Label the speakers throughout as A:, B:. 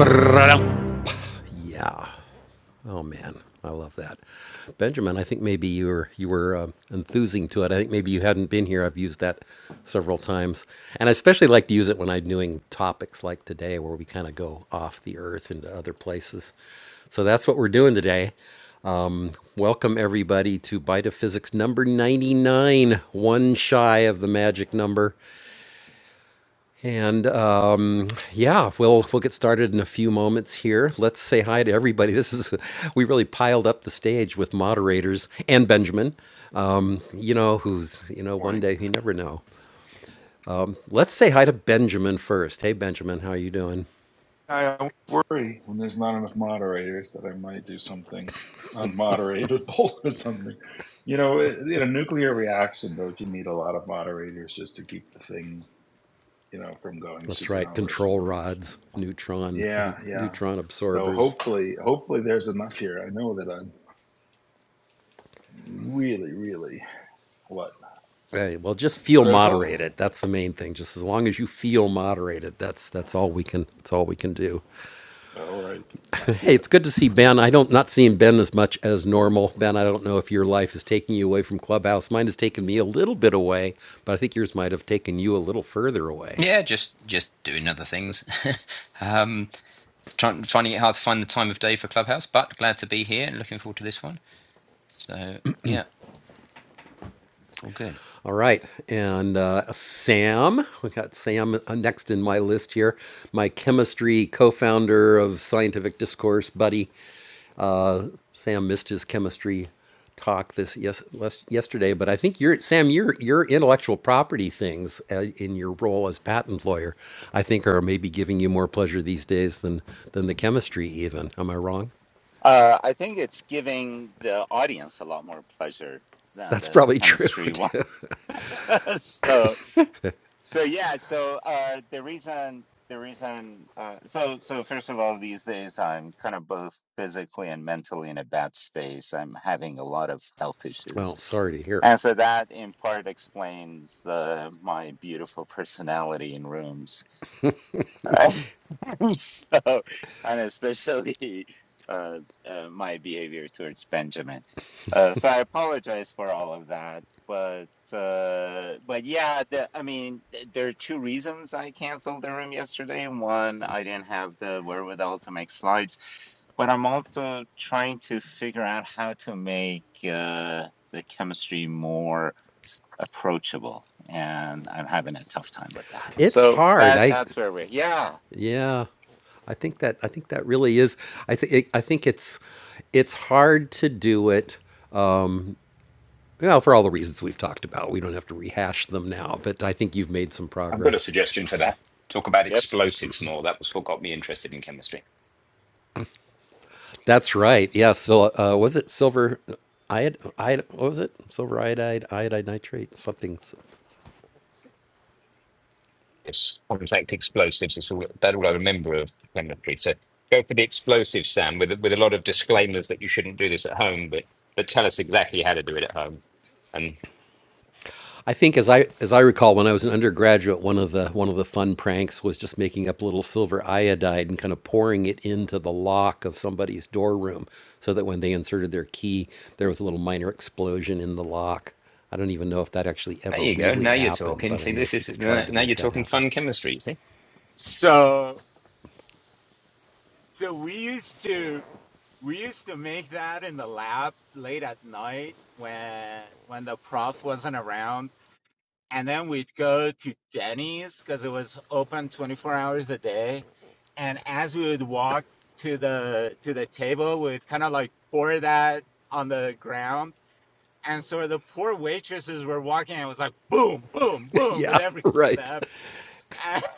A: Yeah. Oh man, I love that, Benjamin. I think maybe you were you were um enthusing to it. I think maybe you hadn't been here. I've used that several times, and I especially like to use it when I'm doing topics like today, where we kind of go off the earth into other places. So that's what we're doing today. Welcome everybody to Bite of Physics number 99, one shy of the magic number. And Yeah, we'll we'll get started in a few moments here. Let's say hi to everybody. This is we really piled up the stage with moderators and Benjamin. Um, you know who's you know one
B: Morning.
A: day you never know. Let's say hi to Benjamin first. Hey Benjamin, how are you doing?
B: I always worry when there's not enough moderators that I might do something unmoderatable or something. You know, in a nuclear reaction, don't you need a lot of moderators just to keep the thing, you know, from going
A: That's right.
B: supernova or
A: Control
B: something?
A: rods, neutron
B: Yeah, yeah.
A: neutron
B: So
A: absorbers.
B: hopefully, hopefully there's enough here. I know that I'm really, really what
A: Hey, well, just feel
B: critical.
A: moderated. That's the main thing. Just as long as you feel moderated, that's that's all we can that's all we can do.
B: All right, I
A: Hey,
B: feel
A: it's
B: it.
A: good to see Ben. I don't not seeing Ben as much as normal. Ben, I don't know if your life is taking you away from Clubhouse. Mine has taken me a little bit away, but I think yours might have taken you a little further away.
C: Yeah, just just doing other things. um, trying finding it hard to find the time of day for Clubhouse, but glad to be here and looking forward to this one. So yeah, it's all good.
A: All right, and uh, Sam, we got Sam uh, next in my list here, my chemistry co-founder of Scientific Discourse buddy. Sam missed his chemistry talk this yes les- yesterday, but I think your Sam your your intellectual property things uh, in your role as patent lawyer, I think are maybe giving you more pleasure these days than than the chemistry even. Am I wrong?
D: Uh, I think it's giving the audience a lot more pleasure than
A: That's
D: the
A: probably true
D: chemistry was.
A: too.
D: So, so yeah. So uh, the reason, the reason. Uh, so, so first of all, these days I'm kind of both physically and mentally in a bad space. I'm having a lot of health issues,
A: Well, sorry to hear.
D: and so that in part explains uh, my beautiful personality in rooms. So, and especially uh, uh, my behavior towards Benjamin. Uh, so I apologize for all of that, but uh, but yeah, the, I mean, th- there are two reasons I canceled the room yesterday. One, I didn't have the wherewithal to make slides, but I'm also trying to figure out how to make uh, the chemistry more approachable, and I'm having a tough time with that.
A: It's
D: So
A: hard.
D: that
A: I
D: that's where we're. Yeah.
A: yeah. I think that I think that really is. I think I think it's it's hard to do it. Well, for all the reasons we've talked about, we don't have to rehash them now. But I think you've made some
C: I've got a
A: progress.
C: suggestion for that. Talk about
D: Yep.
C: explosives more. That was what got me interested in chemistry.
A: That's right. Yeah. So uh, was it silver iod? iod what was it? Silver iodide, iodide nitrate, something.
C: It's contact explosives. It's all, that all I remember of chemistry. So go for the explosives, Sam, with with a lot of disclaimers that you shouldn't do this at home, but but tell us exactly how to do it at home. And
A: I think as I as I recall, when I was an undergraduate, one of the one of the fun pranks was just making up little silver iodide and kind of pouring it into the lock of somebody's door room, so that when they inserted their key, there was a little minor explosion in the lock. I don't even know if that actually
C: there
A: ever
C: you go.
A: really
C: Now you're
A: happened,
C: talking.
A: but I
C: See,
A: know
C: this is
A: people tried to
C: now
A: make
C: you're
A: that
C: talking
A: happen.
C: fun chemistry. See.
D: So so we used to we used to make that in the lab late at night when when the prof wasn't around, and then we'd go to Denny's because it was open 24 hours a day. And as we would walk to the to the table, we'd kind of like pour that on the ground. And so the poor waitresses were walking, and it was like boom, boom, boom with
A: yeah.
D: every
A: Right.
D: step.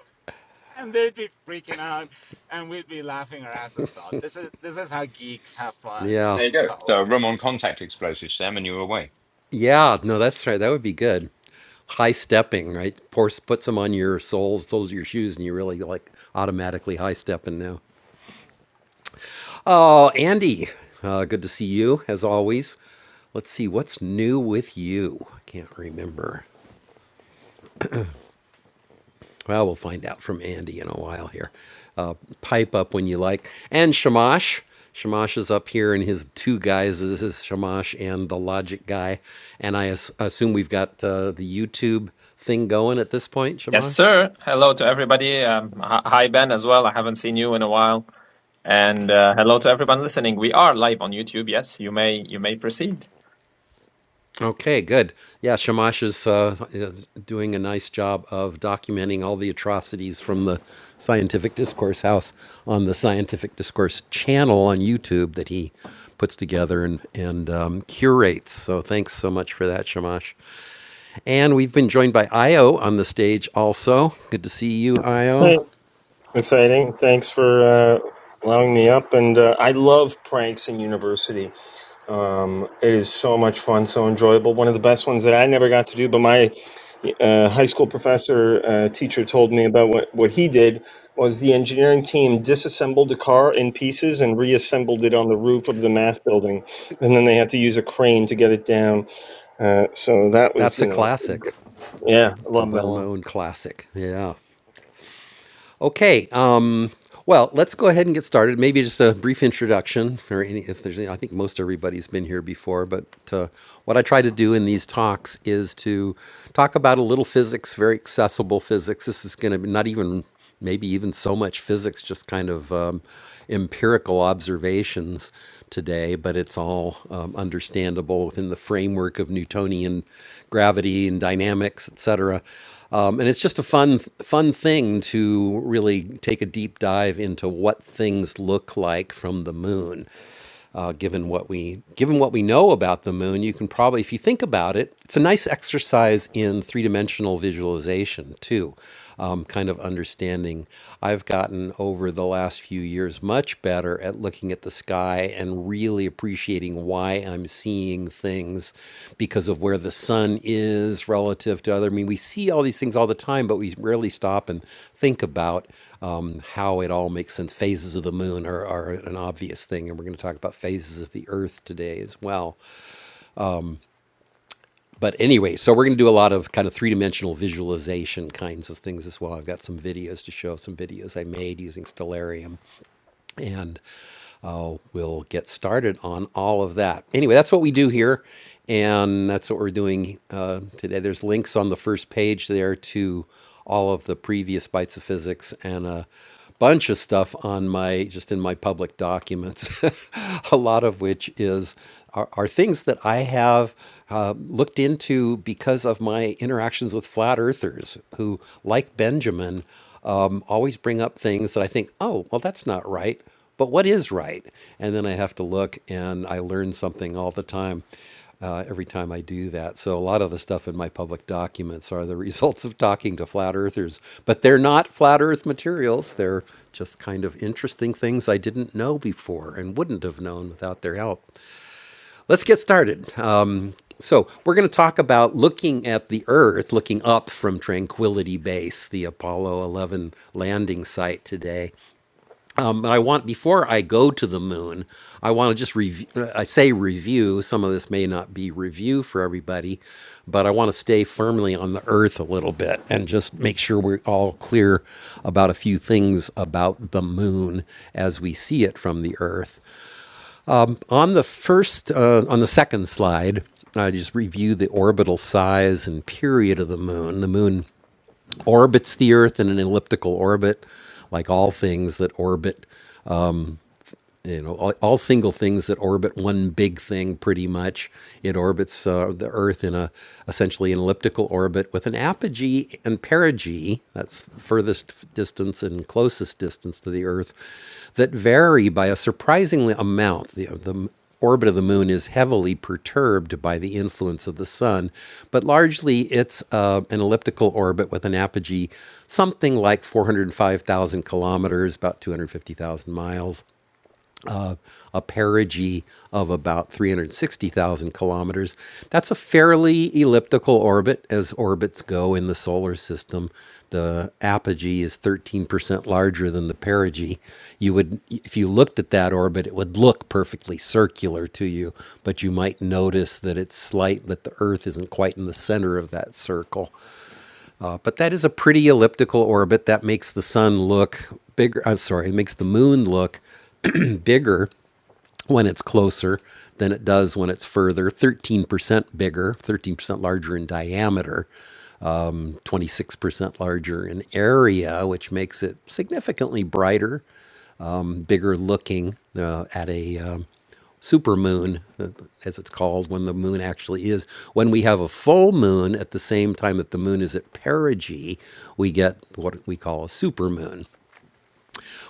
D: and they'd be freaking out and we'd be laughing our asses off this is this is how geeks have fun
A: Yeah.
C: There you
D: in
C: go. So
D: college
C: rum on contact explosives, Sam, and you're away.
A: Yeah, no, that's right. That would be good. High stepping, right? Pour, put some on your soles, soles of your shoes, and you really like automatically high stepping now. Oh, Andy, uh, good to see you as always. Let's see what's new with you. I can't remember. Well, we'll find out from Andy in a while here. Uh, pipe up when you like. And Shamash. Shamash is up here in his two guys. This is Shamash and the Logic guy. And I as- assume we've got uh, the YouTube thing going at this point,
E: Yes,
A: Shamash?
E: sir. Hello to everybody. Um, hi, hi, Ben, as well. I haven't seen you in a while. And uh, hello to everyone listening. We are live on YouTube. Yes, you may you may proceed.
A: Okay, good. Yeah, Shamash is, uh, is doing a nice job of documenting all the atrocities from the Scientific Discourse House on the Scientific Discourse channel on YouTube that he puts together and, and um, curates. So thanks so much for that, Shamash. And we've been joined by Io on the stage also. Good to see you, Io.
F: Hey, exciting. Thanks for uh, allowing me up. And uh, I love pranks in university. Um, it is so much fun, so enjoyable. One of the best ones that I never got to do, but my uh, high school professor uh, teacher told me about what, what he did was the engineering team disassembled a car in pieces and reassembled it on the roof of the math building. And then they had to use a crane to get it down. Uh, so that was,
A: That's a
F: you know,
A: classic.
F: yeah, I
A: It's a
F: love that
A: well
F: one.
A: known classic. Yeah. Okay. Um, Well, let's go ahead and get started. Maybe just a brief introduction, or any, if there's any. I think most everybody's been here before, but uh, what I try to do in these talks is to talk about a little physics, very accessible physics. This is going to be not even, maybe even so much physics, just kind of um, empirical observations today, but it's all um, understandable within the framework of Newtonian gravity and dynamics, etc. Um, and it's just a fun, fun thing to really take a deep dive into what things look like from the moon uh, given what we given what we know about the moon, you can probably, if you think about it, it's a nice exercise in three dimensional visualization too. Um, kind of understanding. I've gotten over the last few years much better at looking at the sky and really appreciating why I'm seeing things because of where the sun is relative to other. I mean, we see all these things all the time, but we rarely stop and think about um, how it all makes sense. Phases of the moon are, are an obvious thing, and we're going to talk about phases of the Earth today as well. But anyway, so we're going to do a lot of kind of three dimensional visualization kinds of things as well. I've got some videos to show, some videos I made using Stellarium, and how we'll get started on all of that. Anyway, that's what we do here, and that's what we're doing uh, today. There's links on the first page there to all of the previous bites of physics and a bunch of stuff on my just in my public documents a lot of which is are, are things that i have uh, looked into because of my interactions with flat earthers who like benjamin um, always bring up things that i think oh well that's not right but what is right? And then I have to look and I learn something all the time uh, every time I do that. So a lot of the stuff in my public documents are the results of talking to flat earthers, but they're not flat earth materials. They're just kind of interesting things I didn't know before and wouldn't have known without their help. Let's get started. Um, so we're going to talk about looking at the Earth, looking up from Tranquility Base, the Apollo 11 landing site today. Um, but I want before I go to the moon, I want to just review. I say review. Some of this may not be review for everybody, but I want to stay firmly on the Earth a little bit and just make sure we're all clear about a few things about the moon as we see it from the Earth. On the first, uh, on the second slide, I just review the orbital size and period of the moon. The moon orbits the Earth in an elliptical orbit, like all things that orbit you know all, all single things that orbit one big thing pretty much it orbits uh, the earth in a essentially an elliptical orbit with an apogee and perigee that's furthest distance and closest distance to the earth that vary by a surprisingly amount the, the orbit of the moon is heavily perturbed by the influence of the sun, but largely it's uh, an elliptical orbit with an apogee something like 405,000 kilometers, about 250,000 miles, a perigee of about 360,000 kilometers. That's a fairly elliptical orbit as orbits go in the solar system. The apogee is 13% larger than the perigee. You would if you looked at that orbit, it would look perfectly circular to you, but you might notice that it's slight that the earth isn't quite in the center of that circle. Uh, but that is a pretty elliptical orbit that makes the sun look bigger. I'm sorry, it makes the moon look bigger when it's closer than it does when it's further 13% bigger 13% larger in diameter 26% larger in area which makes it significantly brighter bigger looking uh, at a um, supermoon uh, as it's called when the moon actually is when we have a full moon at the same time that the moon is at perigee we get what we call a supermoon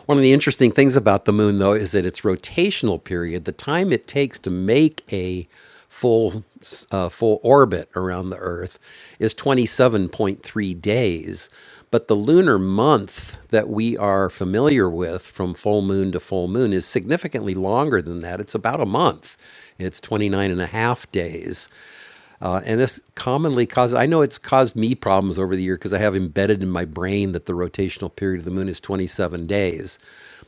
A: one of the interesting things about the moon, though, is that its rotational period, the time it takes to make a full uh, full orbit around the Earth, is 27.3 days. But the lunar month that we are familiar with from full moon to full moon is significantly longer than that. It's about a month. It's 29 and a half days. Uh, and this commonly causes, I know it's caused me problems over the year because I have embedded in my brain that the rotational period of the moon is 27 days.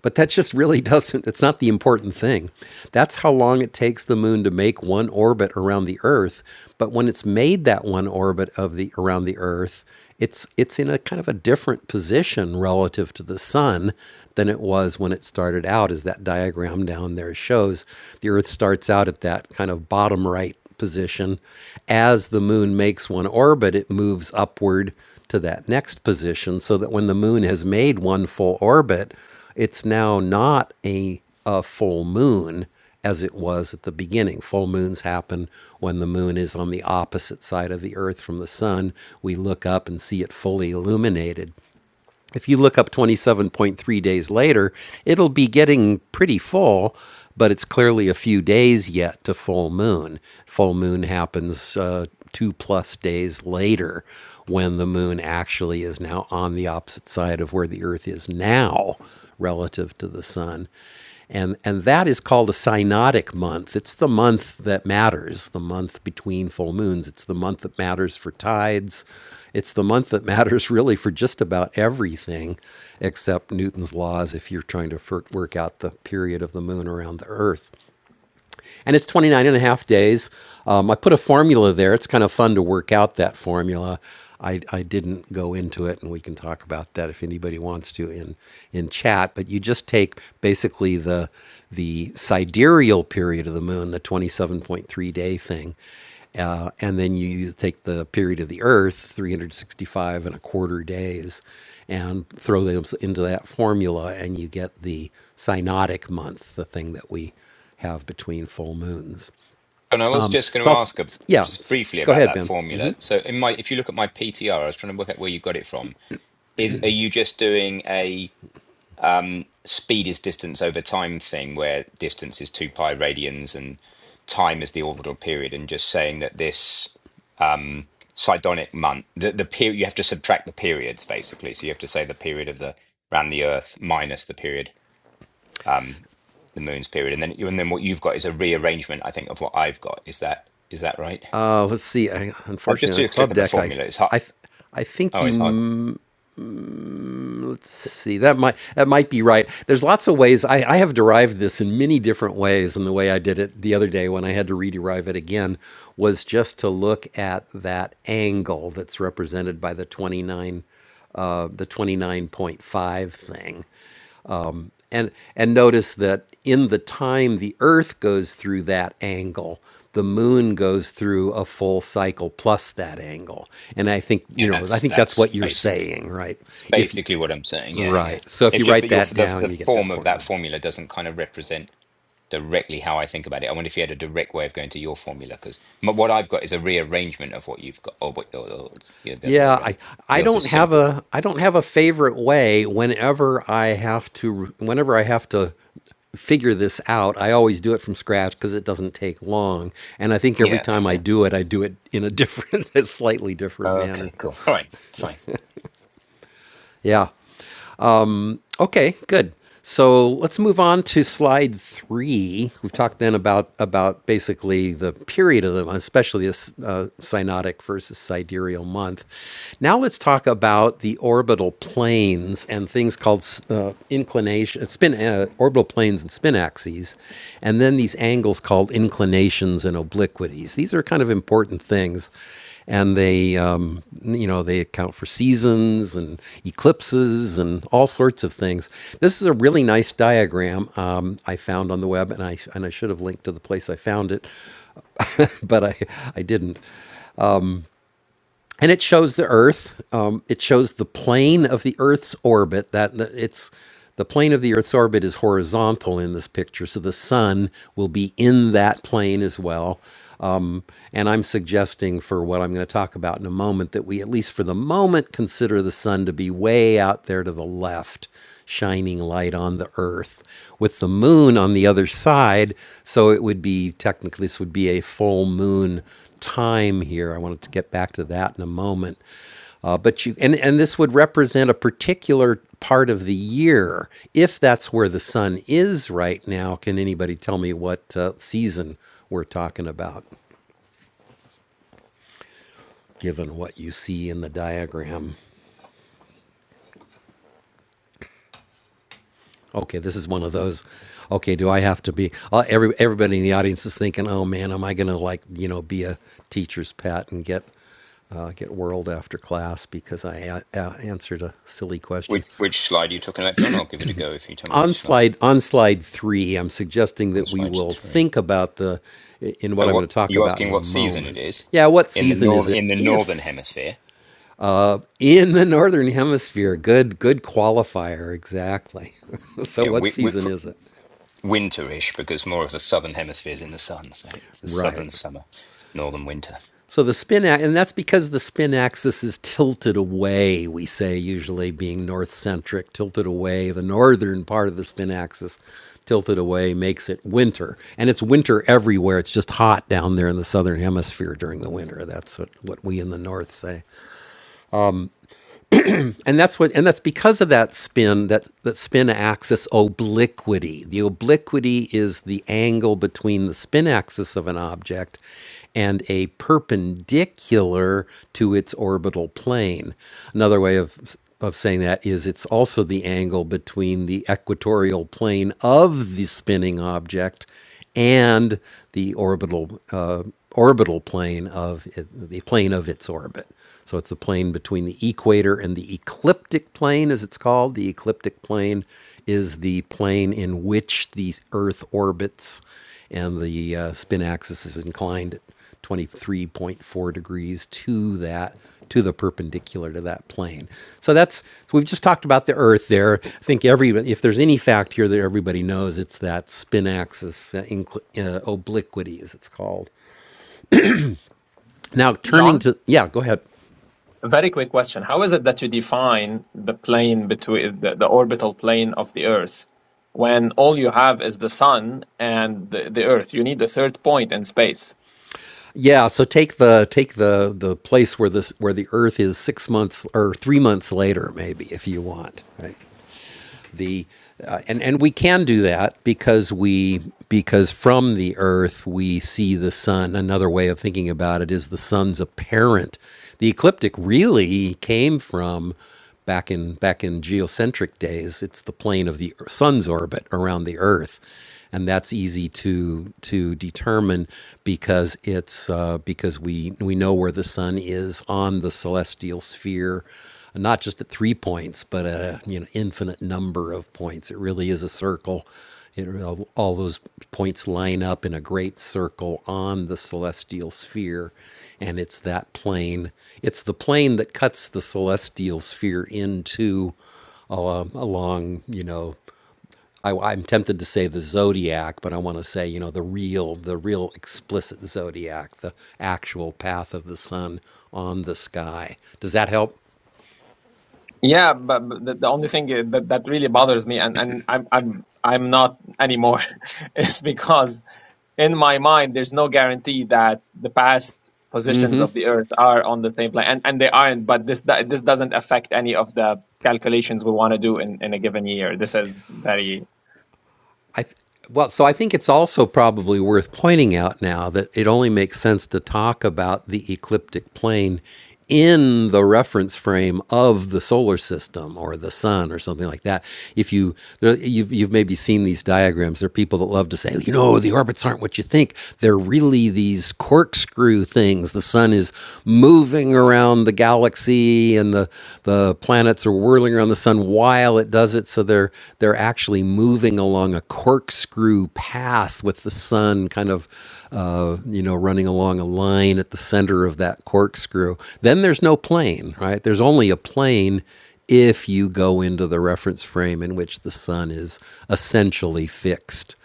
A: But that just really doesn't, it's not the important thing. That's how long it takes the moon to make one orbit around the Earth. But when it's made that one orbit of the around the Earth, it's it's in a kind of a different position relative to the sun than it was when it started out as that diagram down there shows the earth starts out at that kind of bottom right position. As the moon makes one orbit, it moves upward to that next position so that when the moon has made one full orbit, it's now not a, a full moon as it was at the beginning. Full moons happen when the moon is on the opposite side of the earth from the sun. We look up and see it fully illuminated if you look up 27.3 days later, it'll be getting pretty full, but it's clearly a few days yet to full moon. Full moon happens uh, two plus days later when the moon actually is now on the opposite side of where the earth is now relative to the sun. And, and that is called a synodic month. It's the month that matters, the month between full moons. It's the month that matters for tides. It's the month that matters really for just about everything except Newton's laws if you're trying to work out the period of the moon around the earth and it's 29 and a half days. Um, I put a formula there. It's kind of fun to work out that formula. I, I didn't go into it, and we can talk about that if anybody wants to in in chat. But you just take basically the the sidereal period of the moon, the 27.3 day thing, uh, and then you take the period of the Earth, 365 and a quarter days, and throw those into that formula, and you get the synodic month, the thing that we have between full moons.
C: And I was
A: Um,
C: just going
A: so
C: to
A: I'll,
C: ask a,
A: yeah,
C: just briefly
A: go
C: about
A: ahead,
C: that
A: Ben.
C: formula. So in my, if you look at my PTR, I was trying to work out where you got it from. Is are you just doing a um, speed is distance over time thing, where distance is two pi radians and time is the orbital period, and just saying that this um, Sidonic month, the the period you have to subtract the periods basically. So you have to say the period of the around the Earth minus the period um, the moon's period, and then and then what you've got is a rearrangement, I think, of what I've got. Is that is that right?
A: Uh, let's see. I,
C: Uh, just
A: unfortunately,
C: to
A: on
C: look
A: Club
C: at the
A: Deck, I,
C: formula, it's hard.
A: I, I think
C: Oh,
A: you.
C: it's hard.
A: Let's see. That might that might be right. There's lots of ways. I, I have derived this in many different ways, and the way I did it the other day when I had to rederive it again was just to look at that angle that's represented by the 29, uh, the 29.5 thing, and and notice that in the time the earth goes through that angle the moon goes through a full cycle plus that angle and i think you
C: Yeah,
A: know i
C: that's
A: think that's
C: that's
A: what you're
C: basically
A: saying right
C: it's
A: if
C: basically what I'm saying. Yeah, yeah.
A: right so if
C: It's
A: you
C: just that
A: write
C: your
A: that
C: the
A: down
C: the
A: you get that
C: form of that
A: formula
C: formula doesn't kind of represent directly how I think about it. I wonder if you had a direct way of going to your formula because what I've got is a rearrangement of what you've got, or what or, or, yeah, the other way
A: Yeah, I
C: around.
A: I
C: Yours is
A: don't have
C: simpler.
A: a I don't have a favorite way whenever I have to whenever I have to figure this out. I always do it from scratch because it doesn't take long. And I think every
C: Yeah,
A: time I
C: yeah.
A: do it, I do it in a different a slightly different manner.
C: Okay, cool. All right, fine.
A: Yeah. Okay, good. So let's move on to slide three. We've talked then about about basically the period of the month, especially this uh, synodic versus sidereal month. Now let's talk about the orbital planes and things called uh, inclination, spin, uh, orbital planes and spin axes, and then these angles called inclinations and obliquities. These are kind of important things and they um, you know they account for seasons and eclipses and all sorts of things. This is a really nice diagram um, I found on the web, and I and I should have linked to the place I found it, but I I didn't and it shows the Earth. Um, it shows the plane of the Earth's orbit. That it's the plane of the Earth's orbit is horizontal in this picture, so the Sun will be in that plane as well. Um, and I'm suggesting for what I'm going to talk about in a moment that we, at least for the moment, consider the Sun to be way out there to the left shining light on the earth with the moon on the other side so it would be technically this would be a full moon time here i wanted to get back to that in a moment uh, but you and, and this would represent a particular part of the year if that's where the sun is right now can anybody tell me what uh, season we're talking about given what you see in the diagram Okay, this is one of those. Okay, do I have to be? Uh, every everybody in the audience is thinking, "Oh man, am I going to like you know be a teacher's pet and get uh, get whirled after class because I a- a- answered a silly
C: Which
A: question?"
C: which slide are you talking about, John? I'll give it a go if you tell me
A: On
C: which slide.
A: slide on slide three, I'm suggesting
C: On
A: that we
C: slide
A: will
C: three.
A: think about the in
C: Uh,
A: what I'm
C: what
A: going to talk
C: you
A: about
C: asking?
A: in a
C: What season it
A: moment.
C: is
A: Yeah, what
C: in the
A: season is
C: north
A: it?
C: in the northern
A: If
C: hemisphere?
A: in the northern hemisphere, good good qualifier exactly. so
C: Yeah,
A: what
C: wi wi
A: season
C: pr-
A: is it?
C: winterish because more of the southern hemisphere is in the sun, so it's the southern
A: Right.
C: summer, northern winter.
A: So the spin and that's because the spin axis is tilted away, we say usually being north centric, tilted away, the northern part of the spin axis tilted away makes it winter. And it's winter everywhere. It's just hot down there in the southern hemisphere during the winter. That's what, what we in the north say and that's what and that's because of that spin that that spin axis obliquity the obliquity is the angle between the spin axis of an object and a perpendicular to its orbital plane another way of of saying that is it's also the angle between the equatorial plane of the spinning object and the orbital uh, orbital plane of it, the plane of its orbit. So it's the plane between the equator and the ecliptic plane, as it's called. The ecliptic plane is the plane in which the Earth orbits, and the uh, spin axis is inclined 23.4 degrees to that to the perpendicular to that plane. So that's so we've just talked about the Earth there. I think every if there's any fact here that everybody knows, it's that spin axis uh, incl- uh, obliquity, as it's called. Now turning
E: John,
A: to yeah, go ahead.
E: a very quick question. How is it that you define the plane between the, the orbital plane of the Earth when all you have is the sun and the, the Earth? You need a third point in space.
A: Yeah, so take the take the the place where this where the Earth is six months or three months later, maybe if you want, right? the uh, and and we can do that because we because from the earth we see the sun another way of thinking about it is the sun's apparent the ecliptic really came from back in back in geocentric days it's the plane of the sun's orbit around the earth and that's easy to to determine because it's uh, because we we know where the sun is on the celestial sphere, not just at three points, but at a you know infinite number of points. It really is a circle. It, all all those points line up in a great circle on the celestial sphere, and it's that plane. It's the plane that cuts the celestial sphere into al- along, you know I, am tempted to say the zodiac, but I want to say you know the real, the real explicit zodiac, the actual path of the sun on the sky. Does that help?
E: Yeah, but, but the, the only thing uh, that, that really bothers me, and, and I'm I'm I'm not anymore, is because in my mind there's no guarantee that the past positions of the Earth are on the same planet, and, and they aren't. But this do- this doesn't affect any of the calculations we want to do in, in a given year. This is very
A: I th- well, so I think it's also probably worth pointing out now that it only makes sense to talk about the ecliptic plane in the reference frame of the solar system or the sun or something like that. If you you've, you've maybe seen these diagrams, there are people that love to say, you know, the orbits aren't what you think. They're really these corkscrew things. The sun is moving around the galaxy and the the planets are whirling around the sun while it does it so they're they're actually moving along a corkscrew path with the sun kind of uh, you know running along a line at the center of that corkscrew then there's no plane right there's only a plane if you go into the reference frame in which the sun is essentially fixed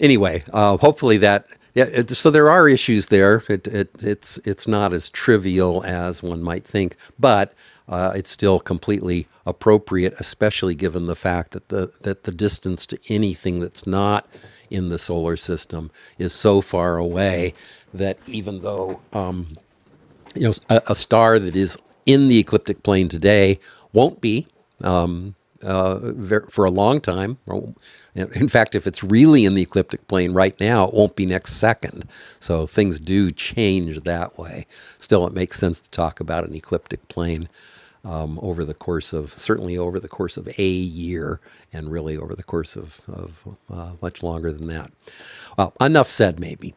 A: anyway, uh, hopefully that. Yeah, it, so there are issues there. It, it, it's it's not as trivial as one might think, but uh, it's still completely appropriate, especially given the fact that the that the distance to anything that's not in the solar system is so far away that even though uh, you know a, a star that is in the ecliptic plane today won't be for a long time. Well, In fact, if it's really in the ecliptic plane right now, it won't be next second. So things do change that way. Still, it makes sense to talk about an ecliptic plane um, over the course of certainly over the course of a year, and really over the course of, of uh, much longer than that. Well, enough said, maybe.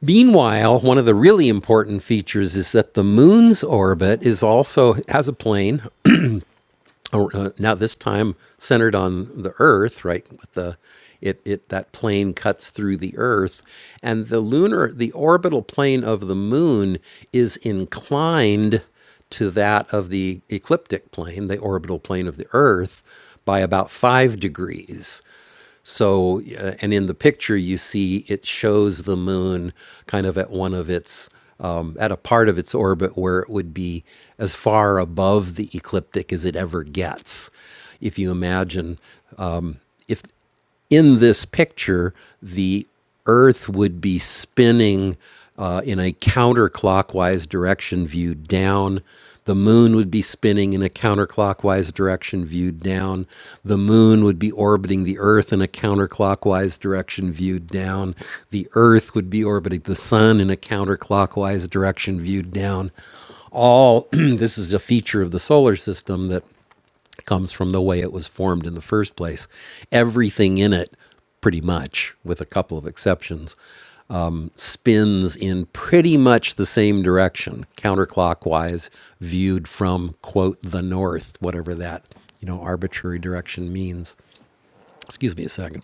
A: Meanwhile, one of the really important features is that the moon's orbit is also has a plane Oh, uh, now this time centered on the earth right with the it, it that plane cuts through the earth and the lunar the orbital plane of the moon is inclined to that of the ecliptic plane the orbital plane of the earth by about five degrees so, uh, and in the picture, you see it shows the moon kind of at one of its, um, at a part of its orbit where it would be as far above the ecliptic as it ever gets. If you imagine if in this picture the Earth would be spinning uh, in a counterclockwise direction viewed down. The moon would be spinning in a counterclockwise direction viewed down. The moon would be orbiting the Earth in a counterclockwise direction viewed down. The Earth would be orbiting the sun in a counterclockwise direction viewed down all this is a feature of the solar system that comes from the way it was formed in the first place. Everything in it, pretty much, with a couple of exceptions, um, spins in pretty much the same direction, counterclockwise, viewed from, quote, the north, whatever that, you know, arbitrary direction means. Excuse me a second.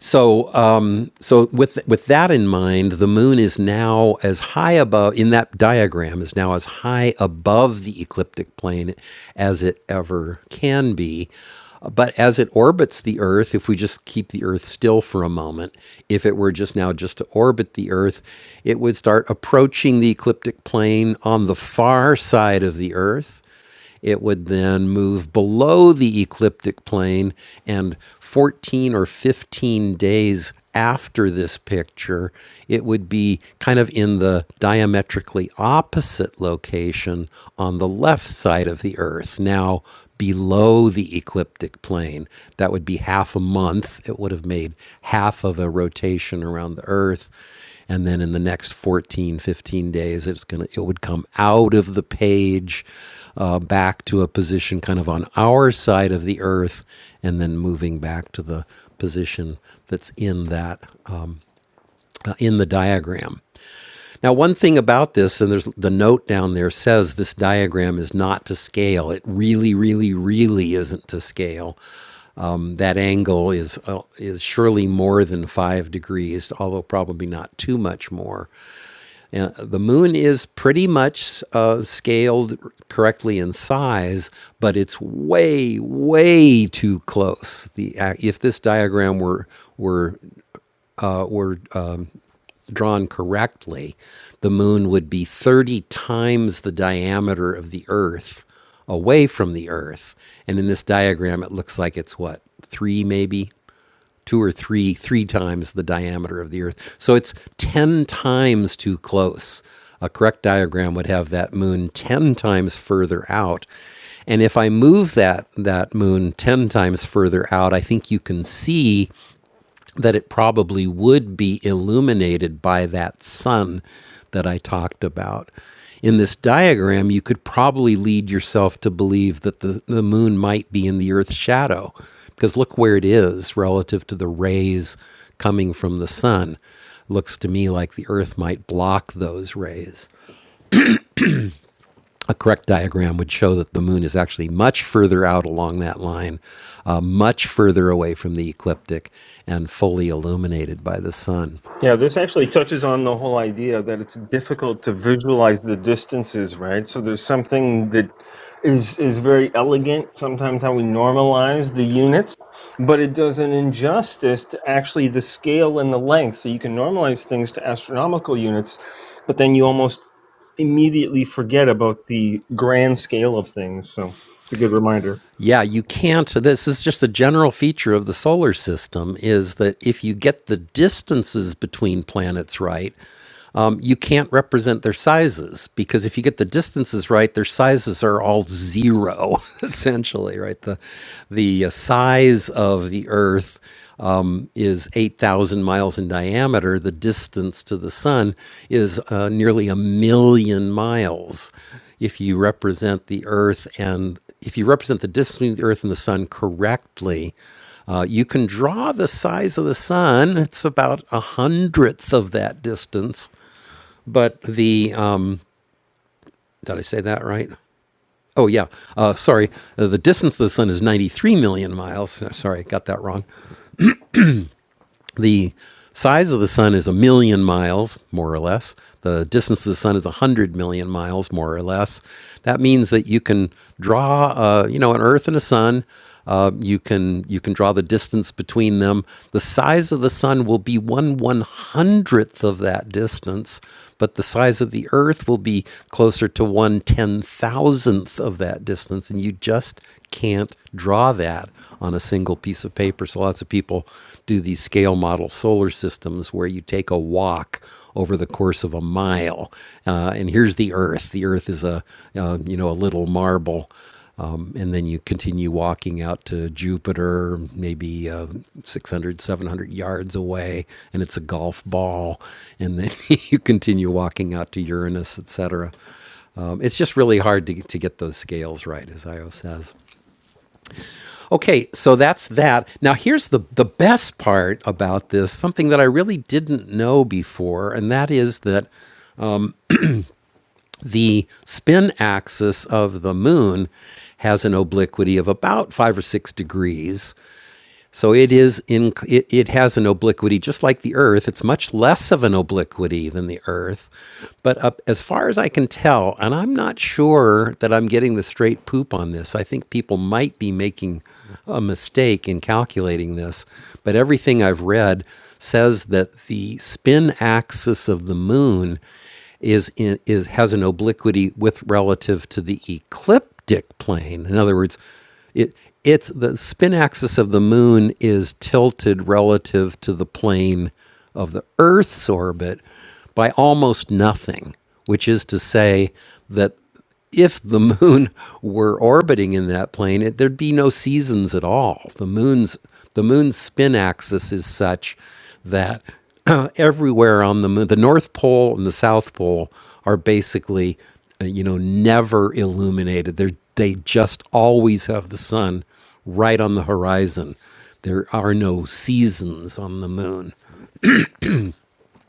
A: So, um, so with with that in mind, the moon is now as high above in that diagram is now as high above the ecliptic plane as it ever can be. But as it orbits the Earth, if we just keep the Earth still for a moment, if it were just now just to orbit the Earth, it would start approaching the ecliptic plane on the far side of the Earth it would then move below the ecliptic plane, and 14 or 15 days after this picture, it would be kind of in the diametrically opposite location on the left side of the Earth. Now, below the ecliptic plane. That would be half a month. It would have made half of a rotation around the Earth and then in the next 14, 15 days it's going to it would come out of the page uh, back to a position kind of on our side of the earth and then moving back to the position that's in that uh, in the diagram now one thing about this and there's the note down there says this diagram is not to scale it really really really isn't to scale um, that angle is uh, is surely more than five degrees although probably not too much more and the moon is pretty much uh, scaled correctly in size, but it's way, way too close. The uh, if this diagram were were uh, were uh, drawn correctly, the moon would be 30 times the diameter of the Earth away from the Earth. And in this diagram, it looks like it's what three maybe two or three three times the diameter of the Earth. So it's ten times too close. A correct diagram would have that moon ten times further out. And if I move that that moon ten times further out, I think you can see that it probably would be illuminated by that sun that I talked about. In this diagram, you could probably lead yourself to believe that the, the moon might be in the Earth's shadow, because look where it is relative to the rays coming from the sun. Looks to me like the Earth might block those rays. A correct diagram would show that the moon is actually much further out along that line, uh, much further away from the ecliptic, and fully illuminated by the sun.
F: Yeah, this actually touches on the whole idea that it's difficult to visualize the distances, right? So there's something that is is very elegant sometimes how we normalize the units, but it does an injustice to actually the scale and the length. So you can normalize things to astronomical units, but then you almost immediately forget about the grand scale of things. So it's a good reminder.
A: Yeah, you can't. This is just a general feature of the solar system is that if you get the distances between planets right, um, you can't represent their sizes because if you get the distances right, their sizes are all zero essentially, right? The the uh, size of the Earth um, is eight thousand miles in diameter. The distance to the Sun is uh, nearly a million miles if you represent the Earth and if you represent the distance between the Earth and the Sun correctly, uh, you can draw the size of the Sun. It's about a hundredth of that distance. But the um, did I say that right? Oh yeah, uh, sorry. Uh, the distance of the Sun is 93 million miles. Sorry, I got that wrong. The size of the sun is a million miles, more or less. The distance of the sun is 100 million miles, more or less. That means that you can draw, uh, you know, an Earth and a sun. Uh, you can you can draw the distance between them. The size of the sun will be one one hundredth of that distance, but the size of the Earth will be closer to one ten thousandth of that distance, and you just can't draw that on a single piece of paper. So lots of people do these scale model solar systems where you take a walk over the course of a mile, uh, and here's the Earth. The Earth is a uh, you know a little marble um, and then you continue walking out to Jupiter, maybe uh, 600, yards away, and it's a golf ball. And then you continue walking out to Uranus, etc. Um, it's just really hard to, to get those scales right, as Io says. Okay, so that's that. Now, here's the, the best part about this something that I really didn't know before, and that is that the spin axis of the moon has an obliquity of about five or six degrees. So it is in it, it has an obliquity just like the Earth. It's much less of an obliquity than the Earth, but up, as far as I can tell, and I'm not sure that I'm getting the straight poop on this. I think people might be making a mistake in calculating this, but everything I've read says that the spin axis of the moon is in, is has an obliquity with relative to the ecliptic plane. In other words, it it's the spin axis of the moon is tilted relative to the plane of the Earth's orbit by almost nothing, which is to say that if the moon were orbiting in that plane, it, there'd be no seasons at all. The moon's the moon's spin axis is such that uh, everywhere on the moon, the North Pole and the South Pole are basically, uh, you know, never illuminated. They they just always have the sun right on the horizon. There are no seasons on the moon.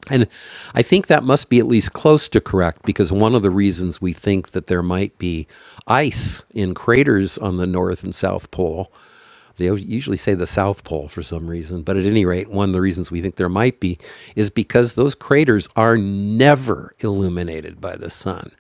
A: And I think that must be at least close to correct because one of the reasons we think that there might be ice in craters on the North and South Pole, they usually say the South Pole for some reason, but at any rate, one of the reasons we think there might be is because those craters are never illuminated by the sun.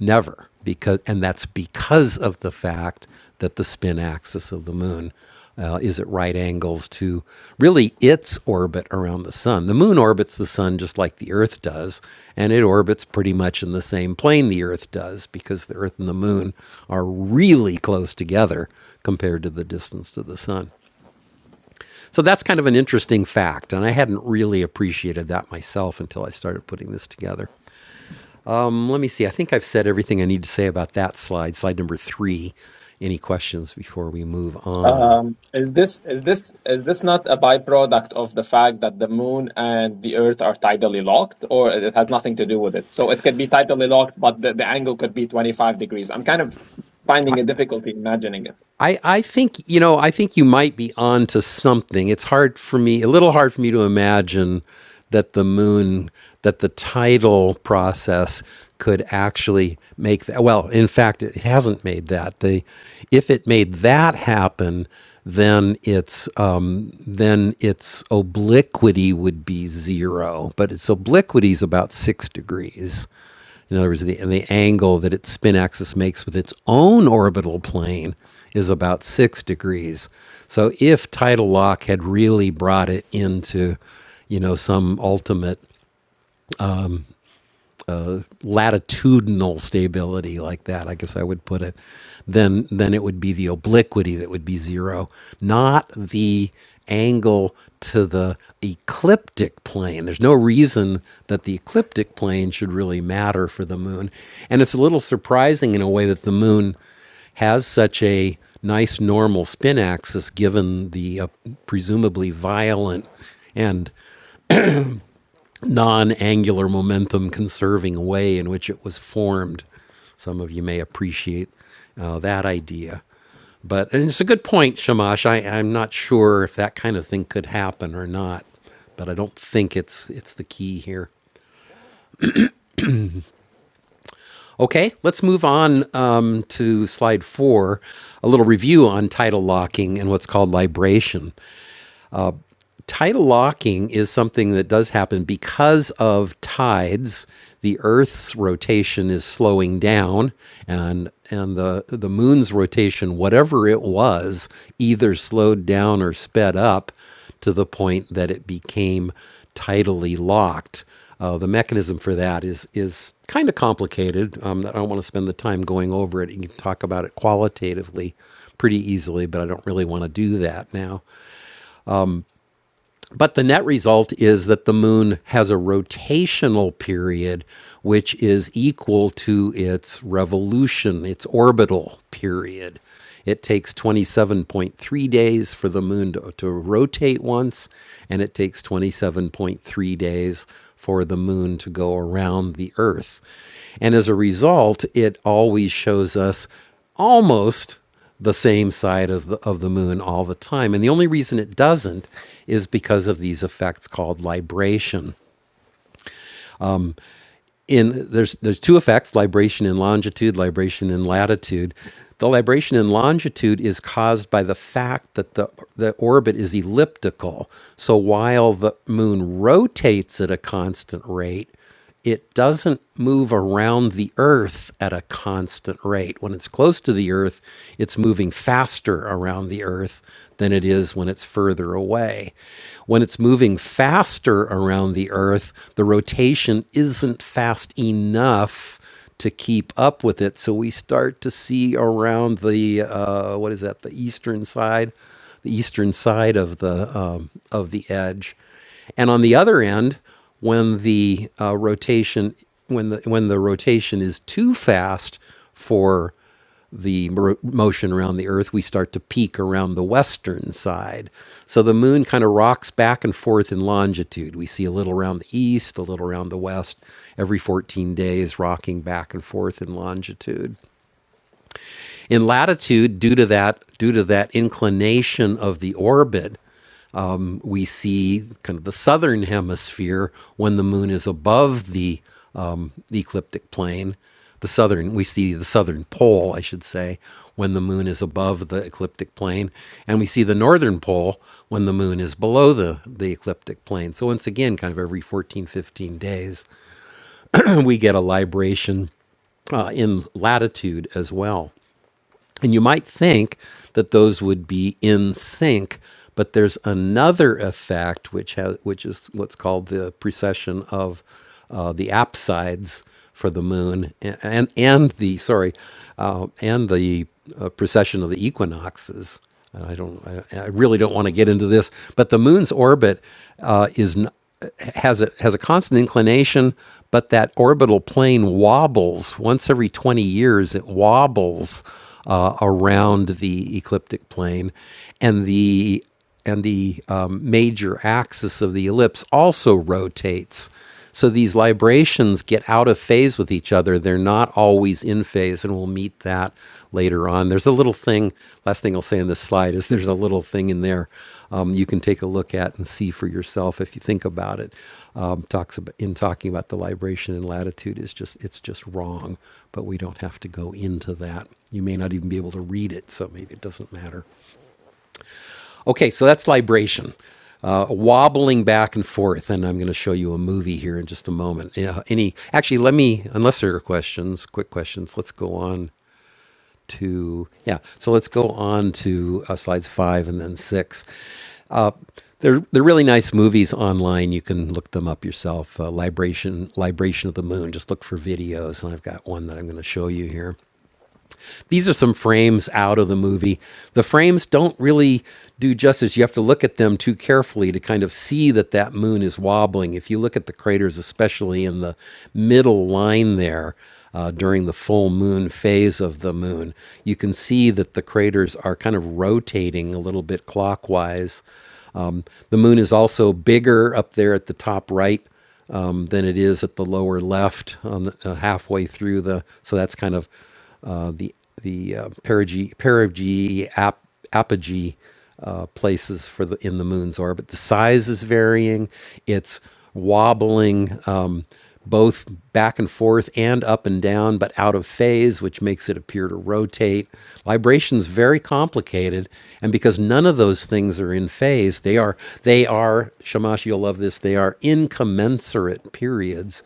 A: Never. Because and that's because of the fact that the spin axis of the moon uh, is at right angles to really its orbit around the sun. The moon orbits the sun just like the Earth does, and it orbits pretty much in the same plane the Earth does because the Earth and the moon are really close together compared to the distance to the sun. So that's kind of an interesting fact, and I hadn't really appreciated that myself until I started putting this together. Um, let me see. I think I've said everything I need to say about that slide, slide number three. Any questions before we move on?
E: Um, is this is this is this not a byproduct of the fact that the moon and the Earth are tidally locked, or it has nothing to do with it? So it could be tidally locked, but the, the angle could be 25 degrees. I'm kind of finding a difficulty imagining it.
A: I, I think you know I think you might be onto something. It's hard for me, a little hard for me to imagine that the moon, that the tidal process could actually make that. Well, in fact, it hasn't made that. The if it made that happen, then its um, then its obliquity would be zero. But its obliquity is about six degrees. In other words, the, the angle that its spin axis makes with its own orbital plane is about six degrees. So if tidal lock had really brought it into, you know, some ultimate latitudinal stability like that, I guess I would put it, then then it would be the obliquity that would be zero, not the angle to the ecliptic plane. There's no reason that the ecliptic plane should really matter for the moon. And it's a little surprising in a way that the moon has such a nice normal spin axis given the uh, presumably violent and non angular momentum conserving way in which it was formed. Some of you may appreciate uh, that idea. But and it's a good point, Shamash. I, I'm not sure if that kind of thing could happen or not, but I don't think it's it's the key here. Okay, let's move on um, to slide four, a little review on tidal locking and what's called libration. tidal locking is something that does happen because of tides. The Earth's rotation is slowing down, and and the the Moon's rotation, whatever it was, either slowed down or sped up to the point that it became tidally locked. Uh, the mechanism for that is is kind of complicated. Um, I don't want to spend the time going over it. You can talk about it qualitatively pretty easily, but I don't really want to do that now. But the net result is that the moon has a rotational period which is equal to its revolution, its orbital period. It takes 27.3 days for the moon to, to rotate once, and it takes 27.3 days for the moon to go around the Earth. And as a result, it always shows us almost the same side of the of the moon all the time and the only reason it doesn't is because of these effects called libration in there's there's two effects libration in longitude libration in latitude the libration in longitude is caused by the fact that the the orbit is elliptical so while the moon rotates at a constant rate it doesn't move around the earth at a constant rate when it's close to the earth it's moving faster around the earth than it is when it's further away when it's moving faster around the Earth, the rotation isn't fast enough to keep up with it. So we start to see around the uh, what is that? The eastern side, the eastern side of the um, of the edge, and on the other end, when the uh, rotation when the when the rotation is too fast for the motion around the Earth, we start to peak around the western side. So the moon kind of rocks back and forth in longitude. We see a little around the east, a little around the west, every 14 days rocking back and forth in longitude. In latitude, due to that, due to that inclination of the orbit, we see kind of the southern hemisphere when the moon is above the um, ecliptic plane. The southern, we see the southern pole, I should say, when the moon is above the ecliptic plane, and we see the northern pole when the moon is below the, the ecliptic plane. So, once again, kind of every 14 15 days, we get a libration uh, in latitude as well. And you might think that those would be in sync, but there's another effect which has, which is what's called the precession of uh, the apsides for the moon and and, and the sorry uh, and the uh, precession of the equinoxes. And I don't, I, I really don't want to get into this, but the moon's orbit uh, is n- has a has a constant inclination, but that orbital plane wobbles once every 20 years. It wobbles uh, around the ecliptic plane, and the and the um, major axis of the ellipse also rotates. So these librations get out of phase with each other. They're not always in phase, and we'll meet that later on. There's a little thing, last thing I'll say in this slide is there's a little thing in there um, you can take a look at and see for yourself if you think about it um, talks about, in talking about the libration and latitude is just it's just wrong, but we don't have to go into that. You may not even be able to read it, so maybe it doesn't matter. Okay, so that's libration, uh, wobbling back and forth, and I'm going to show you a movie here in just a moment. Yeah, any actually, let me unless there are questions, quick questions. Let's go on to yeah. So let's go on to uh, slides five and then six. Uh, they're they're really nice movies online. You can look them up yourself. Uh, Libration Libration of the Moon. Just look for videos, and I've got one that I'm going to show you here. These are some frames out of the movie. The frames don't really do justice. You have to look at them too carefully to kind of see that that moon is wobbling. If you look at the craters, especially in the middle line there, uh, during the full moon phase of the moon, you can see that the craters are kind of rotating a little bit clockwise. Um, the moon is also bigger up there at the top right um, than it is at the lower left on the, uh, halfway through the. So that's kind of uh, the the uh, perigee, perigee ap, apogee uh, places for the in the moon's orbit. The size is varying. It's wobbling. Um, both back and forth and up and down, but out of phase, which makes it appear to rotate. Libration's very complicated, and because none of those things are in phase, they are they are Shamash. You'll love this. They are incommensurate periods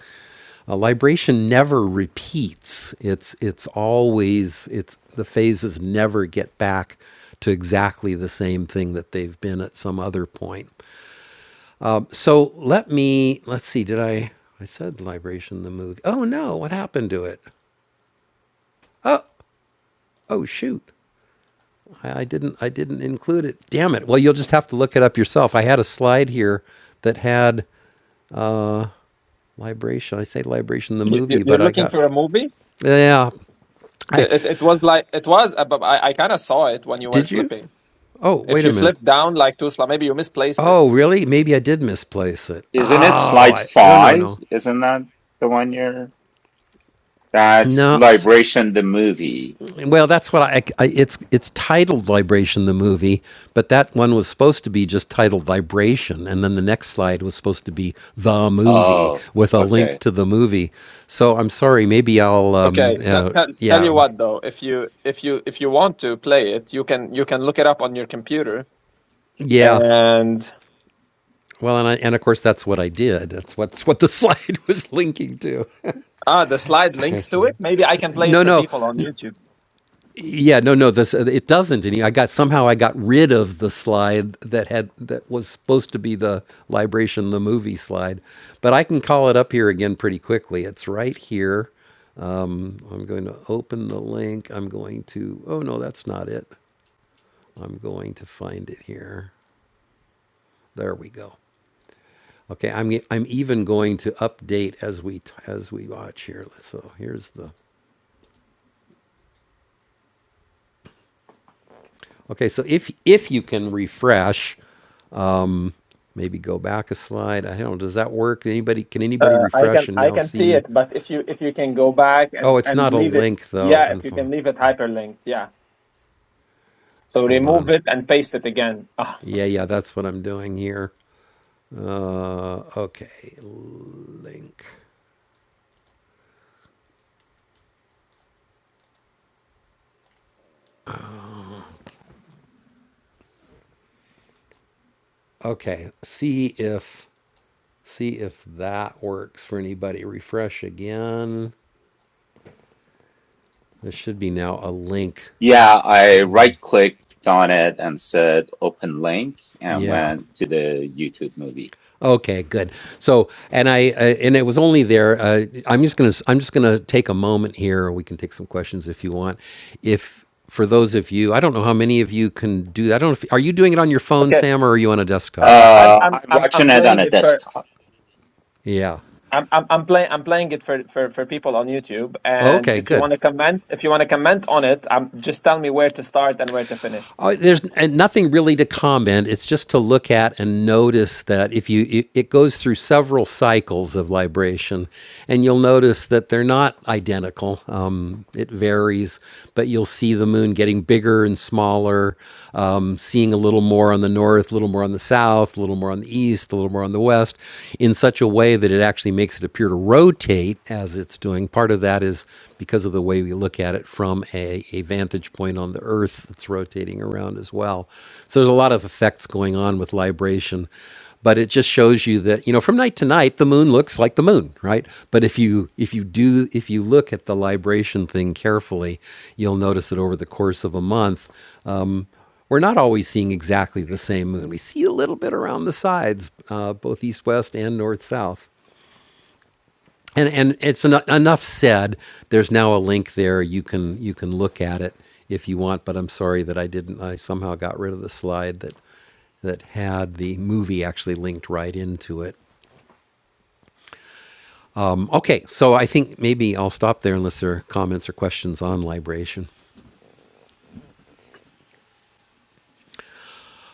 A: a libration never repeats. It's it's always it's the phases never get back to exactly the same thing that they've been at some other point. So let me let's see. Did I I said libration the movie? Oh no! What happened to it? Oh shoot! I, I didn't I didn't include it. Damn it! Well, you'll just have to look it up yourself. I had a slide here that had libration. I say libration the
E: You, you-
A: movie,
E: you're
A: but I
E: looking
A: got
E: for a movie?
A: yeah. I
E: It, it, was like it was, uh, but I, I kind of saw it when you were
A: did you?
E: flipping.
A: Oh,
E: If
A: wait a
E: you flip
A: minute.
E: down like Tusla, maybe you misplaced it.
A: Oh, really? Maybe I did misplace it.
D: Isn't it
A: Oh,
D: Slide
A: I I don't know,
D: Five?
A: no
D: Isn't that the one you're? That's
A: no. s-
D: Liberation the movie.
A: Well, that's what I, I. It's it's titled Vibration the movie, but that one was supposed to be just titled Vibration, and then the next slide was supposed to be the movie
D: Oh,
A: with a link
D: okay.
A: to the movie. So I'm sorry. Maybe I'll. Um,
E: Okay, tell,
A: uh,
E: tell tell
A: yeah
E: you what though, if you if you if you want to play it, you can you can look it up on your computer
A: yeah.
E: and
A: Well, and I, and of course that's what I did. That's what's what the slide was linking to.
E: ah the slide links to it. Maybe I can play it
A: No,
E: for
A: no.
E: people on YouTube.
A: Yeah, no, no. This uh, it doesn't. Any, I got somehow I got rid of the slide that had that was supposed to be the libration, the movie slide, but I can call it up here again pretty quickly. It's right here. Um, I'm going to open the link. I'm going to. Oh no, that's not it. I'm going to find it here. There we go. Okay, I'm I'm even going to update as we as we watch here. So here's the. Okay, so if if you can refresh, maybe go back a slide. I don't know. Does that work? Anybody? Can anybody
E: Uh, I can
A: refresh and
E: I
A: now
E: can see
A: see?
E: it, but if you if you can go back
A: Oh,
E: and
A: it's
E: and
A: not a
E: leave it,
A: link though.
E: yeah, if you
A: Unf-
E: can leave it hyperlinked, yeah. So
A: Hold
E: remove
A: on.
E: it and paste it again. Ah,
A: Yeah, yeah, that's what I'm doing here. Uh, okay, link. Okay, see if see if that works for anybody. Refresh again. There should be now a link
D: Yeah,
A: to
D: I
A: them.
D: right clicked on it and said open link and
A: Yeah,
D: went to the YouTube movie.
A: Okay, good. So, and I uh, and it was only there. Uh, I'm just gonna I'm just gonna take a moment here, or we can take some questions if you want. If for those of you, I don't know how many of you can do that. I don't. Know if, are you doing it on your phone,
E: okay.
A: Sam, or are you on a desktop?
E: Uh, I'm
D: Uh,
E: I'm
D: I'm
E: I'm I'm
D: watching it on
E: playing
D: a
E: it for
D: desktop.
A: Yeah.
E: I'm I'm I'm playing I'm playing it for, for for people on YouTube. And
A: Okay,
E: if you
A: good.
E: want to comment, if you want to comment on it, um, just tell me where to start and where to finish.
A: Uh, there's and nothing really to comment. It's just to look at and notice that if you it, it goes through several cycles of libration, and you'll notice that they're not identical. Um, it varies, but you'll see the moon getting bigger and smaller um, seeing a little more on the north, a little more on the south, a little more on the east, a little more on the west, in such a way that it actually makes it appear to rotate as it's doing. Part of that is because of the way we look at it from a, a vantage point on the earth that's rotating around as well. So there's a lot of effects going on with libration but it just shows you that you know from night to night the moon looks like the moon right but if you if you do if you look at the libration thing carefully you'll notice that over the course of a month we're not always seeing exactly the same moon. We see a little bit around the sides, uh, both east west and north south. And and it's en- enough said. There's now a link there. You can you can look at it if you want. But I'm sorry that I didn't. I somehow got rid of the slide that that had the movie actually linked right into it. Um, Okay, so I think maybe I'll stop there unless there are comments or questions on libration.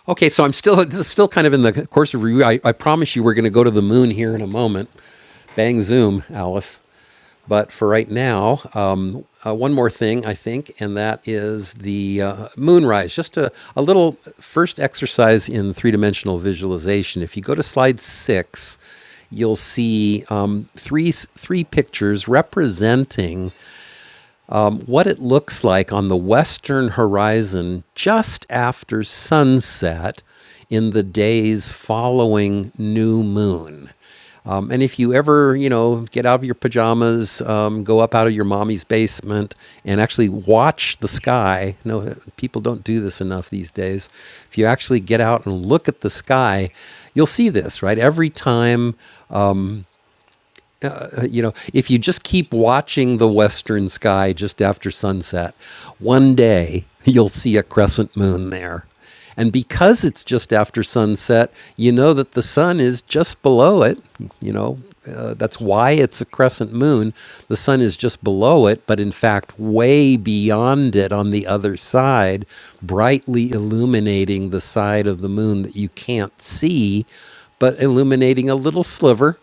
A: Okay, so I'm still this is still kind of in the course of review. I, I promise you we're going to go to the moon here in a moment. Bang zoom, Alice. But for right now, um, uh, one more thing I think, and that is the uh, moonrise. Just a, a little first exercise in three dimensional visualization. If you go to slide six, you'll see um, three three pictures representing um, what it looks like on the western horizon just after sunset in the days following new moon. Um, and if you ever, you know, get out of your pajamas, um, go up out of your mommy's basement and actually watch the sky. No, people don't do this enough these days. If you actually get out and look at the sky, you'll see this, right? Every time uh, you know, if you just keep watching the western sky just after sunset, one day you'll see a crescent moon there. And because it's just after sunset, you know that the sun is just below it. You know, uh, that's why it's a crescent moon. The sun is just below it, but in fact, way beyond it on the other side, brightly illuminating the side of the moon that you can't see, but illuminating a little sliver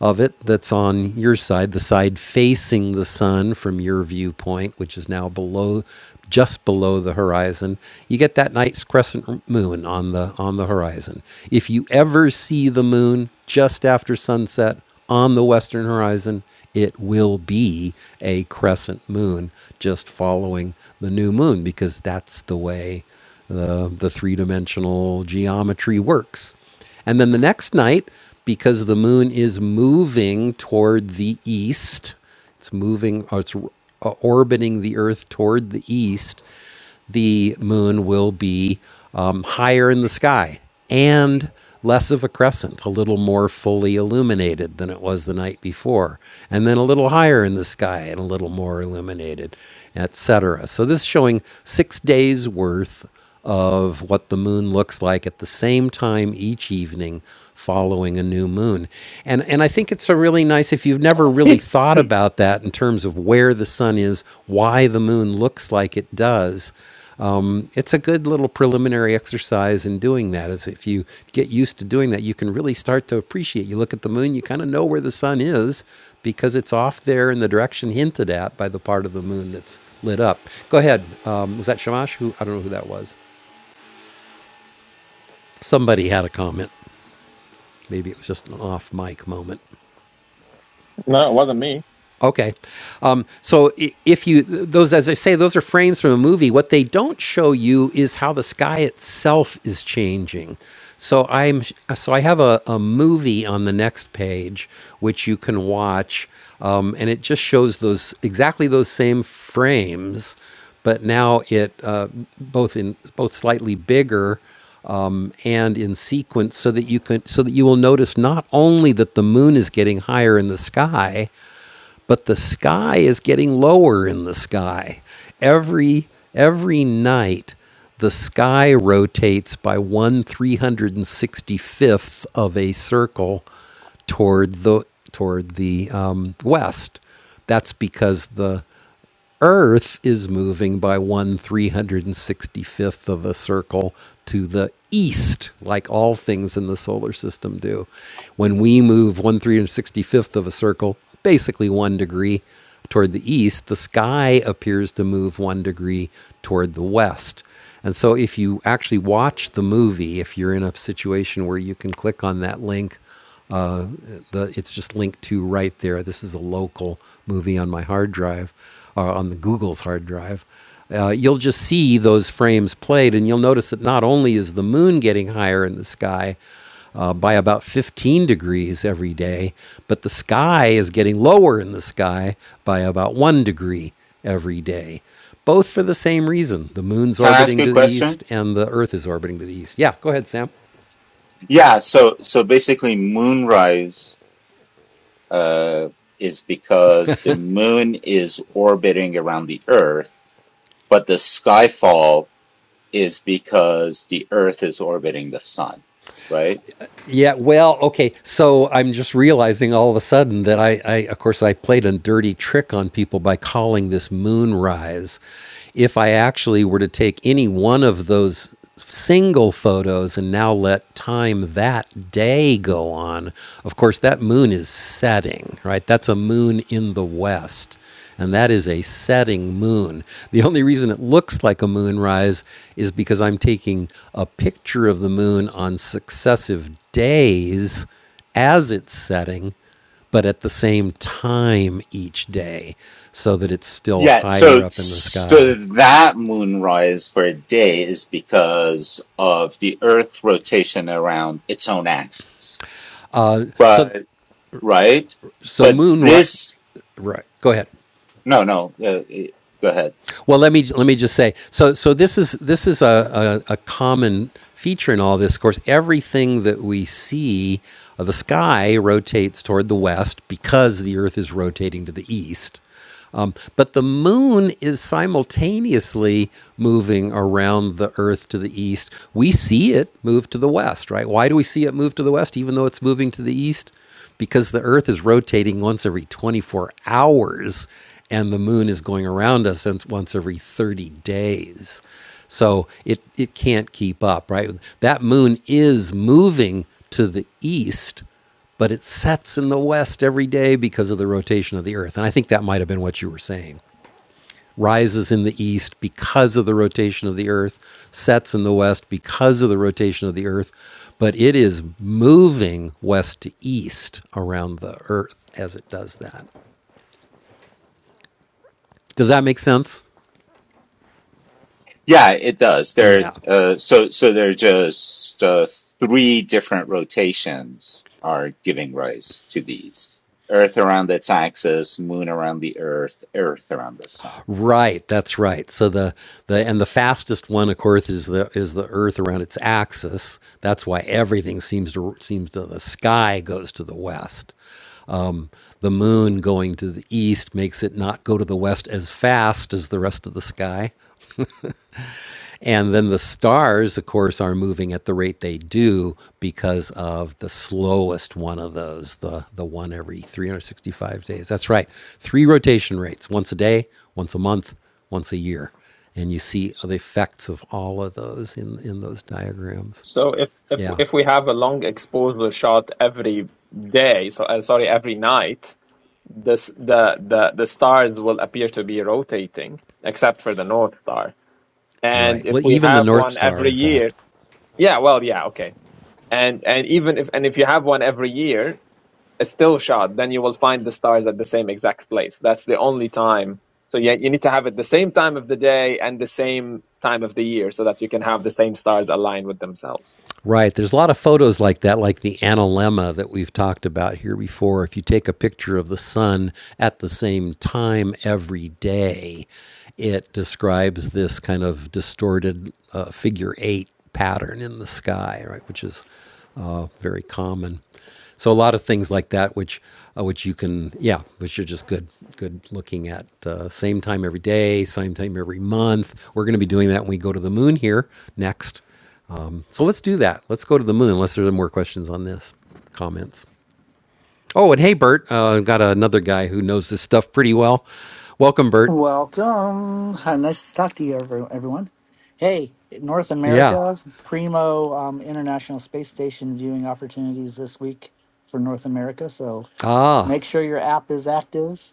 A: of it that's on your side, the side facing the sun from your viewpoint, which is now below, just below the horizon. You get that nice crescent moon on the on the horizon. If you ever see the moon just after sunset on the western horizon, it will be a crescent moon just following the new moon because that's the way the the three dimensional geometry works. And then the next night, because the moon is moving toward the east, it's moving, or it's uh, orbiting the Earth toward the east, the moon will be um, higher in the sky and less of a crescent, a little more fully illuminated than it was the night before, and then a little higher in the sky and a little more illuminated, etc. So this is showing six days worth of what the moon looks like at the same time each evening following a new moon. And and I think it's a really nice if you've never really thought about that in terms of where the sun is, why the moon looks like it does. Um, it's a good little preliminary exercise in doing that. Is if you get used to doing that, you can really start to appreciate. You look at the moon, you kind of know where the sun is because it's off there in the direction hinted at by the part of the moon that's lit up. Go ahead. Um, was that Shamash? Who I don't know who that was. Somebody had a comment. Maybe it was just an off mic moment.
E: No, it wasn't me.
A: Okay. Um, so if you those as I say those are frames from a movie, what they don't show you is how the sky itself is changing. So I'm so I have a, a movie on the next page which you can watch, um, and it just shows those exactly those same frames, but now it uh, both in both slightly bigger um, and in sequence so that you can so that you will notice not only that the moon is getting higher in the sky but the sky is getting lower in the sky. Every every night the sky rotates by one three hundred and sixty fifth of a circle toward the toward the um, west. That's because the Earth is moving by one 365th of a circle to the east, like all things in the solar system do. When we move one 365th of a circle, basically one degree toward the east, the sky appears to move one degree toward the west. And so, if you actually watch the movie, if you're in a situation where you can click on that link the it's just linked to right there. This is a local movie on my hard drive, or on the Google's hard drive. Uh, you'll just see those frames played, and you'll notice that not only is the moon getting higher in the sky uh, by about 15 degrees every day, but the sky is getting lower in the sky by about one degree every day, both for the same reason: the moon's
D: Can I ask
A: orbiting
D: you
A: to
D: a
A: the
D: question?
A: east, and the Earth is orbiting to the east. Yeah, go ahead, Sam.
D: Yeah, so so basically Moonrise. uh, is because the moon is orbiting around the Earth, but the skyfall is because the Earth is orbiting the sun, right?
A: Yeah, well, okay. So I'm just realizing all of a sudden that I, I of course, I played a dirty trick on people by calling this moonrise. If I actually were to take any one of those single photos and now let time that day go on, of course, that moon is setting, right? That's a moon in the west and that is a setting moon. The only reason it looks like a moonrise is because I'm taking a picture of the moon on successive days as it's setting, but at the same time each day, so that it's still
D: Yeah,
A: higher
D: so
A: up in the sky.
D: so that moonrise for a day is because of the Earth rotation around its own axis.
A: So,
D: But right,
A: so
D: but
A: moon right,
D: this
A: right. Go ahead.
D: no no uh, go ahead.
A: Well, let me let me just say. So so this is this is a, a, a common feature in all this. Of course, everything that we see, uh, the sky rotates toward the west because the Earth is rotating to the east. Um, but the moon is simultaneously moving around the Earth to the east. We see it move to the west, right? Why do we see it move to the west, even though it's moving to the east? because the Earth is rotating once every 24 hours and the moon is going around us once every 30 days. So it, it can't keep up, right? That moon is moving to the east, but it sets in the west every day because of the rotation of the Earth. And I think that might have been what you were saying rises in the east because of the rotation of the earth, sets in the west because of the rotation of the earth, but it is moving west to east around the earth as it does that. Does that make sense?
D: Yeah, it does. There,
A: Yeah.
D: uh, so so there are just uh, three different rotations are giving rise to these: Earth around its axis, Moon around the Earth, Earth around the Sun.
A: Right, that's right. So the, the
D: Yeah.
A: and the fastest one, of course, is the is the Earth around its axis. That's why everything seems to seems to the sky goes to the west. The moon going to the east makes it not go to the west as fast as the rest of the sky. And then the stars, of course, are moving at the rate they do because of the slowest one of those, the, the one every 365 days. That's right. Three rotation rates once a day, once a month, once a year. And you see the effects of all of those in, in those diagrams.
E: So if if
A: Yeah,
E: if we have a long exposure shot every day, so uh, sorry, every night, this the the the stars will appear to be rotating, except for the North Star. And
A: right.
E: if
A: Well,
E: we
A: even the
E: have
A: North
E: one
A: Star,
E: every
A: in
E: year,
A: fact.
E: yeah, well, yeah, okay. And and even if and if you have one every year, a still shot, then you will find the stars at the same exact place. That's the only time. So yeah, you need to have it the same time of the day and the same time of the year so that you can have the same stars align with themselves.
A: Right. There's a lot of photos like that, like the analemma that we've talked about here before. If you take a picture of the sun at the same time every day, it describes this kind of distorted uh, figure eight pattern in the sky, right, which is uh, very common. So a lot of things like that, which uh, which you can, yeah, which are just good good looking at. Uh, same time every day, same time every month. We're going to be doing that when we go to the moon here next. Um, so let's do that. Let's go to the moon. Unless there are more questions on this, comments. Oh, and hey, Bert, uh, I've got another guy who knows this stuff pretty well. Welcome, Bert.
G: Welcome. Hi, nice to talk to you, every- everyone. Hey, North
A: Yeah.
G: America, primo um, International Space Station viewing opportunities this week for North America. So
A: Ah.
G: make sure your app is active.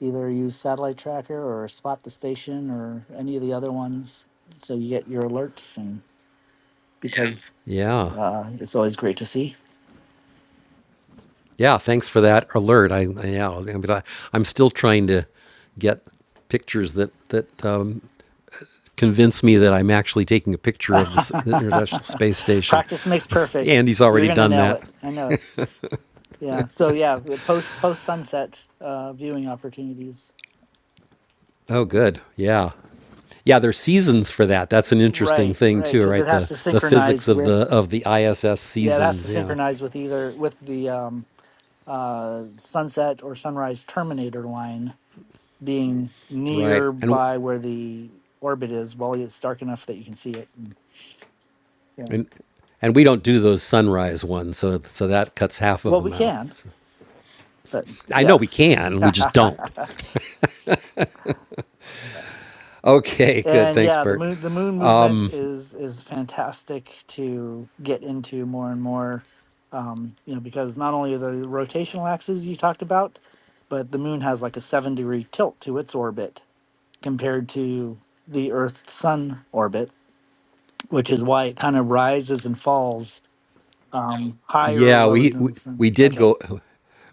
G: Either use Satellite Tracker or Spot the Station or any of the other ones so you get your alerts and because
A: Yeah.
G: uh, it's always great to see.
A: Yeah. Thanks for that alert. I, I yeah. I'm, I'm still trying to get pictures that that um, convince me that I'm actually taking a picture of the, the International Space Station.
G: Practice makes perfect.
A: and he's
G: You're
A: already
G: going to
A: done
G: nail
A: that.
G: it. I know it. Yeah. So yeah, the post post sunset uh, viewing opportunities.
A: Oh,
G: Yeah.
A: good. Yeah. Yeah, there's seasons for that. That's an interesting
G: Right,
A: thing
G: right,
A: too,
G: because it
A: right?
G: has
A: The
G: to
A: the
G: synchronize
A: physics of
G: with.
A: the of the ISS
G: Yeah, it has to
A: seasons. Yeah,
G: synchronize with either with the um, uh, sunset or sunrise terminator line being
A: right. And
G: nearby where the orbit is, while it's dark enough that you can see it. And, yeah.
A: and and we don't do those sunrise ones, so so that cuts half of
G: Well, we
A: them out.
G: can,
A: So-
G: but
A: I know
G: yeah.
A: we can, we just don't. Okay, good.
G: and
A: Thanks,
G: yeah, the
A: Bert.
G: moon the moon movement is is fantastic to get into more and more. Um, you know, because not only are there the rotational axes you talked about, but the moon has like a seven degree tilt to its orbit compared to the Earth Sun orbit, which is why it kind of rises and falls um, higher or
A: Yeah,
G: lower
A: we,
G: than
A: we
G: the sun.
A: we did
G: Okay.
A: go.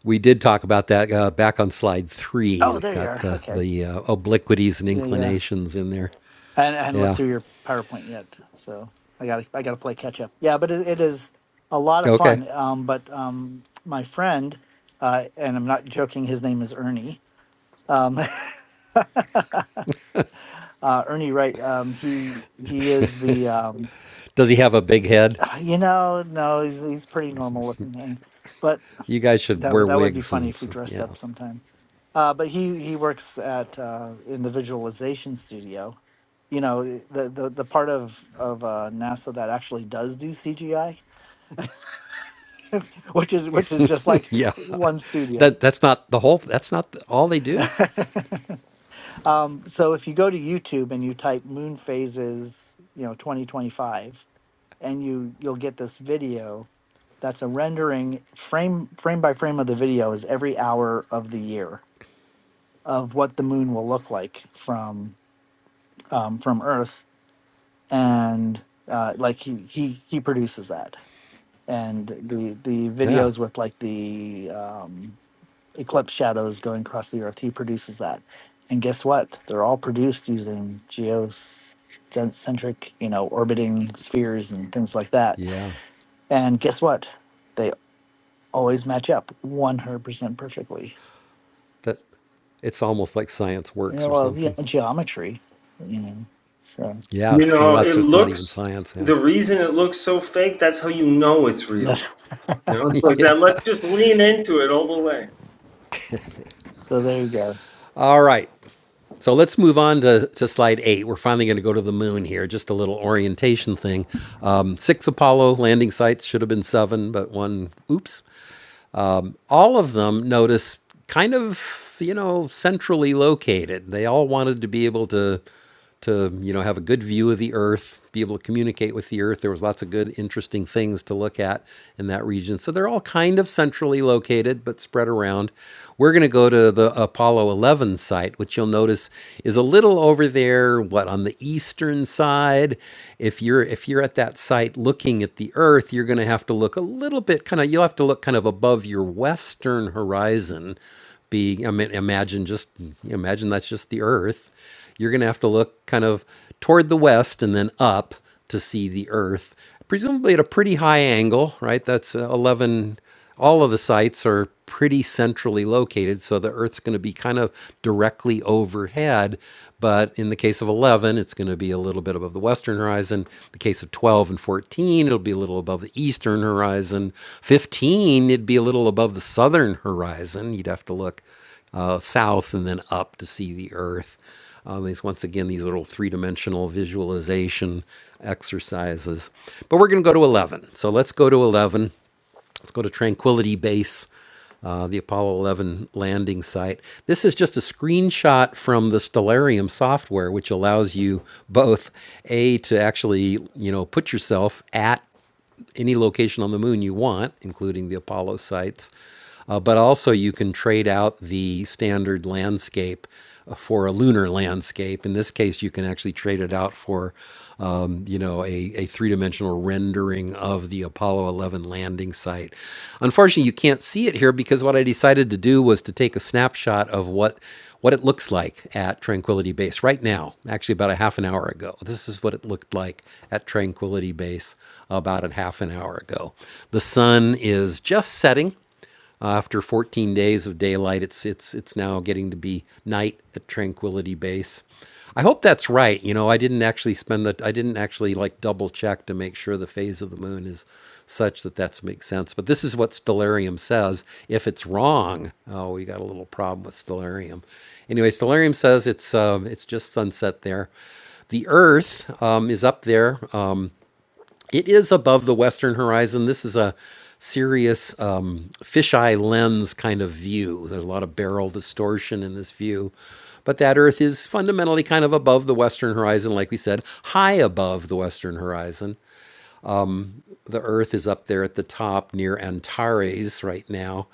A: We did talk about that uh, back on slide three.
G: Oh,
A: We
G: there you
A: got
G: are.
A: the
G: Okay.
A: the uh, obliquities and
G: Yeah, yeah.
A: inclinations in there.
G: I, I hadn't looked
A: Yeah.
G: through your PowerPoint yet, so I got to I got to play catch up. Yeah, but it, it is a lot of
A: Okay.
G: fun. Um, but um, my friend, uh, and I'm not joking, his name is Ernie. Um, uh, Ernie Wright. Um, he he is the um,
A: Does he have a big head?
G: you know no he's he's pretty normal looking thing, but
A: You guys should
G: That
A: wear
G: would that would be
A: wigs
G: funny
A: and
G: if we
A: so,
G: dressed
A: yeah,
G: up sometime. Uh, but he he works at uh, in the visualization studio. You know eh, the the the part of of uh, NASA that actually does do CGI, which is which is just like
A: yeah.
G: one studio.
A: That that's not the whole. That's not all they do.
G: um, so if you go to YouTube and you type moon phases, you know 2025, and you you'll get this video that's a rendering frame frame by frame of the video is every hour of the year of what the moon will look like from um, from Earth, and uh, like he he he produces that, and the the
A: Yeah.
G: videos with like the um, eclipse shadows going across the Earth, he produces that, and guess what? They're all produced using geocentric, you know, orbiting spheres and things like that,
A: Yeah.
G: and guess what? They always match up one hundred percent perfectly.
A: That it's almost like science
G: You
A: works
G: know,
A: or
G: well, you
A: something.
G: geometry, you know, so.
A: Yeah.
F: You
A: Well,
F: know,
A: that's
F: it
A: just not even
F: looks
A: science. Yeah.
F: the reason it looks so fake, that's how you know it's real.
G: that's.
F: You know, it's like that. Let's just lean into it all the way.
G: So there you go.
A: All right. So let's move on to, to slide eight. We're finally going to go to the moon here. Just a little orientation thing. Um, six Apollo landing sites should have been seven, but one, oops all of them notice kind of you know centrally located they all wanted to be able to to you know have a good view of the earth be able to communicate with the earth there was lots of good interesting things to look at in that region so they're all kind of centrally located but spread around we're going to go to the apollo 11 site which you'll notice is a little over there what on the eastern side if you're if you're at that site looking at the Earth, you're going to have to look a little bit kind of, you'll have to look kind of above your western horizon. Being, I mean, imagine just, imagine that's just the Earth. You're going to have to look kind of toward the west and then up to see the Earth, presumably at a pretty high angle, right? That's uh, 11 all of the sites are pretty centrally located, so the Earth's going to be kind of directly overhead. But in the case of 11, it's going to be a little bit above the western horizon. In the case of 12 and 14, it'll be a little above the eastern horizon. 15, it'd be a little above the southern horizon. You'd have to look uh, south and then up to see the Earth. Um, these once again these little three-dimensional visualization exercises. But we're going to go to 11. So let's go to 11. Let's go to Tranquility Base, uh, the Apollo 11 landing site. This is just a screenshot from the Stellarium software, which allows you both a to actually you know put yourself at any location on the moon you want, including the Apollo sites. Uh, but also, you can trade out the standard landscape uh, for a lunar landscape. In this case, you can actually trade it out for, um, you know, a, a three-dimensional rendering of the Apollo 11 landing site. Unfortunately, you can't see it here because what I decided to do was to take a snapshot of what what it looks like at Tranquility Base right now. Actually, about a half an hour ago. This is what it looked like at Tranquility Base about a half an hour ago. The sun is just setting uh, after 14 days of daylight, it's it's it's now getting to be night at Tranquility Base. I hope that's right. You know, I didn't actually spend the I didn't actually like double check to make sure the phase of the moon is such that that makes sense. But this is what Stellarium says. If it's wrong, oh, we got a little problem with Stellarium. Anyway, Stellarium says it's um, it's just sunset there. The Earth um, is up there. Um, it is above the western horizon. This is a serious um, fisheye lens kind of view. There's a lot of barrel distortion in this view. But that Earth is fundamentally kind of above the western horizon, like we said, high above the western horizon. The Earth is up there at the top near Antares right now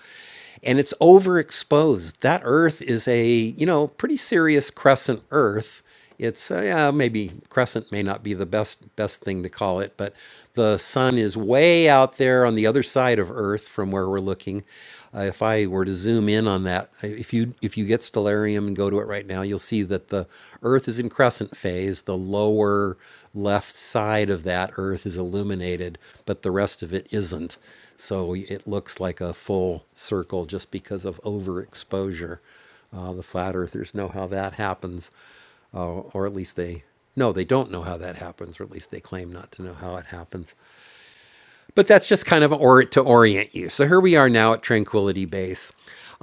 A: and it's overexposed. That Earth is a you know pretty serious crescent Earth. It's uh, yeah, maybe crescent may not be the best best thing to call it, but the sun is way out there on the other side of Earth from where we're looking. Uh, if I were to zoom in on that, if you if you get Stellarium and go to it right now, you'll see that the Earth is in crescent phase. The lower left side of that Earth is illuminated, but the rest of it isn't. So it looks like a full circle just because of overexposure. Uh, the flat earthers know how that happens, uh, or at least they no, they don't know how that happens, or at least they claim not to know how it happens. But that's just kind of or- to orient you. So here we are now at Tranquility Base.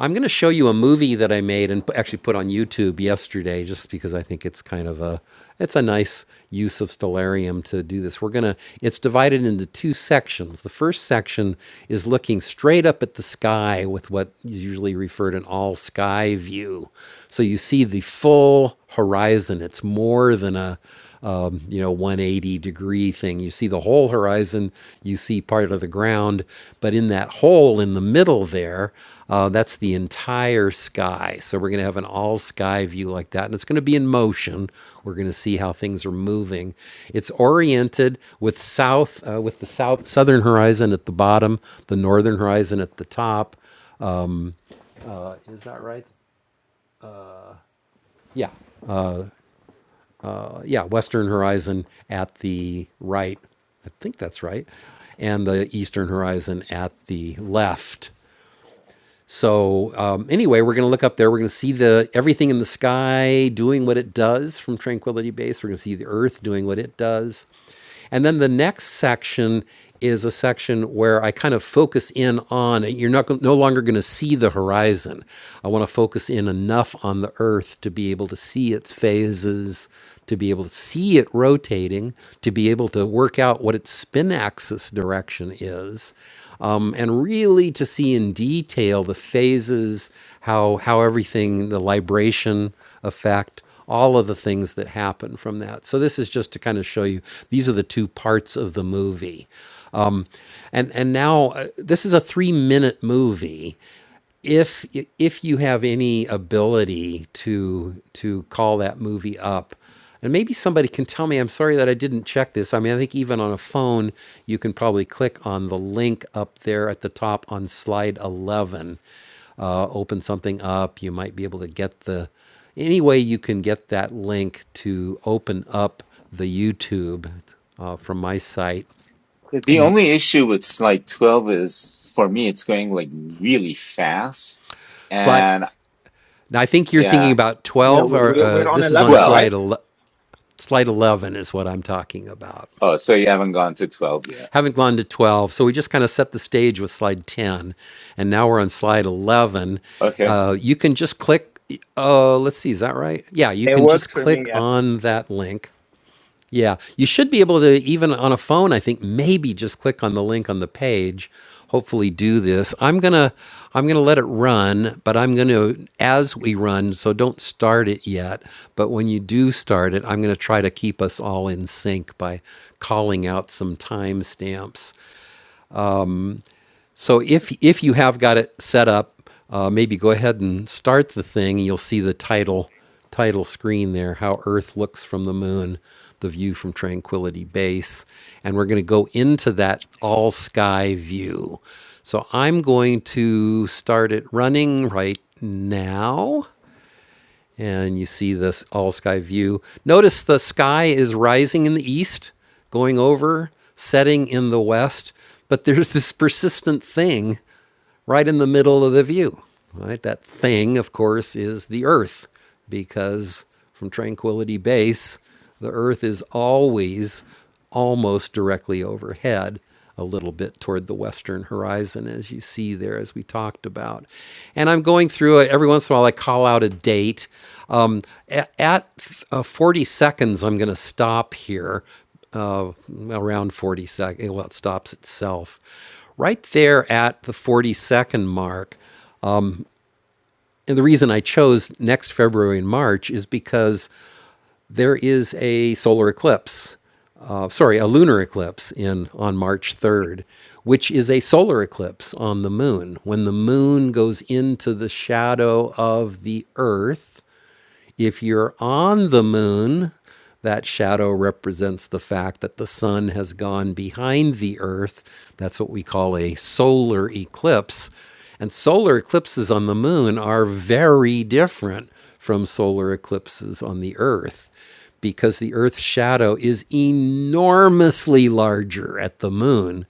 A: I'm going to show you a movie that I made and actually put on YouTube yesterday, just because I think it's kind of a it's a nice use of stellarium to do this. We're gonna it's divided into two sections. The first section is looking straight up at the sky with what is usually referred an all sky view. So you see the full horizon. It's more than a um, you know 180 degree thing you see the whole horizon you see part of the ground but in that hole in the middle there uh, that's the entire sky so we're going to have an all sky view like that and it's going to be in motion we're going to see how things are moving it's oriented with south uh, with the south southern horizon at the bottom the northern horizon at the top is that right yeah uh, yeah, western horizon at the right. I think that's right. And the eastern horizon at the left. So um, anyway, we're going to look up there. We're going to see the everything in the sky doing what it does from Tranquility Base. We're going to see the Earth doing what it does, and then the next section is a section where I kind of focus in on. You're not no longer going to see the horizon. I want to focus in enough on the Earth to be able to see its phases, to be able to see it rotating, to be able to work out what its spin axis direction is um, and really to see in detail the phases, how how everything, the libration effect, all of the things that happen from that. So this is just to kind of show you these are the two parts of the movie and and now uh, this is a three minute movie if if you have any ability to to call that movie up and maybe somebody can tell me i'm sorry that i didn't check this i mean i think even on a phone you can probably click on the link up there at the top on slide 11 uh, open something up you might be able to get the any way you can get that link to open up the youtube uh, from my site
D: The the only issue with slide twelve is, for me, it's going like really fast,
A: slide
D: and
A: Now, I think you're thinking
D: yeah,
A: about
E: Yeah,
A: 12,
E: we-
A: or
E: we-
A: uh,
E: we're on
A: this is on
E: 11,
D: twelve.
E: right?
A: slide, ele- slide 11, is what I'm talking about.
D: Oh, so you haven't gone to twelve yet?
A: Haven't gone to 12, so we just kind of set the stage with slide 10, and now we're on slide 11.
D: Okay.
A: Uh, you can just click, uh, let's see, is that right? Yeah, you
E: It
A: can
E: works
A: just
E: for me,
A: click
E: yes.
A: on that link yeah, you should be able to even on a phone. I think maybe just click on the link on the page. Hopefully, do this. I'm gonna I'm gonna let it run, but I'm gonna as we run. So don't start it yet. But when you do start it, I'm gonna try to keep us all in sync by calling out some timestamps. So if if you have got it set up, uh, maybe go ahead and start the thing. You'll see the title title screen there, how Earth looks from the moon, the view from Tranquility Base, and we're going to go into that all sky view. So I'm going to start it running right now and you see this all sky view. Notice the sky is rising in the east, going over, setting in the west, but there's this persistent thing right in the middle of the view. Right? That thing, of course, is the Earth, because from Tranquility Base, the Earth is always almost directly overhead, a little bit toward the western horizon, as you see there, as we talked about. And I'm going through every once in a while, I call out a date. Um, at at uh, 40 seconds, I'm going to stop here uh, around 40 seconds. Well, it stops itself right there at the 40 second mark. And the reason I chose next February and March is because there is a solar eclipse, uh, sorry, a lunar eclipse in on March 3rd, which is a solar eclipse on the moon. When the moon goes into the shadow of the earth, if you're on the moon, that shadow represents the fact that the sun has gone behind the earth. That's what we call a solar eclipse. And solar eclipses on the moon are very different from solar eclipses on the earth because the earth's shadow is enormously larger at the moon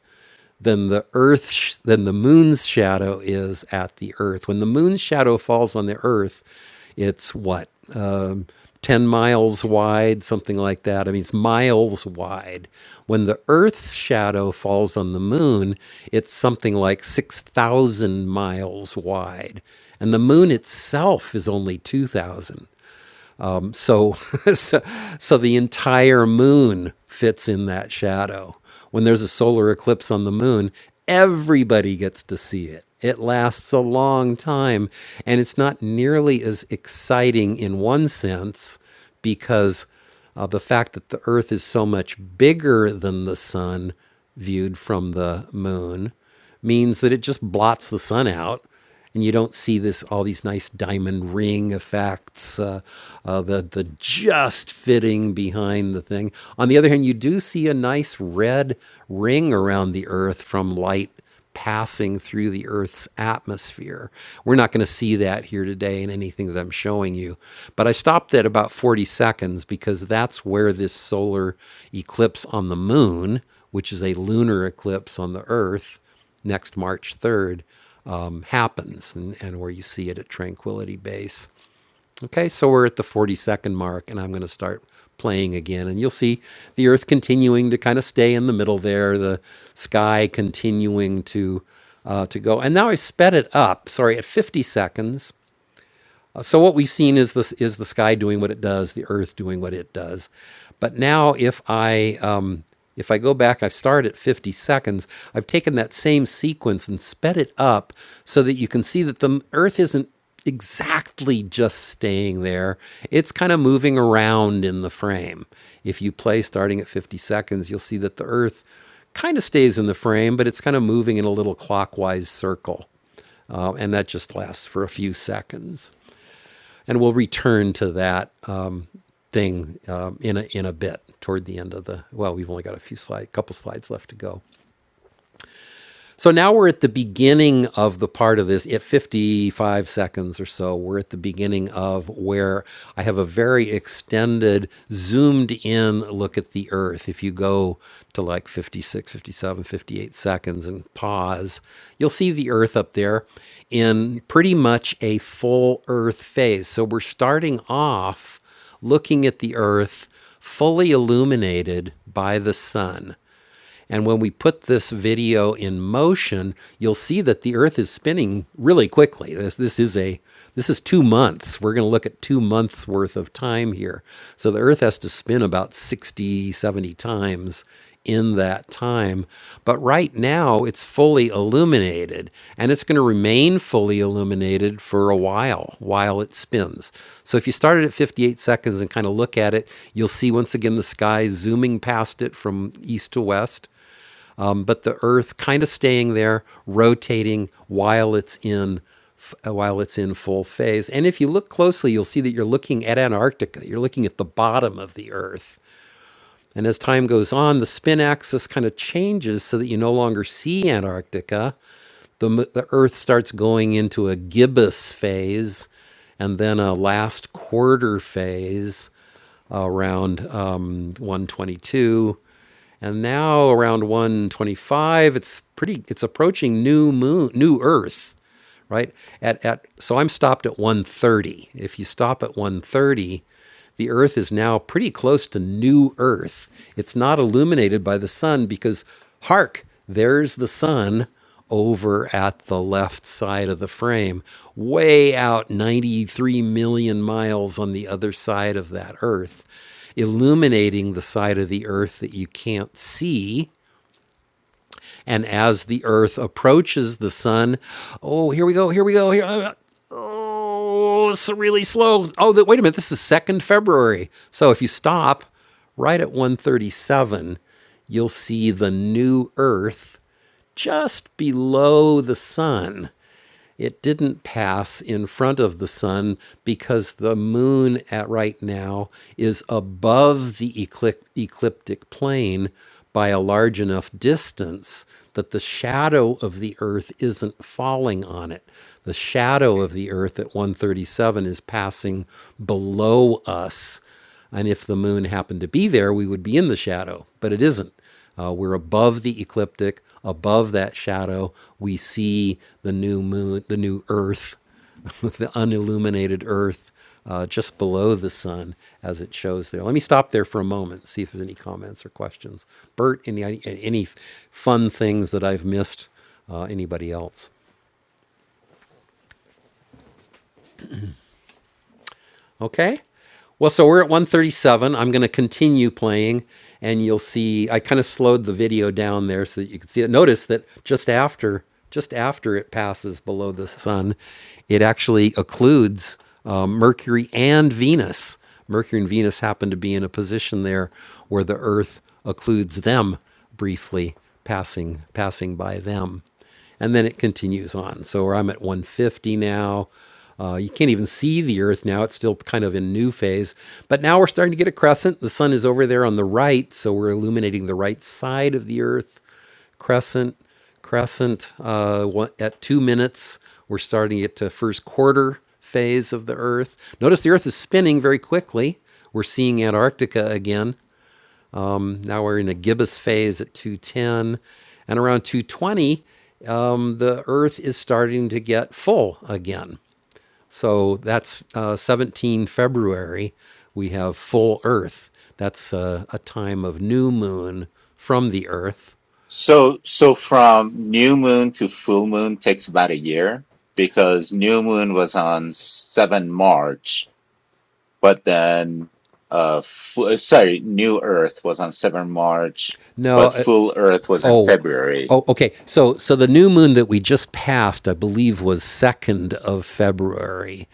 A: than the earth sh- than the moon's shadow is at the earth when the moon's shadow falls on the earth it's what um, 10 miles wide something like that i mean it's miles wide when the earth's shadow falls on the moon it's something like 6000 miles wide and the moon itself is only 2000 um, so, so, so the entire moon fits in that shadow. When there's a solar eclipse on the moon, everybody gets to see it. It lasts a long time, and it's not nearly as exciting in one sense because of the fact that the Earth is so much bigger than the sun viewed from the moon means that it just blots the sun out and you don't see this all these nice diamond ring effects, uh, uh, the the just fitting behind the thing. On the other hand, you do see a nice red ring around the Earth from light passing through the Earth's atmosphere. We're not going to see that here today in anything that I'm showing you. But I stopped at about 40 seconds because that's where this solar eclipse on the moon, which is a lunar eclipse on the Earth next March 3rd, um, happens and, and where you see it at Tranquility Base. Okay, so we're at the 40 second mark, and I'm going to start playing again. And you'll see the Earth continuing to kind of stay in the middle there, the sky continuing to uh, to go. And now I sped it up. Sorry, at 50 seconds. Uh, so what we've seen is this is the sky doing what it does, the Earth doing what it does. But now if I um, if I go back, I've started at 50 seconds. I've taken that same sequence and sped it up so that you can see that the Earth isn't exactly just staying there. It's kind of moving around in the frame. If you play starting at 50 seconds, you'll see that the Earth kind of stays in the frame, but it's kind of moving in a little clockwise circle. Um, and that just lasts for a few seconds and we'll return to that um, thing um, in a in a bit toward the end of the. Well, we've only got a few slide, couple slides left to go. So now we're at the beginning of the part of this, at 55 seconds or so, we're at the beginning of where I have a very extended, zoomed in look at the Earth. If you go to like 56, 57, 58 seconds and pause, you'll see the Earth up there in pretty much a full Earth phase. So we're starting off looking at the Earth fully illuminated by the sun. And when we put this video in motion, you'll see that the Earth is spinning really quickly. This this is a this is two months. We're going to look at two months worth of time here. So the Earth has to spin about 60 70 times in that time. But right now, it's fully illuminated and it's going to remain fully illuminated for a while while it spins. So if you started at 58 seconds and kind of look at it, you'll see once again the sky zooming past it from east to west, um, but the Earth kind of staying there, rotating while it's in uh, while it's in full phase. And if you look closely, you'll see that you're looking at Antarctica. You're looking at the bottom of the Earth and as time goes on, the spin axis kind of changes so that you no longer see Antarctica. The, m- the Earth starts going into a gibbous phase and then a last quarter phase around um, 122 and now around 125 it's pretty it's approaching new moon new earth right? At, at so I'm stopped at 130. If you stop at 130, the Earth is now pretty close to new Earth. It's not illuminated by the sun because hark, there's the sun over at the left side of the frame, way out 93 million miles on the other side of that Earth, illuminating the side of the Earth that you can't see and as the Earth approaches the sun, oh, here we go, here we go, here. uh, Oh, it's really slow. Oh, the, wait a minute, this is second February. So if you stop right at 137, you'll see the new Earth just below the sun. It didn't pass in front of the sun because the moon at right now is above the ecliptic plane by a large enough distance that the shadow of the earth isn't falling on it. The shadow of the earth at 137 is passing below us and if the moon happened to be there, we would be in the shadow, but it isn't. Uh, we're above the ecliptic, above that shadow. We see the new moon, the new Earth, the unilluminated Earth uh, just below the sun as it shows there. Let me stop there for a moment, see if there's any comments or questions. Bert, any, any fun things that I've missed? Uh, anybody else? Okay. Well, so we're at 137. I'm going to continue playing, and you'll see. I kind of slowed the video down there so that you can see it. Notice that just after, just after it passes below the sun, it actually occludes um, Mercury and Venus. Mercury and Venus happen to be in a position there where the Earth occludes them briefly, passing passing by them and then it continues on. So I'm at 150 now. Uh, you can't even see the Earth now. It's still kind of in new phase. But now we're starting to get a crescent. The sun is over there on the right, so we're illuminating the right side of the Earth. Crescent, crescent. Uh, at two minutes, we're starting at the first quarter phase of the Earth. Notice the Earth is spinning very quickly. We're seeing Antarctica again. Now we're in a gibbous phase at 210. And around 220, um, the Earth is starting to get full again. So that's uh, 17 February. We have full Earth. That's uh, a time of new moon from the Earth.
D: So, so from new moon to full moon takes about a year because new moon was on 7 March, but then, uh, fu- uh, sorry, new earth was on 7 March,
A: No,
D: but
A: uh,
D: full earth was in
A: oh,
D: February.
A: oh, okay. So, so the new moon that we just passed, I believe, was 2nd of February.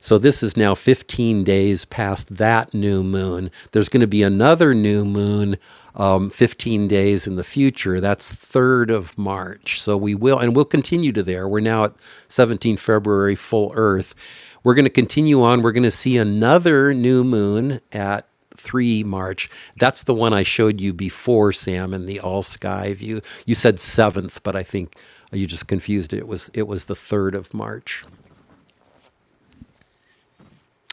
A: So this is now 15 days past that new moon. There's going to be another new moon um, 15 days in the future. That's 3rd of March. So we will, and we'll continue to there. We're now at 17 February, full Earth. We're going to continue on. We're going to see another new moon at 3 March. That's the one I showed you before, Sam, in the all sky view. You said 7th, but I think you just confused it. It was it was the 3rd of March.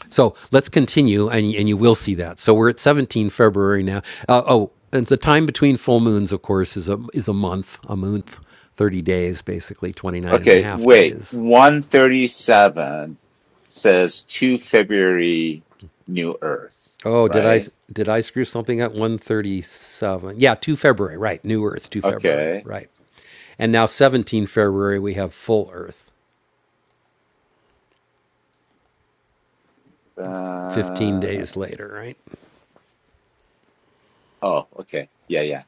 A: So let's continue, and, and you will see that. So we're at 17 February now. Uh, oh, and the time between full moons, of course, is a, is a month, a month, 30 days, basically 29 and a
D: Okay,
A: half
D: wait,
A: days.
D: 137 says to February new earth,
A: Oh, did I
D: right?
A: did I screw something up? 137. Yeah, 2 February, right. New Earth, 2 February,
D: Okay.
A: right. And now 17 February, we have full Earth, 15
D: Uh,
A: days later, right?
D: oh, okay. Yeah, yeah.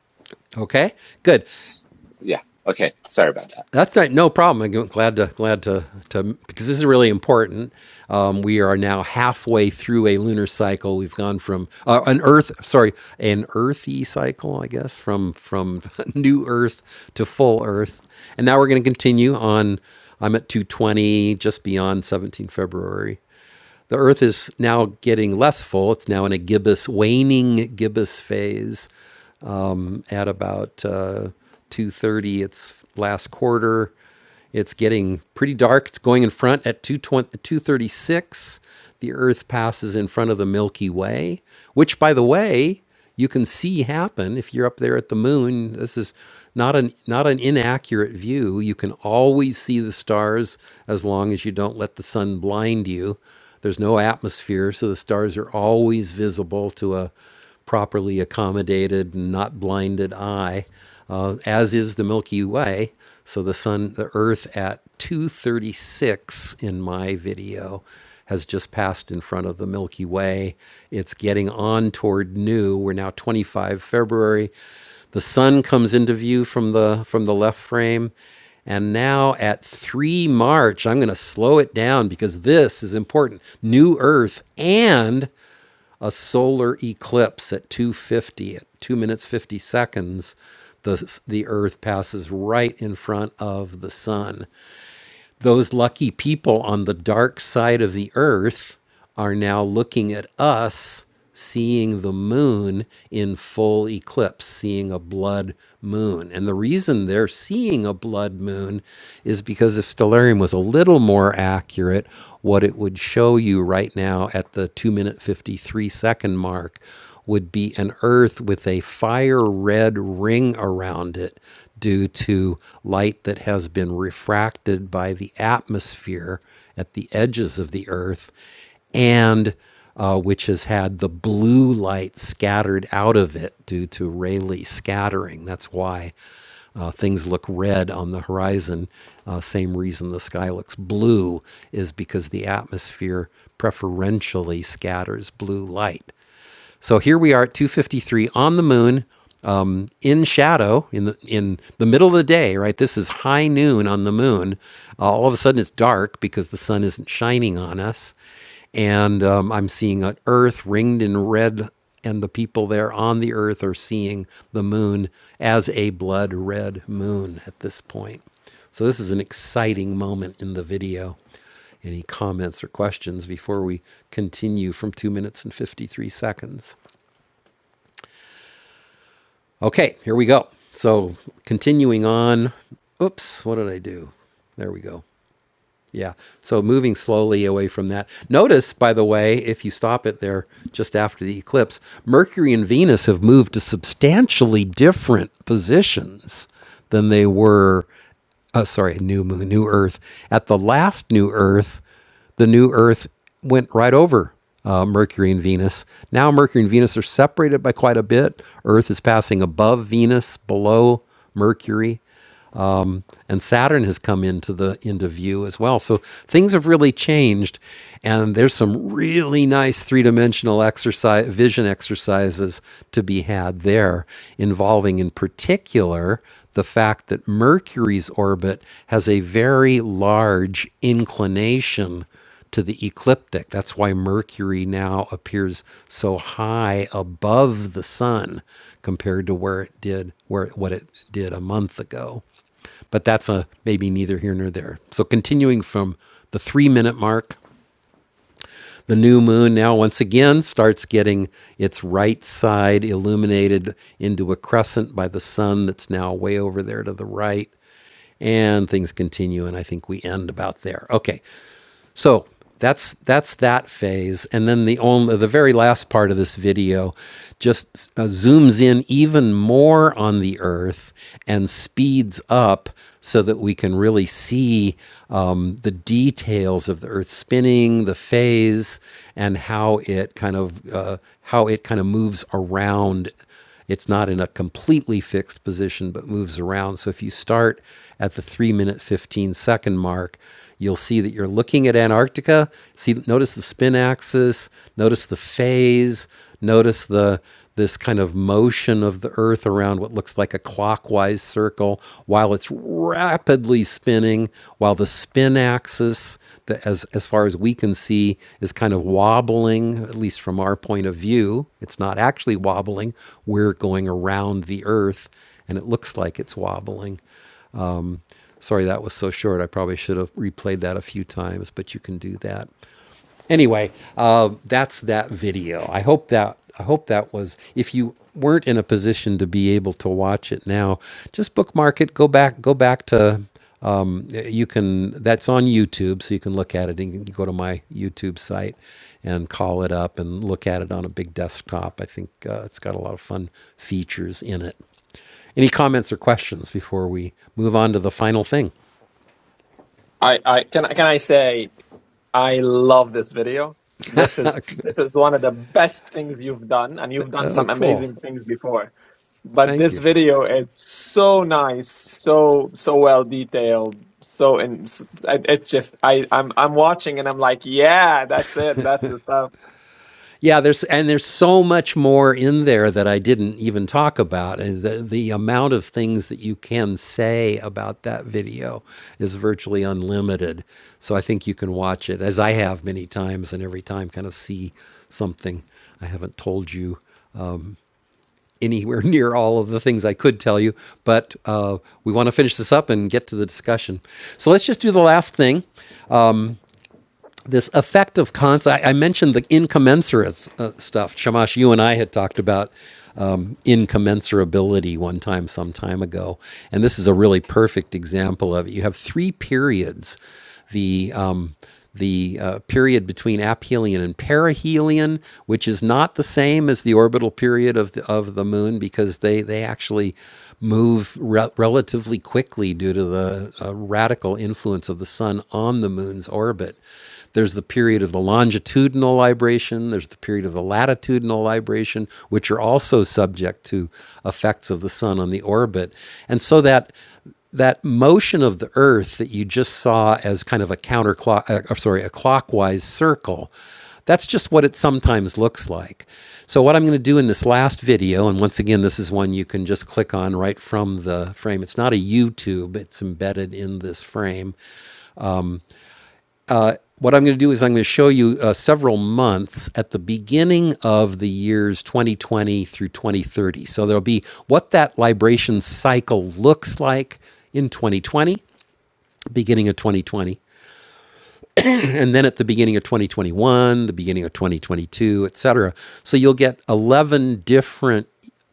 A: Okay, good.
D: S- yeah. Okay. Sorry about that.
A: That's right. No problem. I'm glad to glad to to because this is really important. Um, we are now halfway through a lunar cycle. We've gone from uh, an Earth, sorry, an Earthy cycle, I guess, from from new Earth to full Earth, and now we're going to continue on. I'm at 220, just beyond 17 February. The Earth is now getting less full. It's now in a gibbous, waning gibbous phase. Um, at about uh, 2.30 its last quarter it's getting pretty dark it's going in front at 220 236 the earth passes in front of the milky way which by the way you can see happen if you're up there at the moon this is not an not an inaccurate view you can always see the stars as long as you don't let the sun blind you there's no atmosphere so the stars are always visible to a properly accommodated and not blinded eye, uh, as is the Milky Way. So the sun, the Earth at 236 in my video has just passed in front of the Milky Way. It's getting on toward new. We're now 25 February. The sun comes into view from the from the left frame. And now at 3 March, I'm going to slow it down because this is important. New Earth and a solar eclipse at 250 at 2 minutes 50 seconds the the earth passes right in front of the sun those lucky people on the dark side of the earth are now looking at us seeing the moon in full eclipse, seeing a blood moon. And the reason they're seeing a blood moon is because if Stellarium was a little more accurate, what it would show you right now at the 2 minute 53 second mark would be an earth with a fire red ring around it due to light that has been refracted by the atmosphere at the edges of the earth and uh, which has had the blue light scattered out of it due to Rayleigh scattering. That's why uh, things look red on the horizon. Uh, same reason the sky looks blue is because the atmosphere preferentially scatters blue light. So here we are at 2:53 on the moon, um, in shadow, in the in the middle of the day. Right, this is high noon on the moon. Uh, all of a sudden, it's dark because the sun isn't shining on us, and um, I'm seeing an Earth ringed in red, and the people there on the Earth are seeing the moon as a blood red moon at this point. So this is an exciting moment in the video. Any comments or questions before we continue from two minutes and 53 seconds? Okay, here we go. So continuing on. Oops, what did I do? There we go. Yeah. So moving slowly away from that. Notice, by the way, if you stop it there just after the eclipse, Mercury and Venus have moved to substantially different positions than they were. Uh, sorry, new moon, new Earth. At the last new Earth, the new Earth went right over uh, Mercury and Venus. Now Mercury and Venus are separated by quite a bit. Earth is passing above Venus, below Mercury and Saturn has come into the into view as well. So things have really changed, and there's some really nice three dimensional exercise vision exercises to be had there, involving in particular the fact that Mercury's orbit has a very large inclination to the ecliptic. That's why Mercury now appears so high above the sun compared to where it did where what it did a month ago. But that's a maybe neither here nor there. So continuing from the three minute mark, the new moon now once again starts getting its right side illuminated into a crescent by the sun that's now way over there to the right. And things continue, and I think we end about there. Okay, so that's that's that phase, and then the only the very last part of this video just uh, zooms in even more on the Earth and speeds up so that we can really see um, the details of the Earth spinning, the phase, and how it kind of uh, how it kind of moves around it's not in a completely fixed position, but moves around. So if you start at the three minute, 15 second mark, you'll see that you're looking at Antarctica. See, notice the spin axis, notice the phase, notice the this kind of motion of the earth around what looks like a clockwise circle while it's rapidly spinning while the spin axis that as as far as we can see is kind of wobbling at least from our point of view it's not actually wobbling we're going around the earth and it looks like it's wobbling sorry that was so short i probably should have replayed that a few times but you can do that Anyway, uh, that's that video. I hope that I hope that was. If you weren't in a position to be able to watch it now, just bookmark it. Go back. Go back to. Um, you can. That's on YouTube, so you can look at it. And you can go to my YouTube site and call it up and look at it on a big desktop. I think uh, it's got a lot of fun features in it. Any comments or questions before we move on to the final thing?
E: I, I can I- can I say I love this video. This is this is one of the best things you've done, and you've done
A: Oh,
E: some
A: cool.
E: amazing things before. But
A: Thank
E: this
A: you. Sean.
E: video is so nice, so so well detailed, so and it's just I I'm I'm watching and I'm like, yeah, that's it, that's the stuff.
A: Yeah, there's and there's so much more in there that I didn't even talk about. and the the amount of things that you can say about that video is virtually unlimited. So I think you can watch it as I have many times, and every time kind of see something I haven't told you anywhere near all of the things I could tell you. But uh, we want to finish this up and get to the discussion. So let's just do the last thing. this effect of concept. I, I mentioned the incommensurate uh, stuff. Shamash, you and I had talked about um, incommensurability one time, some time ago, and this is a really perfect example of it. You have three periods: the um, the uh, period between aphelion and perihelion, which is not the same as the orbital period of the, of the moon because they, they actually move re- relatively quickly due to the uh, radical influence of the sun on the moon's orbit. There's the period of the longitudinal libration, there's the period of the latitudinal libration, which are also subject to effects of the sun on the orbit. And so that that motion of the earth that you just saw as kind of a counterclock uh, uh, sorry a clockwise circle that's just what it sometimes looks like so what i'm going to do in this last video and once again this is one you can just click on right from the frame it's not a youtube it's embedded in this frame what I'm going to do is I'm going to show you uh, several months at the beginning of the years 2020 through 2030. So there'll be what that libration cycle looks like in 2020, beginning of 2020, and then at the beginning of 2021, the beginning of 2022, et cetera. So you'll get 11 different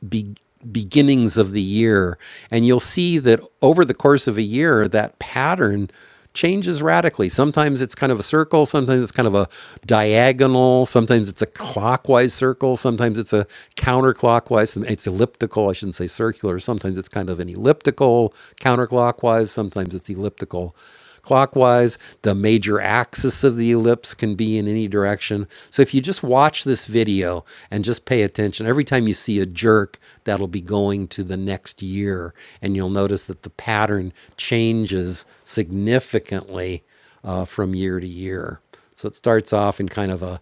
A: be- beginnings of the year. And you'll see that over the course of a year, that pattern changes radically. Sometimes it's kind of a circle, sometimes it's kind of a diagonal, sometimes it's a clockwise circle, sometimes it's a counterclockwise, it's elliptical, I shouldn't say circular, sometimes it's kind of an elliptical counterclockwise, sometimes it's elliptical clockwise. The major axis of the ellipse can be in any direction. So if you just watch this video and just pay attention, every time you see a jerk, that'll be going to the next year. And you'll notice that the pattern changes significantly uh, from year to year. So it starts off in kind of a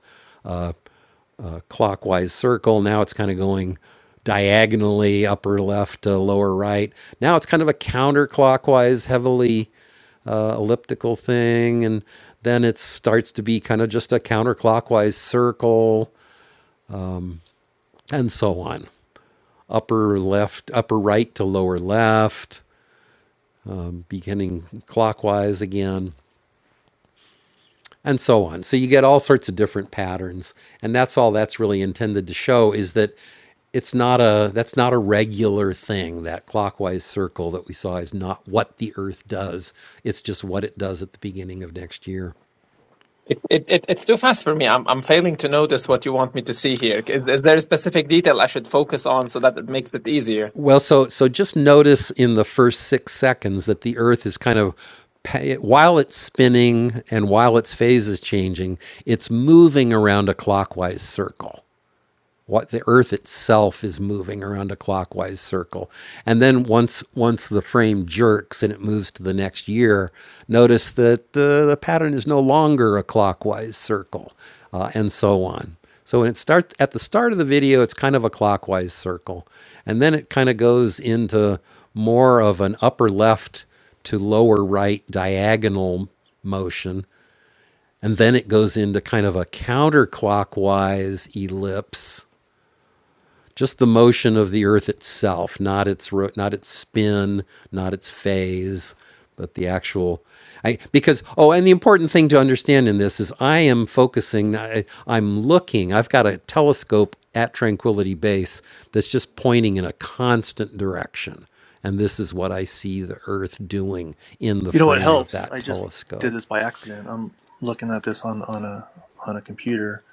A: clockwise circle. Now it's kind of going diagonally upper left to lower right. Now it's kind of a counterclockwise, heavily uh, elliptical thing. And then it starts to be kind of just a counterclockwise circle and so on. Upper left, upper right to lower left, beginning clockwise again. and so on. So you get all sorts of different patterns, and that's all that's really intended to show is that it's not a that's not a regular thing. That clockwise circle that we saw is not what the Earth does. It's just what it does at the beginning of next year.
E: It, it, it, it's too fast for me. I'm, I'm failing to notice what you want me to see here. Is, is there a specific detail I should focus on so that it makes it easier?
A: Well, so so just notice in the first six seconds that the Earth is kind of while it's spinning and while its phase is changing, it's moving around a clockwise circle. what the earth itself is moving around a clockwise circle and then once once the frame jerks and it moves to the next year notice that the, the pattern is no longer a clockwise circle uh, and so on so when it start at the start of the video it's kind of a clockwise circle and then it kind of goes into more of an upper left to lower right diagonal motion and then it goes into kind of a counterclockwise ellipse just the motion of the earth itself not its ro- not its spin not its phase but the actual I, because oh and the important thing to understand in this is i am focusing I, i'm looking i've got a telescope at tranquility base that's just pointing in a constant direction and this is what i see the earth doing in the
H: You know what
A: frame of
H: helps?
A: that
H: I just did
A: telescope
H: this by accident. I'm looking at this on, on a on a computer,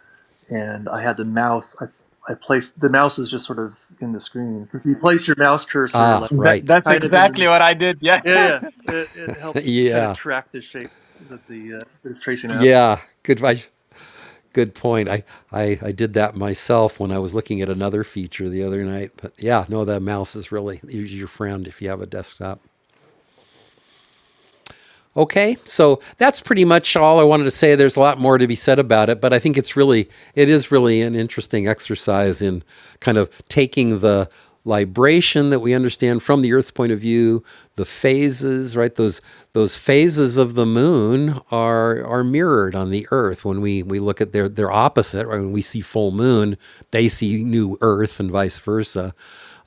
H: and I had the mouse. I I placed the mouse is just sort of in the screen. If you place your mouse cursor
A: ah
H: like
E: That,
A: right
E: that's
H: kind of in
E: exactly
H: the
E: what I did. Yeah.
H: yeah yeah, it, it helps kind of
A: yeah
H: track the shape that the uh, that it's tracing out.
A: yeah good good point. I, I, I did that myself when I was looking at another feature the other night. But yeah, no, the mouse is really your friend if you have a desktop. Okay, so that's pretty much all I wanted to say. There's a lot more to be said about it, but I think it's really, it is really an interesting exercise in kind of taking the libration that we understand from the Earth's point of view, the phases, right? Those those phases of the moon are are mirrored on the Earth when we we look at their their opposite. Right? When we see full moon, they see new Earth, and vice versa.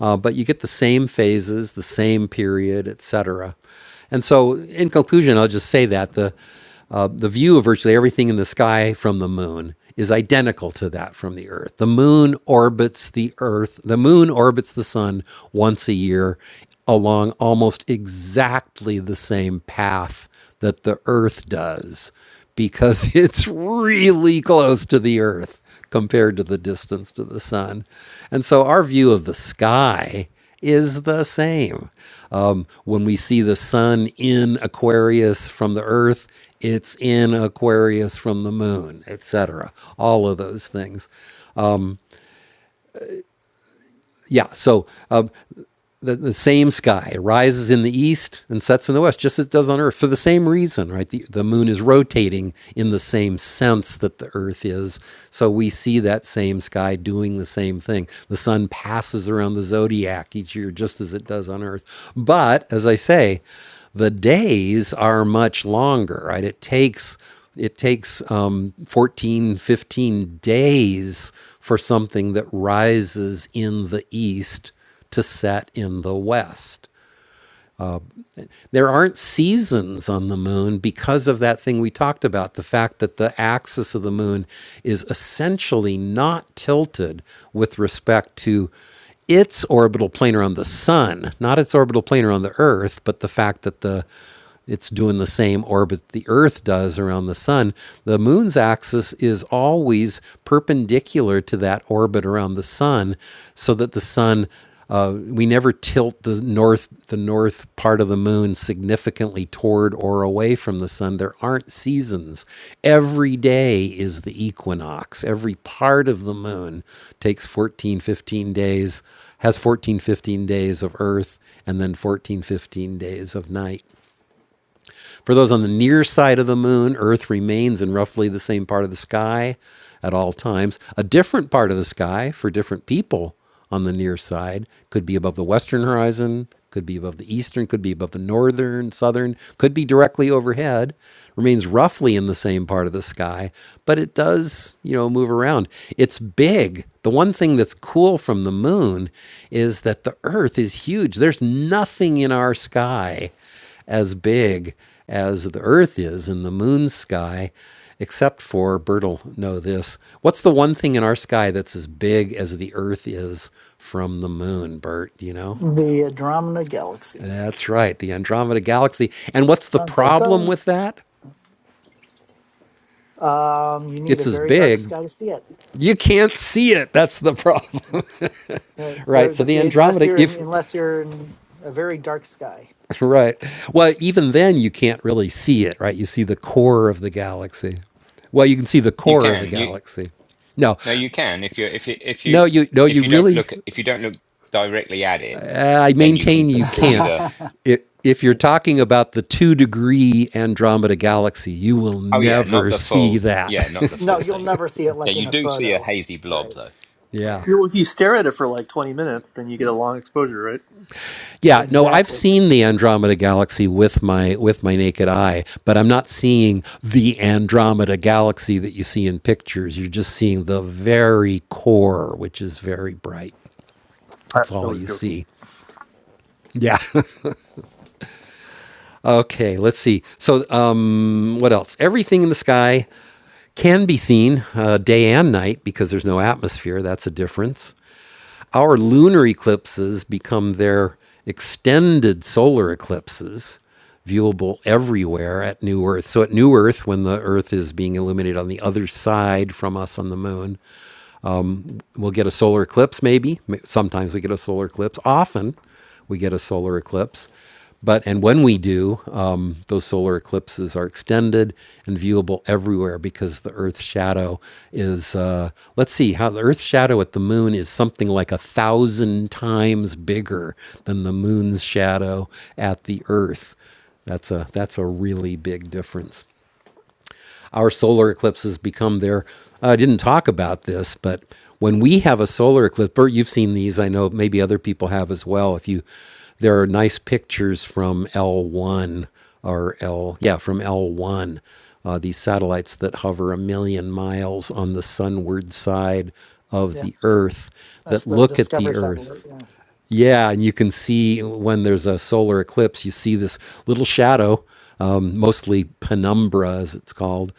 A: Uh, but you get the same phases, the same period, etc. cetera. And so, in conclusion, I'll just say that the uh, the view of virtually everything in the sky from the moon is identical to that from the Earth. The moon orbits the Earth. The moon orbits the sun once a year along almost exactly the same path that the Earth does, because it's really close to the Earth compared to the distance to the sun. And so, our view of the sky is the same. Um, when we see the sun in Aquarius from the earth, it's in Aquarius from the moon, etc. All of those things. Yeah, so um, the, the same sky rises in the east and sets in the west, just as it does on Earth, for the same reason, right? The, the moon is rotating in the same sense that the Earth is. So we see that same sky doing the same thing. The sun passes around the zodiac each year, just as it does on Earth. But as I say, the days are much longer, right? It takes it takes um, 14, fifteen days for something that rises in the east to set in the west. There aren't seasons on the moon because of that thing we talked about the fact that the axis of the moon is essentially not tilted with respect to its orbital plane around the sun, not its orbital plane around the earth, but the fact that the it's doing the same orbit the Earth does around the Sun. The Moon's axis is always perpendicular to that orbit around the Sun, so that the Sun, uh, we never tilt the north the north part of the Moon significantly toward or away from the Sun. There aren't seasons. Every day is the equinox. Every part of the Moon takes 14 15 days, has 14 15 days of Earth, and then 14 15 days of night. For those on the near side of the moon, Earth remains in roughly the same part of the sky at all times. A different part of the sky for different people on the near side could be above the western horizon, could be above the eastern, could be above the northern, southern, could be directly overhead. Remains roughly in the same part of the sky, but it does, you know, move around. It's big. The one thing that's cool from the moon is that the earth is huge. There's nothing in our sky as big as the Earth is in the moon's sky, except for Bert will know this. What's the one thing in our sky that's as big as the Earth is from the moon, Bert? You know?
G: The Andromeda Galaxy.
A: That's right, the Andromeda Galaxy. And what's the
G: Dun, dun,
A: problem
G: dun.
A: with that?
G: Um, you need a
A: It's as
G: very dark
A: big.
G: sky to see it.
A: You can't see it. That's the problem.
G: Yes. Uh,
A: right.
G: there,
A: So
G: th-
A: the
G: unless
A: Andromeda,
G: you're in,
A: if
G: unless you're in a very dark sky.
A: right. Well, even then you can't really see it, right? You see the core of the galaxy. Well, you can see the
C: You
A: core of the
C: can you
A: galaxy. No,
C: no you can if you if you if you
A: no, you no,
C: if
A: you
C: you don't
A: really.
C: look if you don't look directly at it,
A: Uh, I
C: then you can
A: maintain you
C: perceive
A: can't.
C: a
A: If if you're talking about the two degree Andromeda galaxy, you will
C: oh yeah not
A: never
C: the
A: see
C: full
A: that.
C: yeah not the
G: no,
C: full
G: you'll
C: thing.
G: never see it
C: Yeah,
G: like in
C: you
G: a
C: do see a
G: photo.
C: hazy blob
G: Right.
C: though.
G: Right.
A: yeah.
H: Yeah, well, if you stare at it for like 20 minutes, then you get a long exposure, right?
G: Yeah.
A: Yeah, no, I've
G: Exactly.
A: seen the Andromeda galaxy with my with my naked eye, but I'm not seeing the Andromeda galaxy that you see in pictures. You're just seeing the very core, which is very bright.
H: I,
A: That's
H: I
A: all
H: was
A: you
H: joking.
A: see. Yeah. okay, let's see. So, um, what else? Everything in the sky can be seen uh, day and night because there's no atmosphere. That's a difference. Our lunar eclipses become their extended solar eclipses, viewable everywhere at New Earth. So at New Earth, when the Earth is being illuminated on the other side from us on the moon, We'll get a solar eclipse, maybe. Sometimes we get a solar eclipse. Often we get a solar eclipse. But, and when we do, um, those solar eclipses are extended and viewable everywhere because the Earth's shadow is, uh, let's see, how the Earth's shadow at the moon is something like a thousand times bigger than the moon's shadow at the Earth. That's a, that's a really big difference our solar eclipses become their. uh, I didn't talk about this, but when we have a solar eclipse, Bert, you've seen these. I know maybe other people have as well. If you, there are nice pictures from L1 or L, yeah, from L1. Uh, these satellites that hover a million miles on the sunward side of
G: Yeah.
A: the Earth
G: That's
A: that
G: the
A: look at the
G: Discovery
A: Earth
G: satellite. Yeah.
A: yeah, and you can see when there's a solar eclipse, you see this little shadow, um, mostly penumbra as it's called,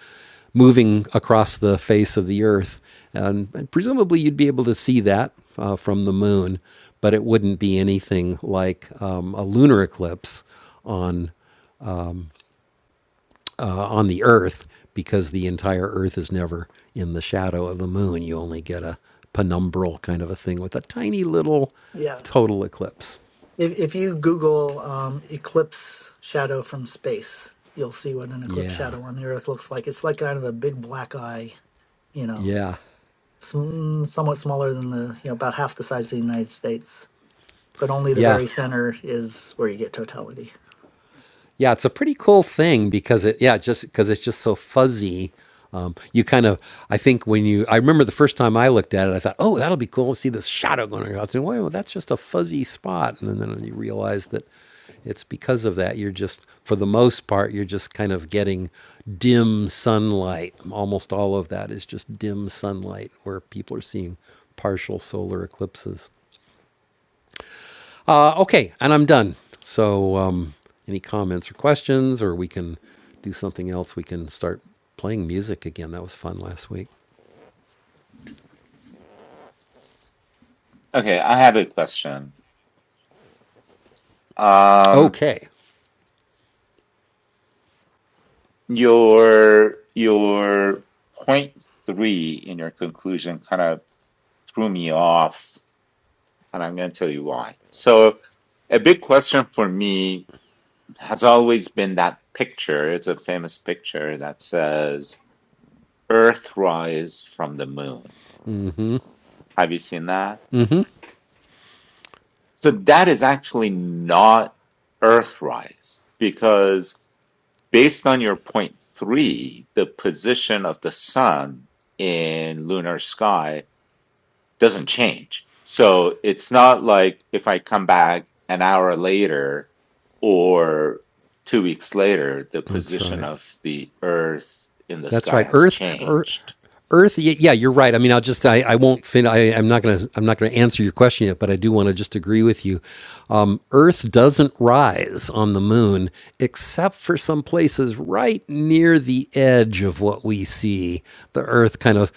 A: moving across the face of the Earth. And, and presumably you'd be able to see that uh, from the moon, but it wouldn't be anything like um, a lunar eclipse on uh, on the Earth because the entire Earth is never in the shadow of the moon. You only get a penumbral kind of a thing with a tiny little
G: Yeah.
A: total eclipse.
G: If if you Google um, eclipse shadow from space, you'll see what an eclipse
A: Yeah.
G: shadow on the Earth looks like. It's like kind of a big black eye. You know.
A: Yeah.
G: sm- somewhat smaller than the, you know, about half the size of the United States, but only the
A: Yeah.
G: very center is where you get totality.
A: Yeah. It's a pretty cool thing because it, yeah, just because it's just so fuzzy. Um, you kind of, I think when you, I remember the first time I looked at it, I thought, oh, that'll be cool. See this shadow going across. And well, that's just a fuzzy spot. And then, then you realize that it's because of that. You're just, for the most part, you're just kind of getting dim sunlight. Almost all of that is just dim sunlight where people are seeing partial solar eclipses. Uh, okay, and I'm done. So, um, any comments or questions, or we can do something else? We can start playing music again. That was fun last week.
D: Okay, I have a question. Um,
A: Okay,
D: your your point three in your conclusion kind of threw me off, and I'm going to tell you why. So, a big question for me has always been that picture. It's a famous picture that says "Earth rise from the moon." Have you seen that? So that is actually not Earthrise because based on your point three, the position of the sun in lunar sky doesn't change. So it's not like if I come back an hour later or two weeks later, the
A: that's
D: position
A: right.
D: of the earth in the
A: That's
D: sky
A: right.
D: has
A: Earth, Earth,
D: changed.
A: Earth. Yeah, you're right. I mean, I'll just. I, I won't. Fin- I, I'm not gonna. I'm not gonna answer your question yet, but I do want to just agree with you. Um, Earth doesn't rise on the moon, except for some places right near the edge of what we see. The Earth kind of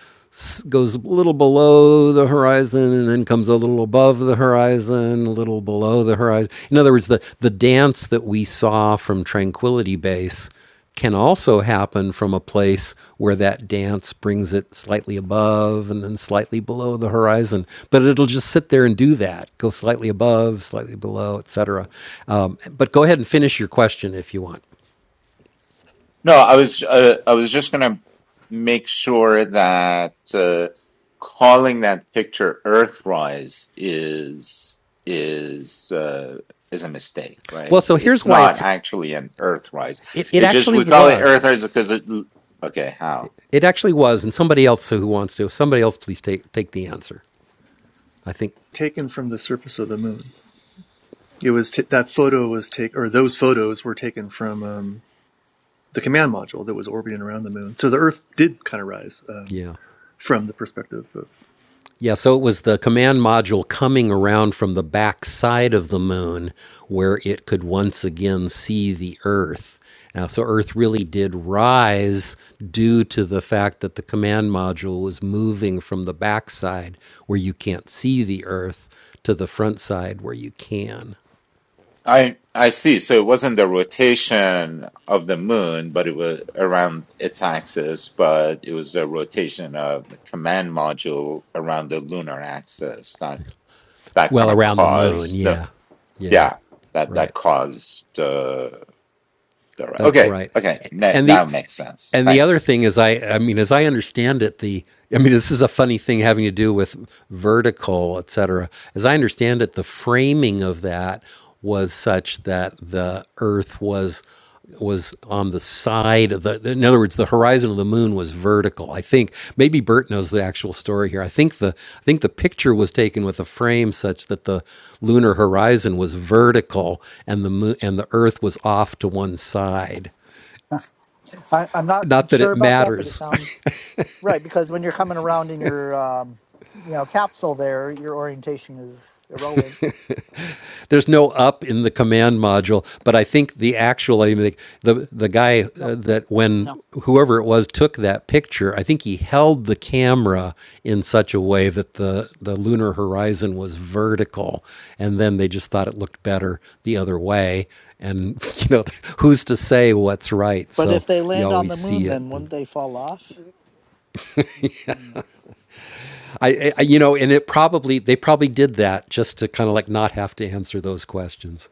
A: goes a little below the horizon and then comes a little above the horizon, a little below the horizon. In other words, the the dance that we saw from Tranquility Base can also happen from a place where that dance brings it slightly above and then slightly below the horizon. But it'll just sit there and do that, go slightly above, slightly below, etc. Um, but go ahead and finish your question if you want.
D: No, I was uh, I was just gonna make sure that uh, calling that picture Earthrise is is uh, is a mistake,
A: Well,
D: right?
A: so here's
D: It's
A: why
D: not
A: it's
D: actually an Earthrise.
A: it, it
D: It just
A: actually
D: we call it Earthrise
A: was.
D: because it. Okay, how?
A: It actually was, and somebody else who wants to, somebody else please take take the answer. I think,
H: Taken from the surface of the moon. It was t- that photo was take or those photos were taken from. um, the command module that was orbiting around the moon. So the Earth did kind of rise um,
A: yeah.
H: from the perspective of.
A: Yeah, so it was the command module coming around from the back side of the moon where it could once again see the Earth. Now, so Earth really did rise due to the fact that the command module was moving from the back side where you can't see the Earth to the front side where you can.
D: I I see. So it wasn't the rotation of the moon, but it was around its axis, but it was the rotation of the command module around the lunar axis. that
A: Well,
D: kind of
A: around the moon,
D: caused the
A: yeah. Yeah,
D: yeah that that
A: right.
D: caused uh, the
A: That's
D: okay
A: right.
D: okay na-
A: And the
D: now it makes sense
A: and the other
D: thanks
A: thing is I I mean as I understand it the I mean this is a funny thing having to do with vertical, et cetera. As I understand it the framing of that was such that the earth was was on the side of the in other words the horizon of the moon was vertical i think maybe bert knows the actual story here i think the i think the picture was taken with a frame such that the lunar horizon was vertical and the moon and the earth was off to one side
G: I, I'm not
A: not that
G: sure
A: it
G: about that, but it
A: matters
G: sounds right because when you're coming around in your, um, you know, capsule there, your orientation is irrelevant.
A: There's no up in the command module, but I think the actual I mean, the the guy
G: No,
A: uh, that when
G: no.
A: whoever it was took that picture, I think he held the camera in such a way that the the lunar horizon was vertical, and then they just thought it looked better the other way. And you know, who's to say what's right?
G: But if
A: So
G: they
A: you
G: land on
A: always
G: the moon,
A: see it.
G: then wouldn't they fall off? No.
A: I, I you know, and it probably they probably did that just to kind of like not have to answer those questions.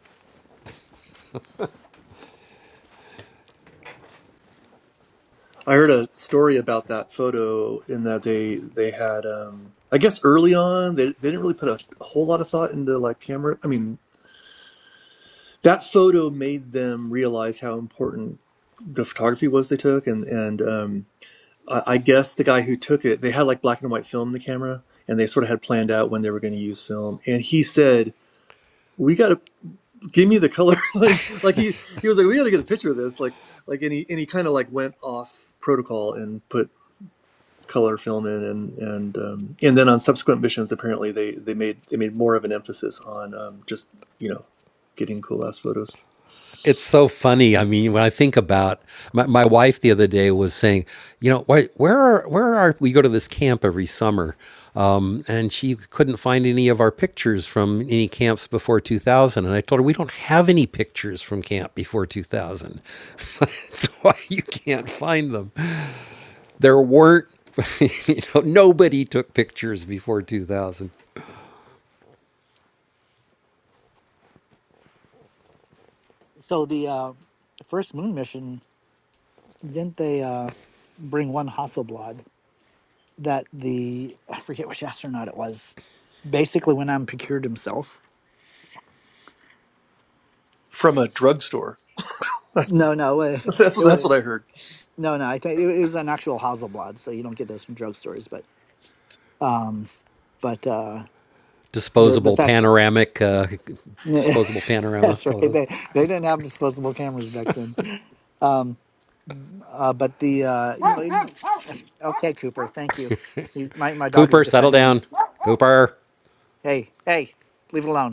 H: I heard a story about that photo in that they they had um, I guess early on they, they didn't really put a whole lot of thought into like camera. I mean that photo made them realize how important the photography was they took and and um, I, guess the guy who took it, they had like black and white film in the camera, and they sort of had planned out when they were going to use film. And he said, "We got to give me the color." like, like he he was like, "We got to get a picture of this." Like like and he and he kind of like went off protocol and put color film in and and um, and then on subsequent missions apparently they they made they made more of an emphasis on um, just you know getting cool ass photos
A: It's so funny. I mean, when I think about my, my
G: Mm,
A: wife the other day was saying, you know, why, where are where are we go to this camp every summer, um, and she couldn't find any of our pictures from any camps before 2000. And I told her we don't have any pictures from camp before 2000. That's why you can't find them. There weren't, you know, nobody took pictures before 2000.
G: So the uh, first moon mission didn't they uh, bring one Hasselblad? that the I forget which astronaut it was. Basically, when I'm procured himself.
H: from a drugstore.
G: No, no, uh,
H: That's
G: it
H: what
G: was
H: that's what I heard.
G: no, no. I think it, it was an actual Hasselblad, so you don't get those from drugstores. But, um, but uh, the the
A: Disposable
G: fact
A: panoramic, uh, disposable panorama
G: that's right. They
A: photos.
G: they didn't have disposable cameras back then. Um, uh, but the uh, you know, even- okay, Cooper, thank you. He's my my dog is
A: Cooper, settle
G: defending.
A: down. Cooper.
G: Hey, hey, leave it alone.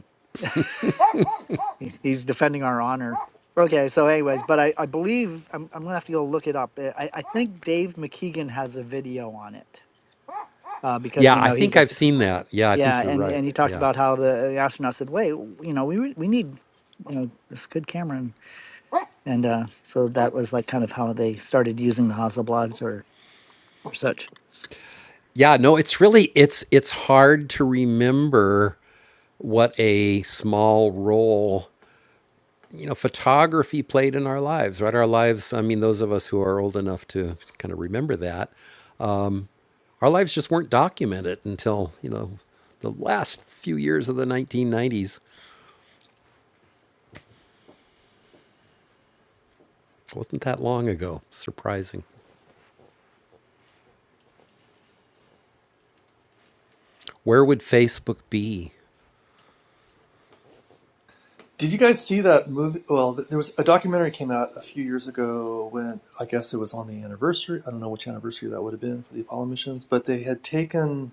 G: He- He's defending our honor. Okay, so anyways, but I, I believe I'm, I'm gonna have to go look it up. Uh, I, I think Dave McKeegan has a video on it uh, because
A: Yeah,
G: you
A: I
G: know he's
A: think
G: a
A: I've seen that. Yeah, I
G: yeah,
A: think you're
G: and,
A: right.
G: and he talked
A: Yeah.
G: about how the, uh, the astronaut said, "Wait, you know, we re- we need you know this good camera," and, and uh, so that was like kind of how they started using the Hasselblads or or such,
A: Yeah, no, it's really it's it's hard to remember what a small role, you know, photography played in our lives, right? Our lives, I mean, those of us who are old enough to kind of remember that, our lives just weren't documented until, you know, the last few years of the 1990s. It wasn't that long ago. Surprising. Where would Facebook be?
H: Did you guys see that movie? Well, there was a documentary came out a few years ago when I guess it was on the anniversary. I don't know which anniversary that would have been for the Apollo missions, but they had taken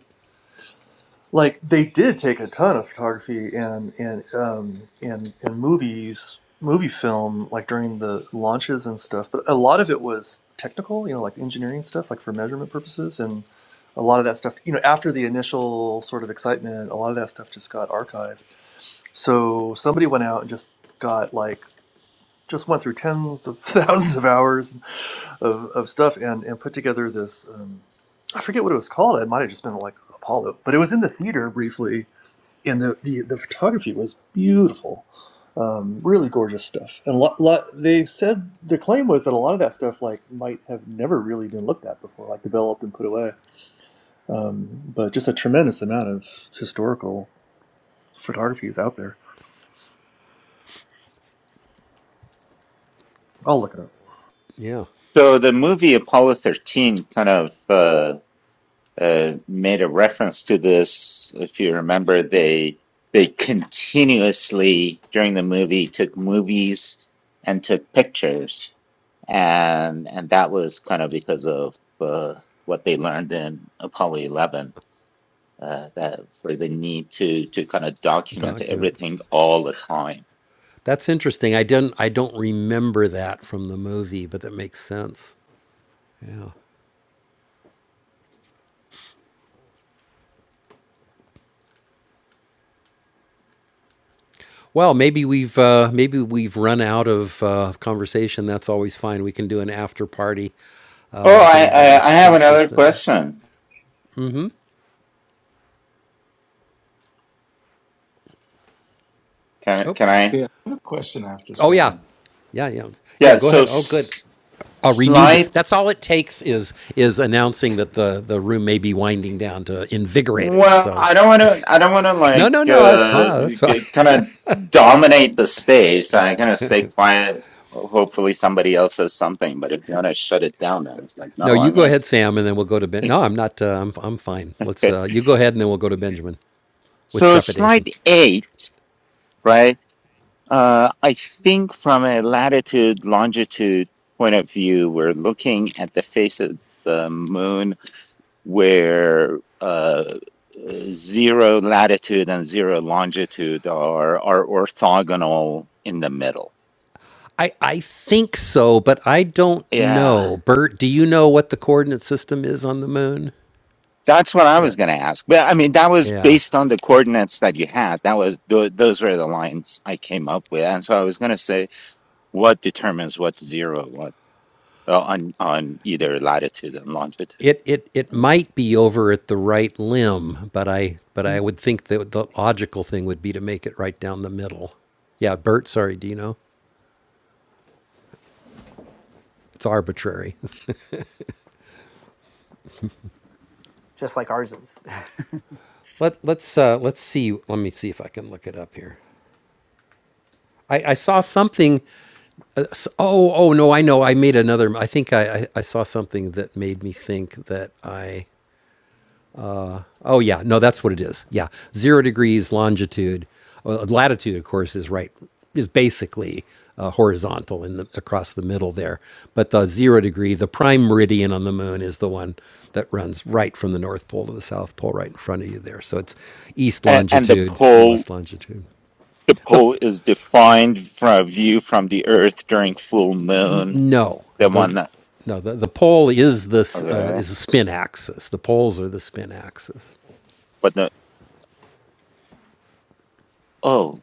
H: like they did take a ton of photography and and um, and and movies, movie film like during the launches and stuff. But a lot of it was technical, you know, like engineering stuff, like for measurement purposes and. A lot of that stuff, you know, after the initial sort of excitement, a lot of that stuff just got archived So somebody went out and just got like just went through tens of thousands of hours of, of stuff and and put together this um, I forget what it was called. It might have just been like Apollo, but it was in the theater briefly, and the the, the photography was beautiful, um, really gorgeous stuff. And a lot, lot they said the claim was that a lot of that stuff like might have never really been looked at before, like developed and put away. Um, but just a tremendous amount of historical photography is out there. I'll look it up.
A: Yeah,
D: so the movie apollo 13 kind of uh, uh, made a reference to this if you remember they they continuously during the movie took movies and took pictures and and that was kind of because of uh, what they learned in apollo 11 uh, that for the need to to kind of document
A: document.
D: everything all the time.
A: That's interesting. I didn't. I don't remember that from the movie, but that makes sense. Yeah. Well, maybe we've uh, maybe we've run out of uh, conversation. That's always fine. We can do an after party
D: Oh,
A: uh, if
D: I, I I
A: anybody's
D: have another
A: interested.
D: question. Can
A: Oh,
D: can I?
B: Okay, I have a question after
A: oh yeah,
B: Sam.
A: yeah, yeah, yeah.
D: Yeah.
A: Go
D: So
A: ahead. Oh, good. A renewed.
D: s-
A: That's all it takes is is announcing that the the room may be winding down to invigorate it.
D: Well,
A: So,
D: I don't want to. I don't want to
A: no,
D: like
A: no, no. That's
D: uh,
A: fine. That's fine.
D: kind of dominate the stage. So I kind of stay quiet. Ho- Hopefully, somebody else says something. But if you want to shut it down, I was like,
A: No,
D: no,
A: you
D: I'm
A: go
D: gonna.
A: ahead, Sam, and then we'll go to Ben. No, I'm not. Uh, I'm I'm fine. Let's.
D: Okay.
A: Uh, you go ahead, and then we'll go to Benjamin with
D: So
A: trepidation.
D: slide eight, right? Uh, I think from a latitude longitude point of view, we're looking at the face of the moon where uh, zero latitude and zero longitude are are orthogonal in the middle.
A: I I think so, but I don't
D: Yeah,
A: know. Bert, do you know what the coordinate system is on the moon?
D: that's what I
A: Yeah.
D: was going to ask. But I mean, that was
A: yeah.
D: based on the coordinates that you had. That was tho- those were the lines I came up with, and so I was going to say what determines what's zero, what uh, on on either latitude and longitude,
A: It, it it might be over at the right limb, but I but I would think that the logical thing would be to make it right down the middle. Yeah, Bert, sorry, do you know? It's arbitrary.
G: just like ours is.
A: Let let's uh, let's see. Let me see if I can look it up here. I, I saw something. S oh, oh no, I know. I made another. I think I, I, I saw something that made me think that I. Oh yeah, no, that's what it is. Yeah, zero degrees longitude, well, latitude, of course, is right is basically uh, horizontal in the, across the middle there. But the zero degree, the prime meridian on the moon, is the one that runs right from the North Pole to the South Pole, right in front of you there. So it's east
D: and, and the
A: longitude and
D: pole.
A: west longitude.
D: The
A: The
D: pole is defined from a view from the Earth during full moon.
A: No,
D: The one
A: the
D: that.
A: no the, the pole is this uh,
D: okay.
A: is a spin axis. The poles are the spin axis
D: But no, oh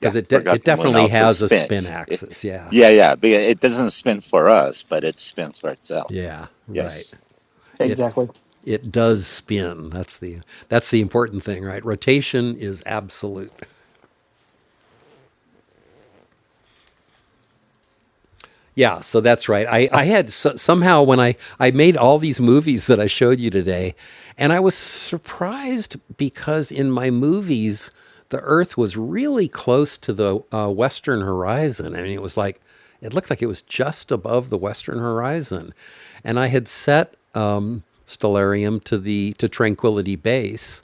D: yeah,
A: it de-
D: forgot
A: it
D: the moon
A: definitely
D: also
A: has a
D: spin.
A: spin
D: It,
A: axis. Yeah,
D: yeah, yeah, but it doesn't spin for us, but it spins for itself.
A: yeah, right.
D: Yes,
A: It
G: exactly.
A: it does spin. That's the that's the important thing, right? Rotation is absolute. Yeah, so that's right. I, I had so, somehow when I, I made all these movies that I showed you today, and I was surprised because in my movies, the Earth was really close to the uh, Western horizon. I mean, it was like, it looked like it was just above the Western horizon. And I had set um, Stellarium to, the, to Tranquility Base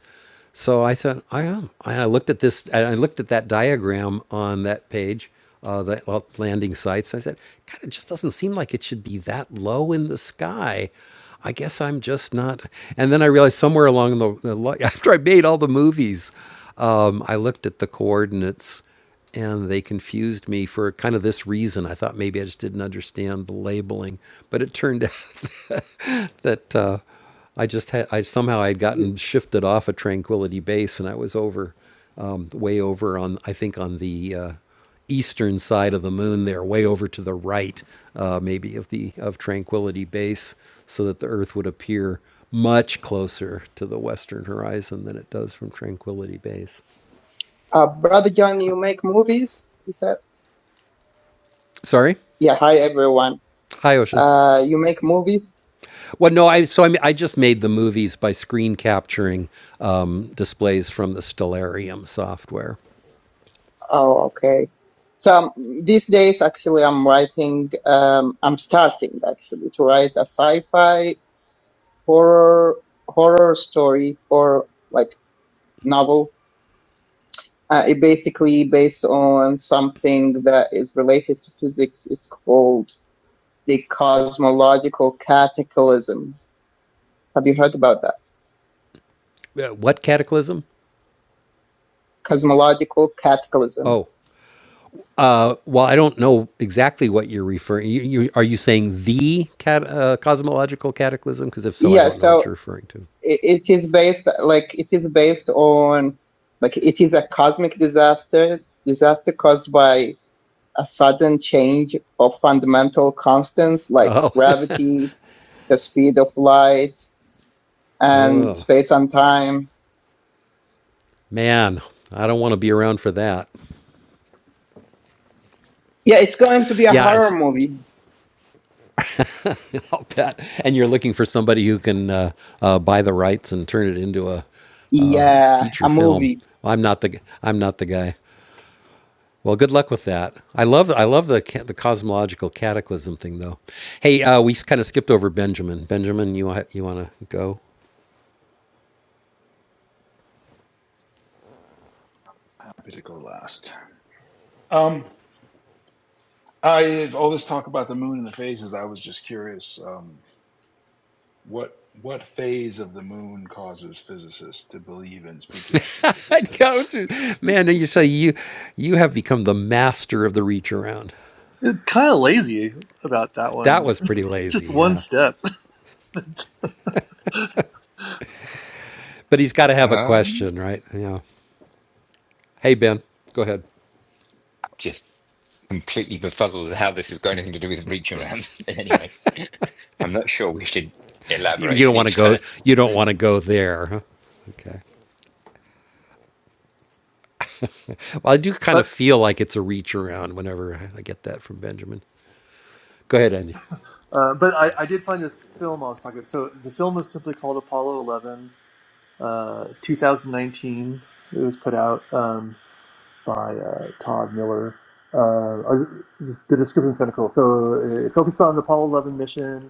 A: so I thought, I am. And I looked at this, I looked at that diagram on that page, uh, that well, landing sites. I said, God, it just doesn't seem like it should be that low in the sky. I guess I'm just not. And then I realized somewhere along the, the after I made all the movies, um, I looked at the coordinates and they confused me for kind of this reason. I thought maybe I just didn't understand the labeling, but it turned out that uh, I just had I somehow I would gotten shifted off a Tranquility Base and I was over um, way over on I think on the uh, eastern side of the moon there way over to the right uh, maybe of the of Tranquility Base so that the Earth would appear much closer to the western horizon than it does from Tranquility Base.
I: Uh, Brother John, you make movies? He said.
A: Sorry,
I: Yeah, hi everyone.
A: hi Ocean.
I: Uh, you make movies?
A: Well, no, I so I, mean, I just made the movies by screen capturing um, displays from the Stellarium software.
I: Oh, okay. So um, these days, actually, I'm writing, um, I'm starting actually to write a sci-fi horror, horror story or like novel. Uh, it basically based on something that is related to physics. It's called the cosmological cataclysm. Have you heard about that?
A: Uh, what cataclysm?
I: Cosmological cataclysm
A: Oh, uh, well, I don't know exactly what you're referring. You, you, are you saying the cat, uh, cosmological cataclysm? Because if so, I
I: Yeah,
A: don't know what
I: so
A: you're referring to.
I: i- it is based like it is based on like it is a cosmic disaster, disaster caused by a sudden change of fundamental constants like
A: Oh
I: gravity, the speed of light, and space and time.
A: man, I don't want to be around for that.
I: Yeah, it's going to be a
A: Yeah,
I: horror
A: it's,
I: movie.
A: I'll bet. And you're looking for somebody who can uh, uh, buy the rights and turn it into a
I: Yeah, a
A: feature film.
I: movie.
A: I'm not the I'm not the guy. Well, good luck with that. I love I love the ca- the cosmological cataclysm thing though. Hey, uh, we kind of skipped over Benjamin. Benjamin, you wa- you want to go?
B: Happy to go last. Um, I all this talk about the moon and the phases. I was just curious, um, what what phase of the moon causes physicists to believe in spooky action at a
A: I'd go
B: distance?
A: to- Man, you say you you have become the master of the reach around.
H: It's kind of lazy about that
A: That
H: one.
A: was pretty lazy,
H: Just one
A: yeah.
H: step.
A: But he's got to have a
C: Um,
A: question, right? Yeah. Hey, Ben, go ahead.
C: just completely befuddled as how this has got anything to do with reach around. But anyway, I'm not sure we should
A: You, you
C: elaborate
A: don't
C: any
A: want to
C: further.
A: go. You don't want to go there. Huh? Okay. Well, I do kind of
H: But
A: feel like it's a reach around whenever I get that from Benjamin. Go ahead, Andy.
H: uh, but I, I did find this film I was talking about. So the film was simply called Apollo 11, uh, 2019. It was put out um, by uh, Todd Miller. Uh, I was- just, the description's kind of cool. So it focused on the Apollo 11 mission.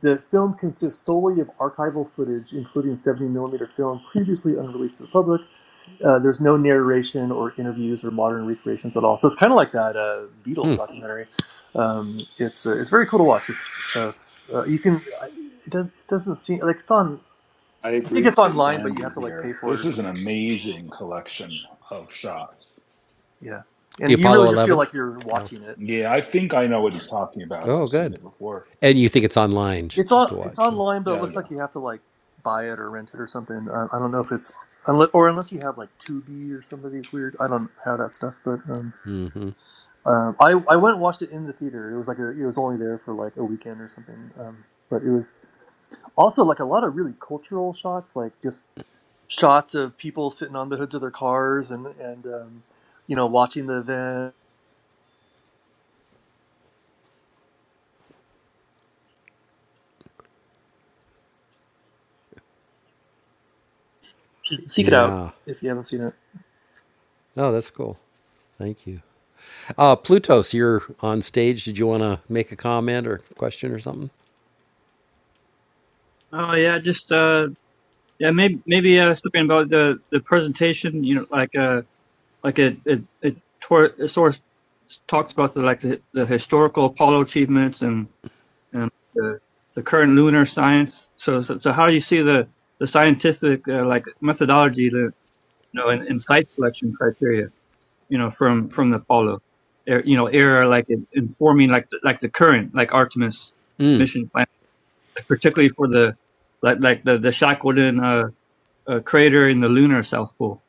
H: The film consists solely of archival footage, including 70 millimeter film previously unreleased to the public. Uh, there's no narration or interviews or modern recreations at all. So it's kind of like that uh, Beatles documentary. Um, it's uh, it's very cool to watch. It's, uh, uh, you can it, does, it doesn't seem like it's on.
B: I
H: I think
B: agree
H: it's
B: with
H: online, but you
B: Andy
H: have to like pay
B: here.
H: for it
B: This
H: or
B: is an
H: something.
B: amazing collection of shots.
H: Yeah,
A: The
H: and you
A: Apollo
H: really just feel
A: 11.
H: like you're
A: No.
H: watching it.
B: Yeah, I think I know what he's talking about. I've
A: Oh,
B: seen
A: good.
B: it before.
A: And you think it's online
H: It's
A: just
H: on
A: to
H: it's
A: watch.
H: online, but it
B: Yeah, oh,
H: looks
B: yeah.
H: like you have to like buy it or rent it or something. I, I don't know if it's unless, or unless you have like Tubi or some of these weird. I don't have that stuff, but. Um, Um, I I went and watched it in the theater. It was like a, it was only there for like a weekend or something. Um, but it was also like a lot of really cultural shots, like just shots of people sitting on the hoods of their cars and and um, you know watching the event. You should Seek it out
A: Yeah.
H: if you haven't seen it.
A: No, that's cool. Thank you. Uh, Plutos, you're on stage. Did you want to make a comment or question or something?
J: Oh yeah, just uh, yeah, maybe maybe uh, something about the the presentation. You know, like uh, like it it it, tor- it sort of talks about the like the, the historical Apollo achievements and and the the current lunar science. So so, so how do you see the the scientific uh, like methodology, the you know, and, and site selection criteria, you know, from from the Apollo, er, you know, era like in, informing like the, like the current like Artemis mission plan, like, particularly for the like like the the Shackleton. Uh, a crater in the lunar South Pole.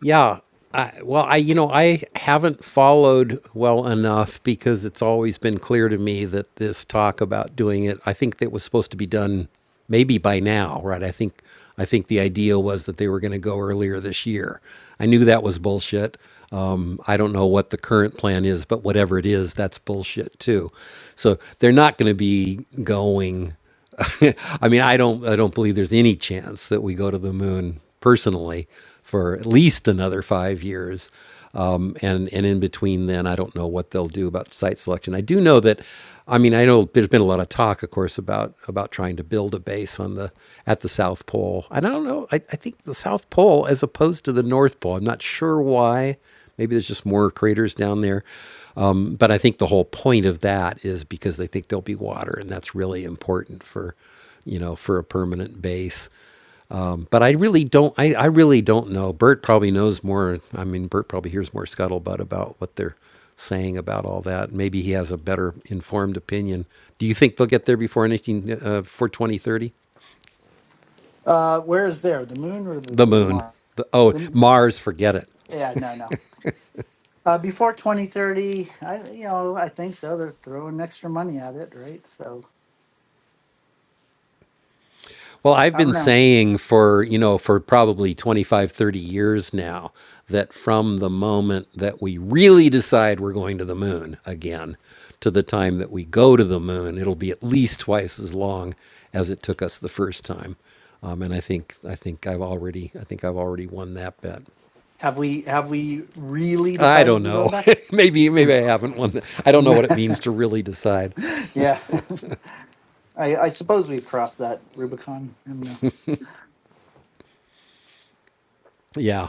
A: Yeah. I, well, I you know I haven't followed well enough because it's always been clear to me that this talk about doing it. I think that was supposed to be done maybe by now, right? I think I think the idea was that they were going to go earlier this year. I knew that was bullshit. Um, I don't know what the current plan is, but whatever it is, that's bullshit too. So they're not going to be going. I mean, I don't, I don't believe there's any chance that we go to the moon personally for at least another five years. Um, and and in between then, I don't know what they'll do about site selection. I do know that, I mean, I know there's been a lot of talk, of course, about about trying to build a base on the at the South Pole. And I don't know. I, I think the South Pole, as opposed to the North Pole, I'm not sure why. Maybe there's just more craters down there. Um, but I think the whole point of that is because they think there'll be water, and that's really important for, you know, for a permanent base. Um, but I really don't. I, I really don't know. Bert probably knows more. I mean, Bert probably hears more scuttlebutt about what they're saying about all that. Maybe he has a better informed opinion. Do you think they'll get there before 19 uh, for 2030?
G: Uh, where is there the moon or the
A: The moon.
G: Mars?
A: The, oh,
G: The, m-
A: Mars. Forget it.
G: yeah, no, no. Uh, before 2030, I, you know, I think so. They're throwing extra money at it, right? So
A: Well, I've
G: I don't
A: been
G: know.
A: saying for, you know, for probably 25, 30 years now that from the moment that we really decide we're going to the moon again to the time that we go to the moon, it'll be at least twice as long as it took us the first time. Um, and I think I think I've already I think I've already won that bet.
G: Have we have we really
A: I
G: decided
A: don't
G: we're going
A: know.
G: back?
A: maybe maybe I haven't won. The, I don't know what it means to really decide.
G: yeah, I, I suppose we've crossed that Rubicon. I don't know.
A: Yeah.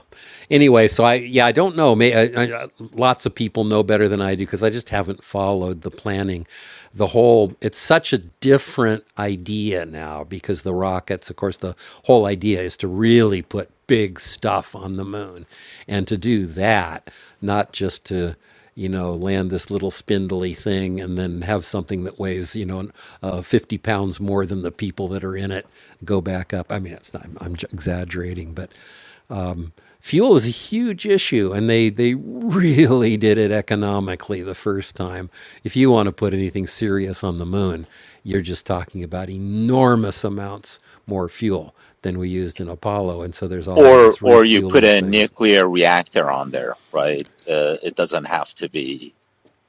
A: Anyway, so I yeah I don't know. May, I, I, lots of people know better than I do because I just haven't followed the planning. The whole it's such a different idea now because the rockets, of course, the whole idea is to really put big stuff on the moon, and to do that, not just to you know land this little spindly thing and then have something that weighs you know uh, 50 pounds more than the people that are in it go back up i mean it's not i'm, I'm exaggerating but fuel is a huge issue and they they really did it economically the first time if you want to put anything serious on the moon you're just talking about enormous amounts more fuel than we used in apollo and so there's all
D: or
A: these
D: or you put
A: refueling
D: a
A: things
D: nuclear reactor on there, right? Uh, it doesn't have to be.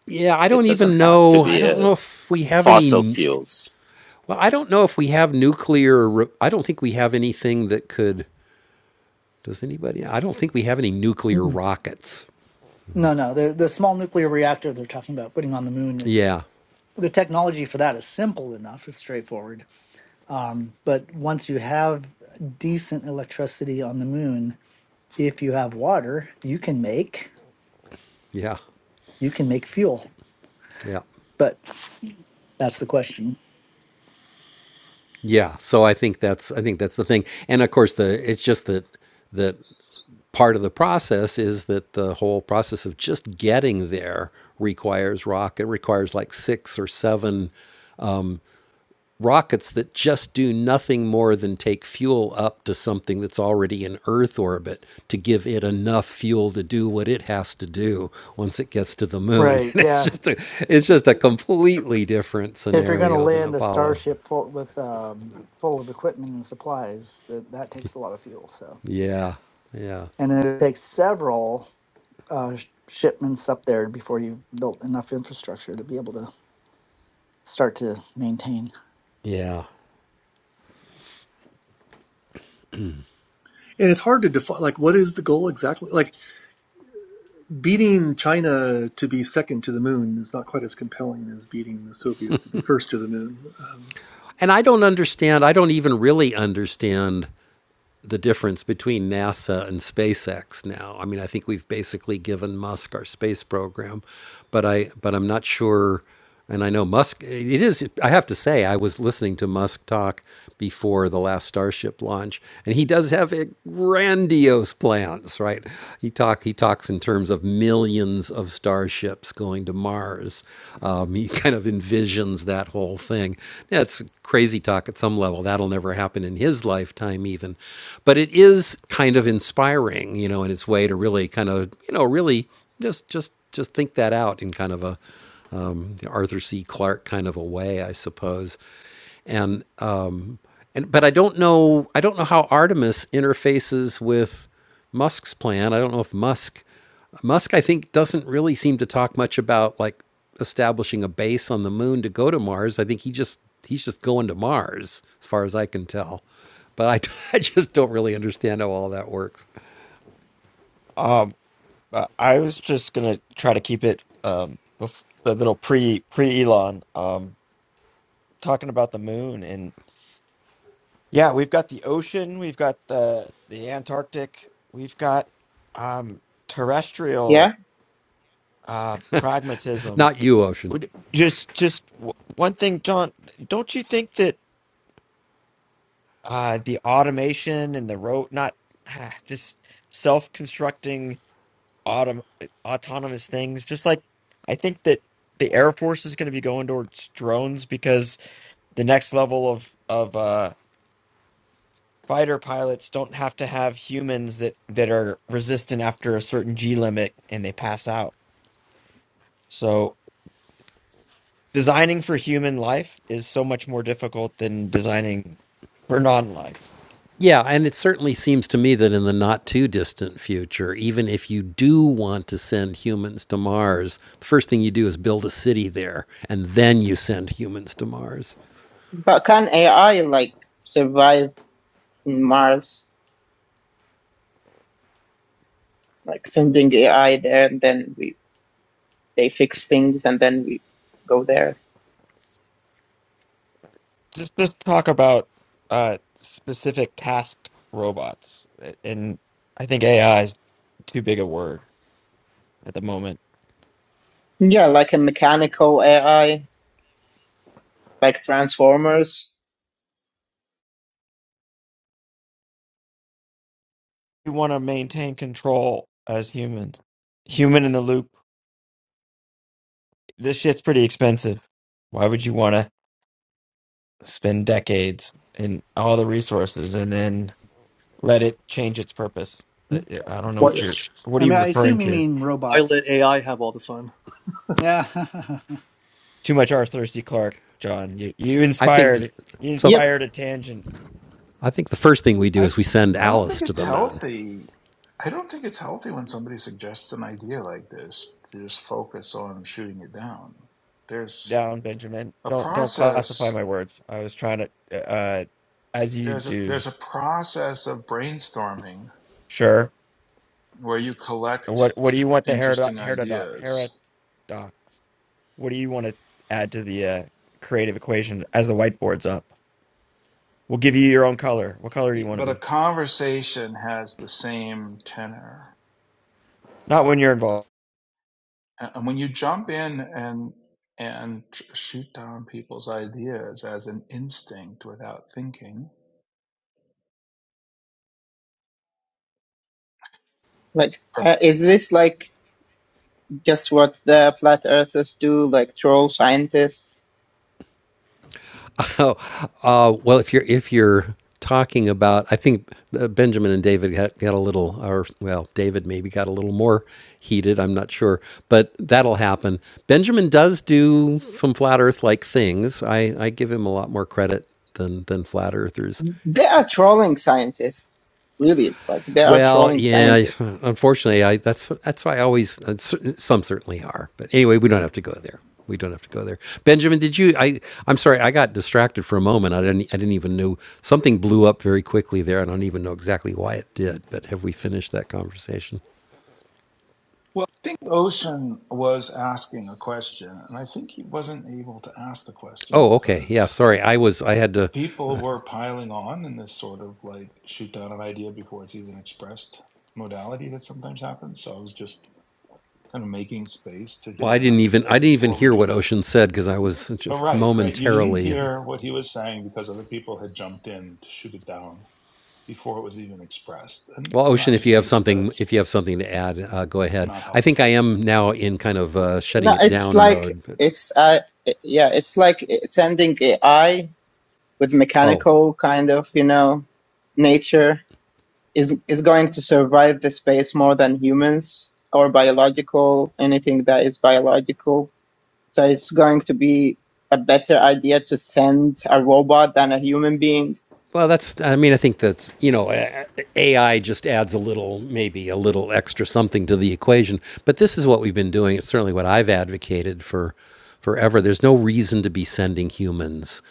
A: yeah i
D: It
A: don't
D: doesn't
A: even
D: have to
A: know i
D: be
A: don't
D: uh
A: know if we have
D: fossil
A: any
D: fuels.
A: well i don't know if we have nuclear ro- i don't think we have anything that could does anybody i don't think we have any nuclear
G: Mm.
A: rockets
G: No, no, the the small nuclear reactor they're talking about putting on the moon is
A: yeah
G: the technology for that is simple enough. It's straightforward. Um, but once you have decent electricity on the moon, if you have water, you can make
A: yeah
G: you can make fuel.
A: yeah
G: But That's the question.
A: Yeah, so I think that's I think that's the thing, and of course the it's just that that part of the process is that the whole process of just getting there requires rock and requires like six or seven rockets that just do nothing more than take fuel up to something that's already in Earth orbit to give it enough fuel to do what it has to do once it gets to the moon.
G: Right.
A: And it's
G: Yeah.
A: just a it's just a completely different
G: If you're going to
A: scenario than
G: land a
A: Apollo.
G: starship full with um, full of equipment and supplies, that that takes a lot of fuel. So,
A: Yeah, yeah.
G: and it takes several uh, sh- shipments up there before you've built enough infrastructure to be able to start to maintain.
A: Yeah.
H: And it's hard to define like what is the goal exactly? Like beating China to be second to the moon is not quite as compelling as beating the Soviets to be first to the moon. Um,
A: And I don't understand, I don't even really understand the difference between NASA and SpaceX now. I mean, I think we've basically given Musk our space program, but I but I'm not sure and I know Musk it is I have to say I was listening to Musk talk before the last Starship launch and he does have a grandiose plans, right? He talk he talks in terms of millions of starships ships going to Mars. Um, he kind of envisions that whole thing. That's crazy talk at some level. That'll never happen in his lifetime, even. But it is kind of inspiring, you know, in its way to really kind of, you know, really just just just think that out in kind of a um, Arthur C. Clarke kind of a way, I suppose. And uh, and but I don't know I don't know how Artemis interfaces with Musk's plan. I don't know if Musk Musk I think doesn't really seem to talk much about like establishing a base on the moon to go to Mars. I think he just he's just going to Mars as far as I can tell. But I, I just don't really understand how all that works.
K: Um, uh, I was just gonna try to keep it um bef the little pre pre Elon um talking about the moon and yeah, we've got the ocean, we've got the the Antarctic, we've got um
I: Yeah.
K: terrestrial uh pragmatism.
A: Not you, Ocean.
K: Would- Just just w- one thing, John, don't you think that uh the automation and the road not ah, just self-constructing autom- eh, autonomous things. Just like I think that the Air Force is going to be going towards drones because the next level of of uh, fighter pilots don't have to have humans that that are resistant after a certain G limit and they pass out. So designing for human life is so much more difficult than designing for non-life.
A: Yeah, and it certainly seems to me that in the not too distant future, even if you do want to send humans to Mars, the first thing you do is build a city there, and then you send humans to Mars.
I: But can AI like survive in Mars? Like sending AI there and then we they fix things and then we go there.
K: Just just talk about uh, specific tasked robots, eh, and I think AI is too big a word at the moment.
I: Yeah, like a mechanical AI, like Transformers.
K: we want to maintain control as humans. Human in the loop. This shit's pretty expensive. Why would you want to spend decades and all the resources and then let it change its purpose?
G: Hmm.
K: That- yeah, I don't know
H: why,
K: what you're. What
G: I
K: are you
G: mean, I
K: referring
G: assume you
K: to?
G: mean
H: why let
G: robots.
H: AI have all the fun?
G: Yeah.
K: Too much R. Thirsty Clark, John. You you
A: I think
K: inspired you
A: so.
I: Yep.
K: inspired a tangent
A: I think the first thing we do
B: I
A: is we send
B: I don't think
A: Alice to
B: it's
A: the moon.
B: healthy. I don't think it's healthy when somebody suggests an idea like this to just focus on shooting it down. There's
K: down, Benjamin.
B: a
K: Don't don't classify
B: process.
K: my words. I was trying to, uh, uh, as you
B: There's a,
K: do.
B: there's a process of brainstorming
K: Sure.
B: where you collect
K: What what do you want the herodot
B: interesting
K: herodot
B: ideas,
K: herodot? What do you want to add to the uh, creative equation as the whiteboard's up? We'll give you your own color. What color do
B: Y-
K: you want to
B: but a
K: be?
B: conversation has the same tenor.
K: Not when you're involved.
B: A- And when you jump in and and sh- shoot down people's ideas as an instinct without thinking,
I: Like, uh,
B: perfect.
I: is this like just what the flat earthers do? Like troll scientists?
A: Oh, uh, well, if you're if you're talking about, I think uh, Benjamin and David got, got a little, or well, David maybe got a little more heated. I'm not sure, but that'll happen. Benjamin does do some flat Earth like things. I I give him a lot more credit than than flat earthers.
I: They are trolling scientists, really. Like they are
A: Well,
I: trolling
A: yeah.
I: scientists.
A: Unfortunately, I that's that's why I always uh, some certainly are. But anyway, we don't have to go there. We don't have to go there. Benjamin, did you? I I'm sorry, I got distracted for a moment. I didn't I didn't even know something blew up very quickly there. I don't even know exactly why it did. But have we finished that conversation?
B: Well, I think Ocean was asking a question, and I think he wasn't able to ask the question
A: Oh, okay. Yeah,
B: because
A: sorry. I was I had to.
B: people were piling on in this sort of like shoot down an idea before it's even expressed modality that sometimes happens. So I was just kind of making space to
A: Well, I
B: hear an
A: didn't even I
B: idea
A: didn't even
B: before we
A: hear
B: do
A: what
B: the.
A: Ocean said because I was
B: Oh, right, right. You didn't
A: momentarily.
B: hear what he was saying because other people had jumped in to shoot it down before it was even expressed. And,
A: Well,
B: and I
A: Ocean, if you
B: just
A: have
B: think that
A: something,
B: that's
A: if you have something to add, uh, go ahead.
B: not
A: I think I
B: helpful
A: am now in kind of uh, shutting
I: No,
A: it
I: it's
A: down
I: like
A: mode. But,
I: it's uh, it- yeah, it's like sending AI with
A: oh,
I: mechanical kind of you know nature is is going to survive the space more than humans or biological anything that is biological So it's going to be a better idea to send a robot than a human being.
A: well, that's. I mean, I think that's. You know, AI just adds a little, maybe a little extra something to the equation. But this is what we've been doing. It's certainly what I've advocated for forever. There's no reason to be sending humans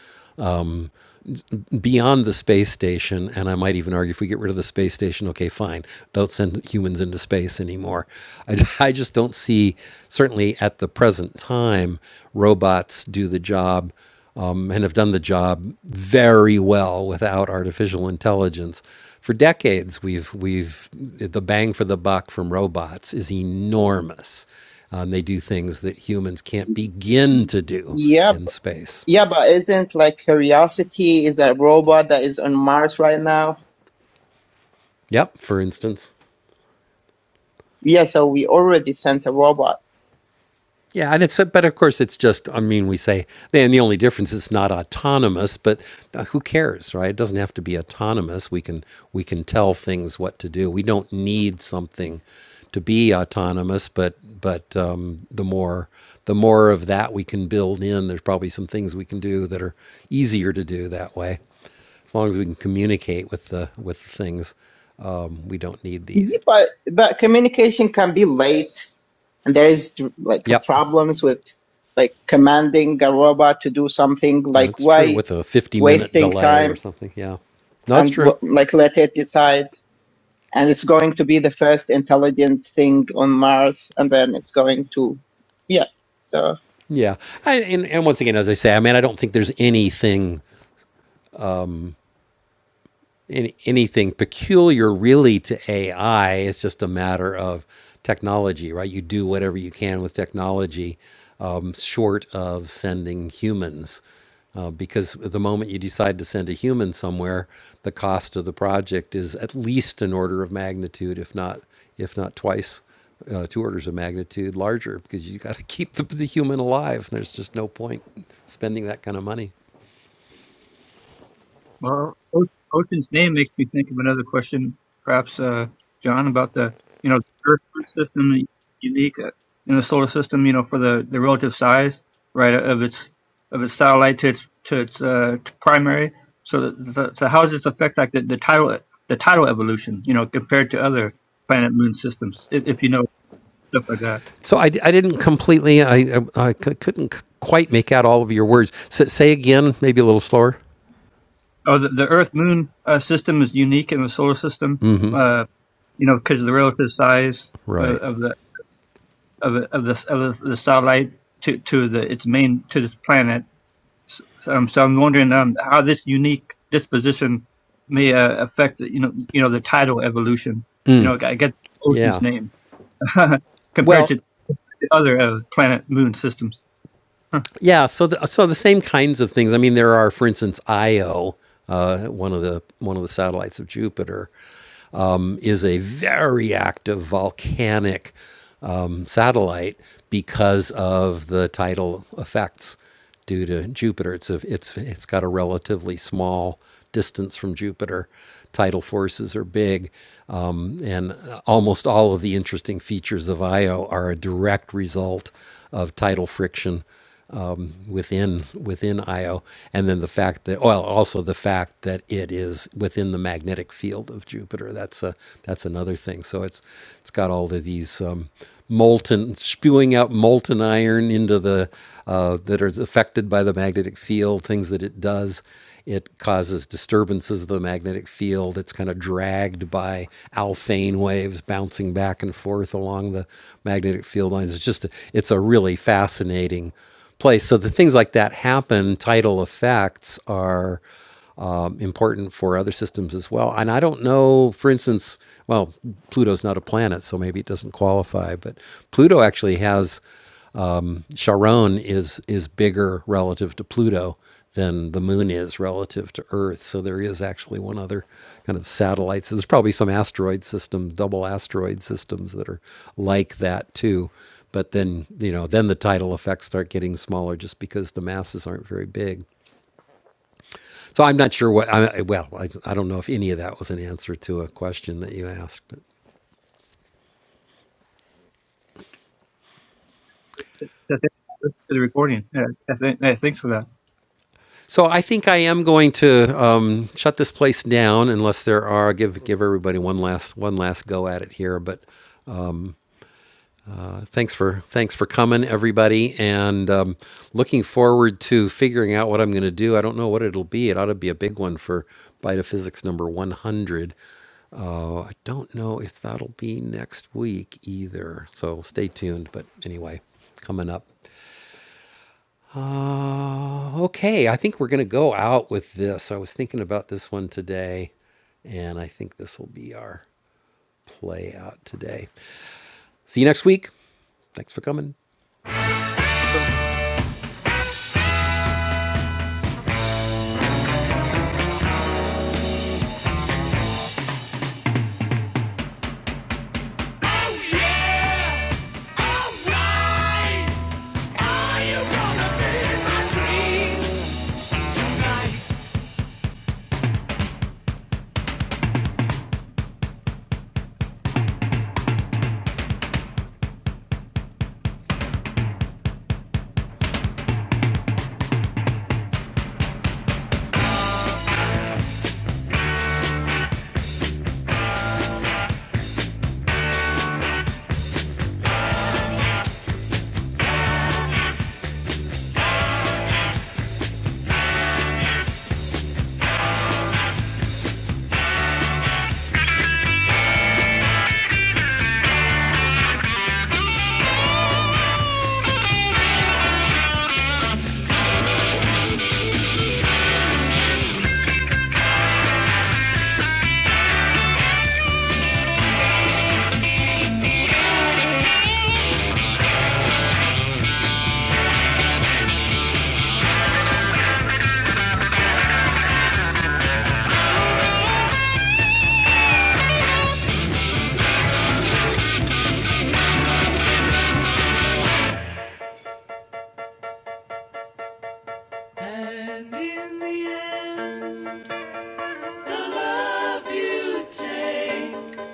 A: beyond the space station. And I might even argue if we get rid of the space station, okay, fine, don't send humans into space anymore. I, I just don't see, certainly at the present time, robots do the job um, and have done the job very well without artificial intelligence. For decades, we've we've the bang for the buck from robots is enormous. Um, they do things that humans can't begin to do
I: Yeah, b-
A: in space.
I: yeah, but isn't like Curiosity is a robot that is on Mars right now?
A: Yep, for instance.
I: Yeah, so we already sent a robot.
A: Yeah, and it's but of course it's just I mean we say then the only difference is not autonomous, but uh, who cares, right? It doesn't have to be autonomous. We can we can tell things what to do. We don't need something to be autonomous, but but um, the more the more of that we can build in, there's probably some things we can do that are easier to do that way. As long as we can communicate with the with the things, um, we don't need the.
I: Yeah, but but communication can be late, and there is like
A: Yep.
I: problems with like commanding a robot to do something. Like
A: That's true
I: why
A: with a 50 minute
I: wasting
A: delay or
I: time
A: something. Yeah. No, that's
I: and
A: true.
I: wh- like let it decide? and it's going to be the first intelligent thing on Mars, and then it's going to, yeah. So
A: Yeah. I, and, and once again, as I say, I mean, I don't think there's anything any, anything peculiar really to AI. It's just a matter of technology, right? You do whatever you can with technology, um, short of sending humans. Uh, because the moment you decide to send a human somewhere, the cost of the project is at least an order of magnitude, if not if not twice, uh, two orders of magnitude larger, because you got to keep the, the human alive. There's just no point spending that kind of money.
J: Well, Ocean's name makes me think of another question, perhaps, uh, John, about the you know Earth system unique uh, in the solar system. You know, for the, the relative size, right, of its of its satellite to its to its uh, to primary. So, that, so so how does this affect like the, the tidal the tidal evolution? You know, compared to other planet moon systems, if, if you know stuff like that.
A: So I, I didn't completely, I I I, I c- couldn't quite make out all of your words. S- say again, maybe a little slower.
J: Oh, the, the Earth Moon uh, system is unique in the solar system Uh, you know, because of the relative size of,
A: Right.
J: of the of the- of the of the satellite to to the its main to this planet. So, um, so I'm wondering um, how this unique disposition may uh, affect you know you know the tidal evolution. You know, I get Ocean's
A: Yeah.
J: name compared to,
A: Well,
J: to other uh, planet moon systems. Huh.
A: Yeah, so the, so the same kinds of things. I mean, there are, for instance, Io, uh, one of the one of the satellites of Jupiter, um, is a very active volcanic um, satellite because of the tidal effects due to Jupiter. It's a, it's it's got a relatively small distance from Jupiter. Tidal forces are big, um, and almost all of the interesting features of Io are a direct result of tidal friction within within Io, and then the fact that well, also the fact that it is within the magnetic field of Jupiter. That's a that's another thing. So it's it's got all of these um, molten spewing out molten iron into the uh, that are affected by the magnetic field. Things that it does. It causes disturbances of the magnetic field. It's kind of dragged by alphane waves bouncing back and forth along the magnetic field lines. It's just, a, it's a really fascinating place. So the things like that happen. Tidal effects are um, important for other systems as well. And I don't know, for instance, well, Pluto's not a planet, so maybe it doesn't qualify, but Pluto actually has Charon is is bigger relative to Pluto than the moon is relative to Earth. So there is actually one other kind of satellite. So there's probably some asteroid systems, double asteroid systems that are like that too. But then, you know, then the tidal effects start getting smaller just because the masses aren't very big. So I'm not sure what, I, well, I, I don't know if any of that was an answer to a question that you asked. But.
J: That's it. That's the recording. Yeah, I think, yeah, thanks for that.
A: So I think I am going to um, shut this place down unless there are give give everybody one last one last go at it here. But uh, thanks for thanks for coming, everybody, and um, looking forward to figuring out what I'm going to do. I don't know what it'll be. It ought to be a big one for Bite of Physics number 100. I don't know if that'll be next week either. So stay tuned. But anyway, coming up. Uh, okay, I think we're going to go out with this. I was thinking about this one today, and I think this will be our play out today. See you next week. Thanks for coming. Oh yeah! Alright! Are you gonna be my dreams tonight? And in the end, the love you take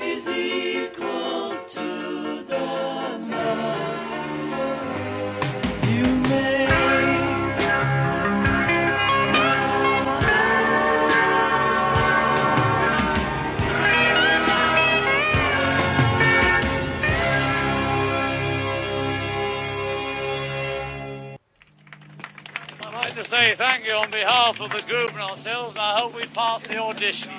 A: is equal to the love you make. I'd like to say thank you on behalf of the group and ourselves. I hope we pass the audition.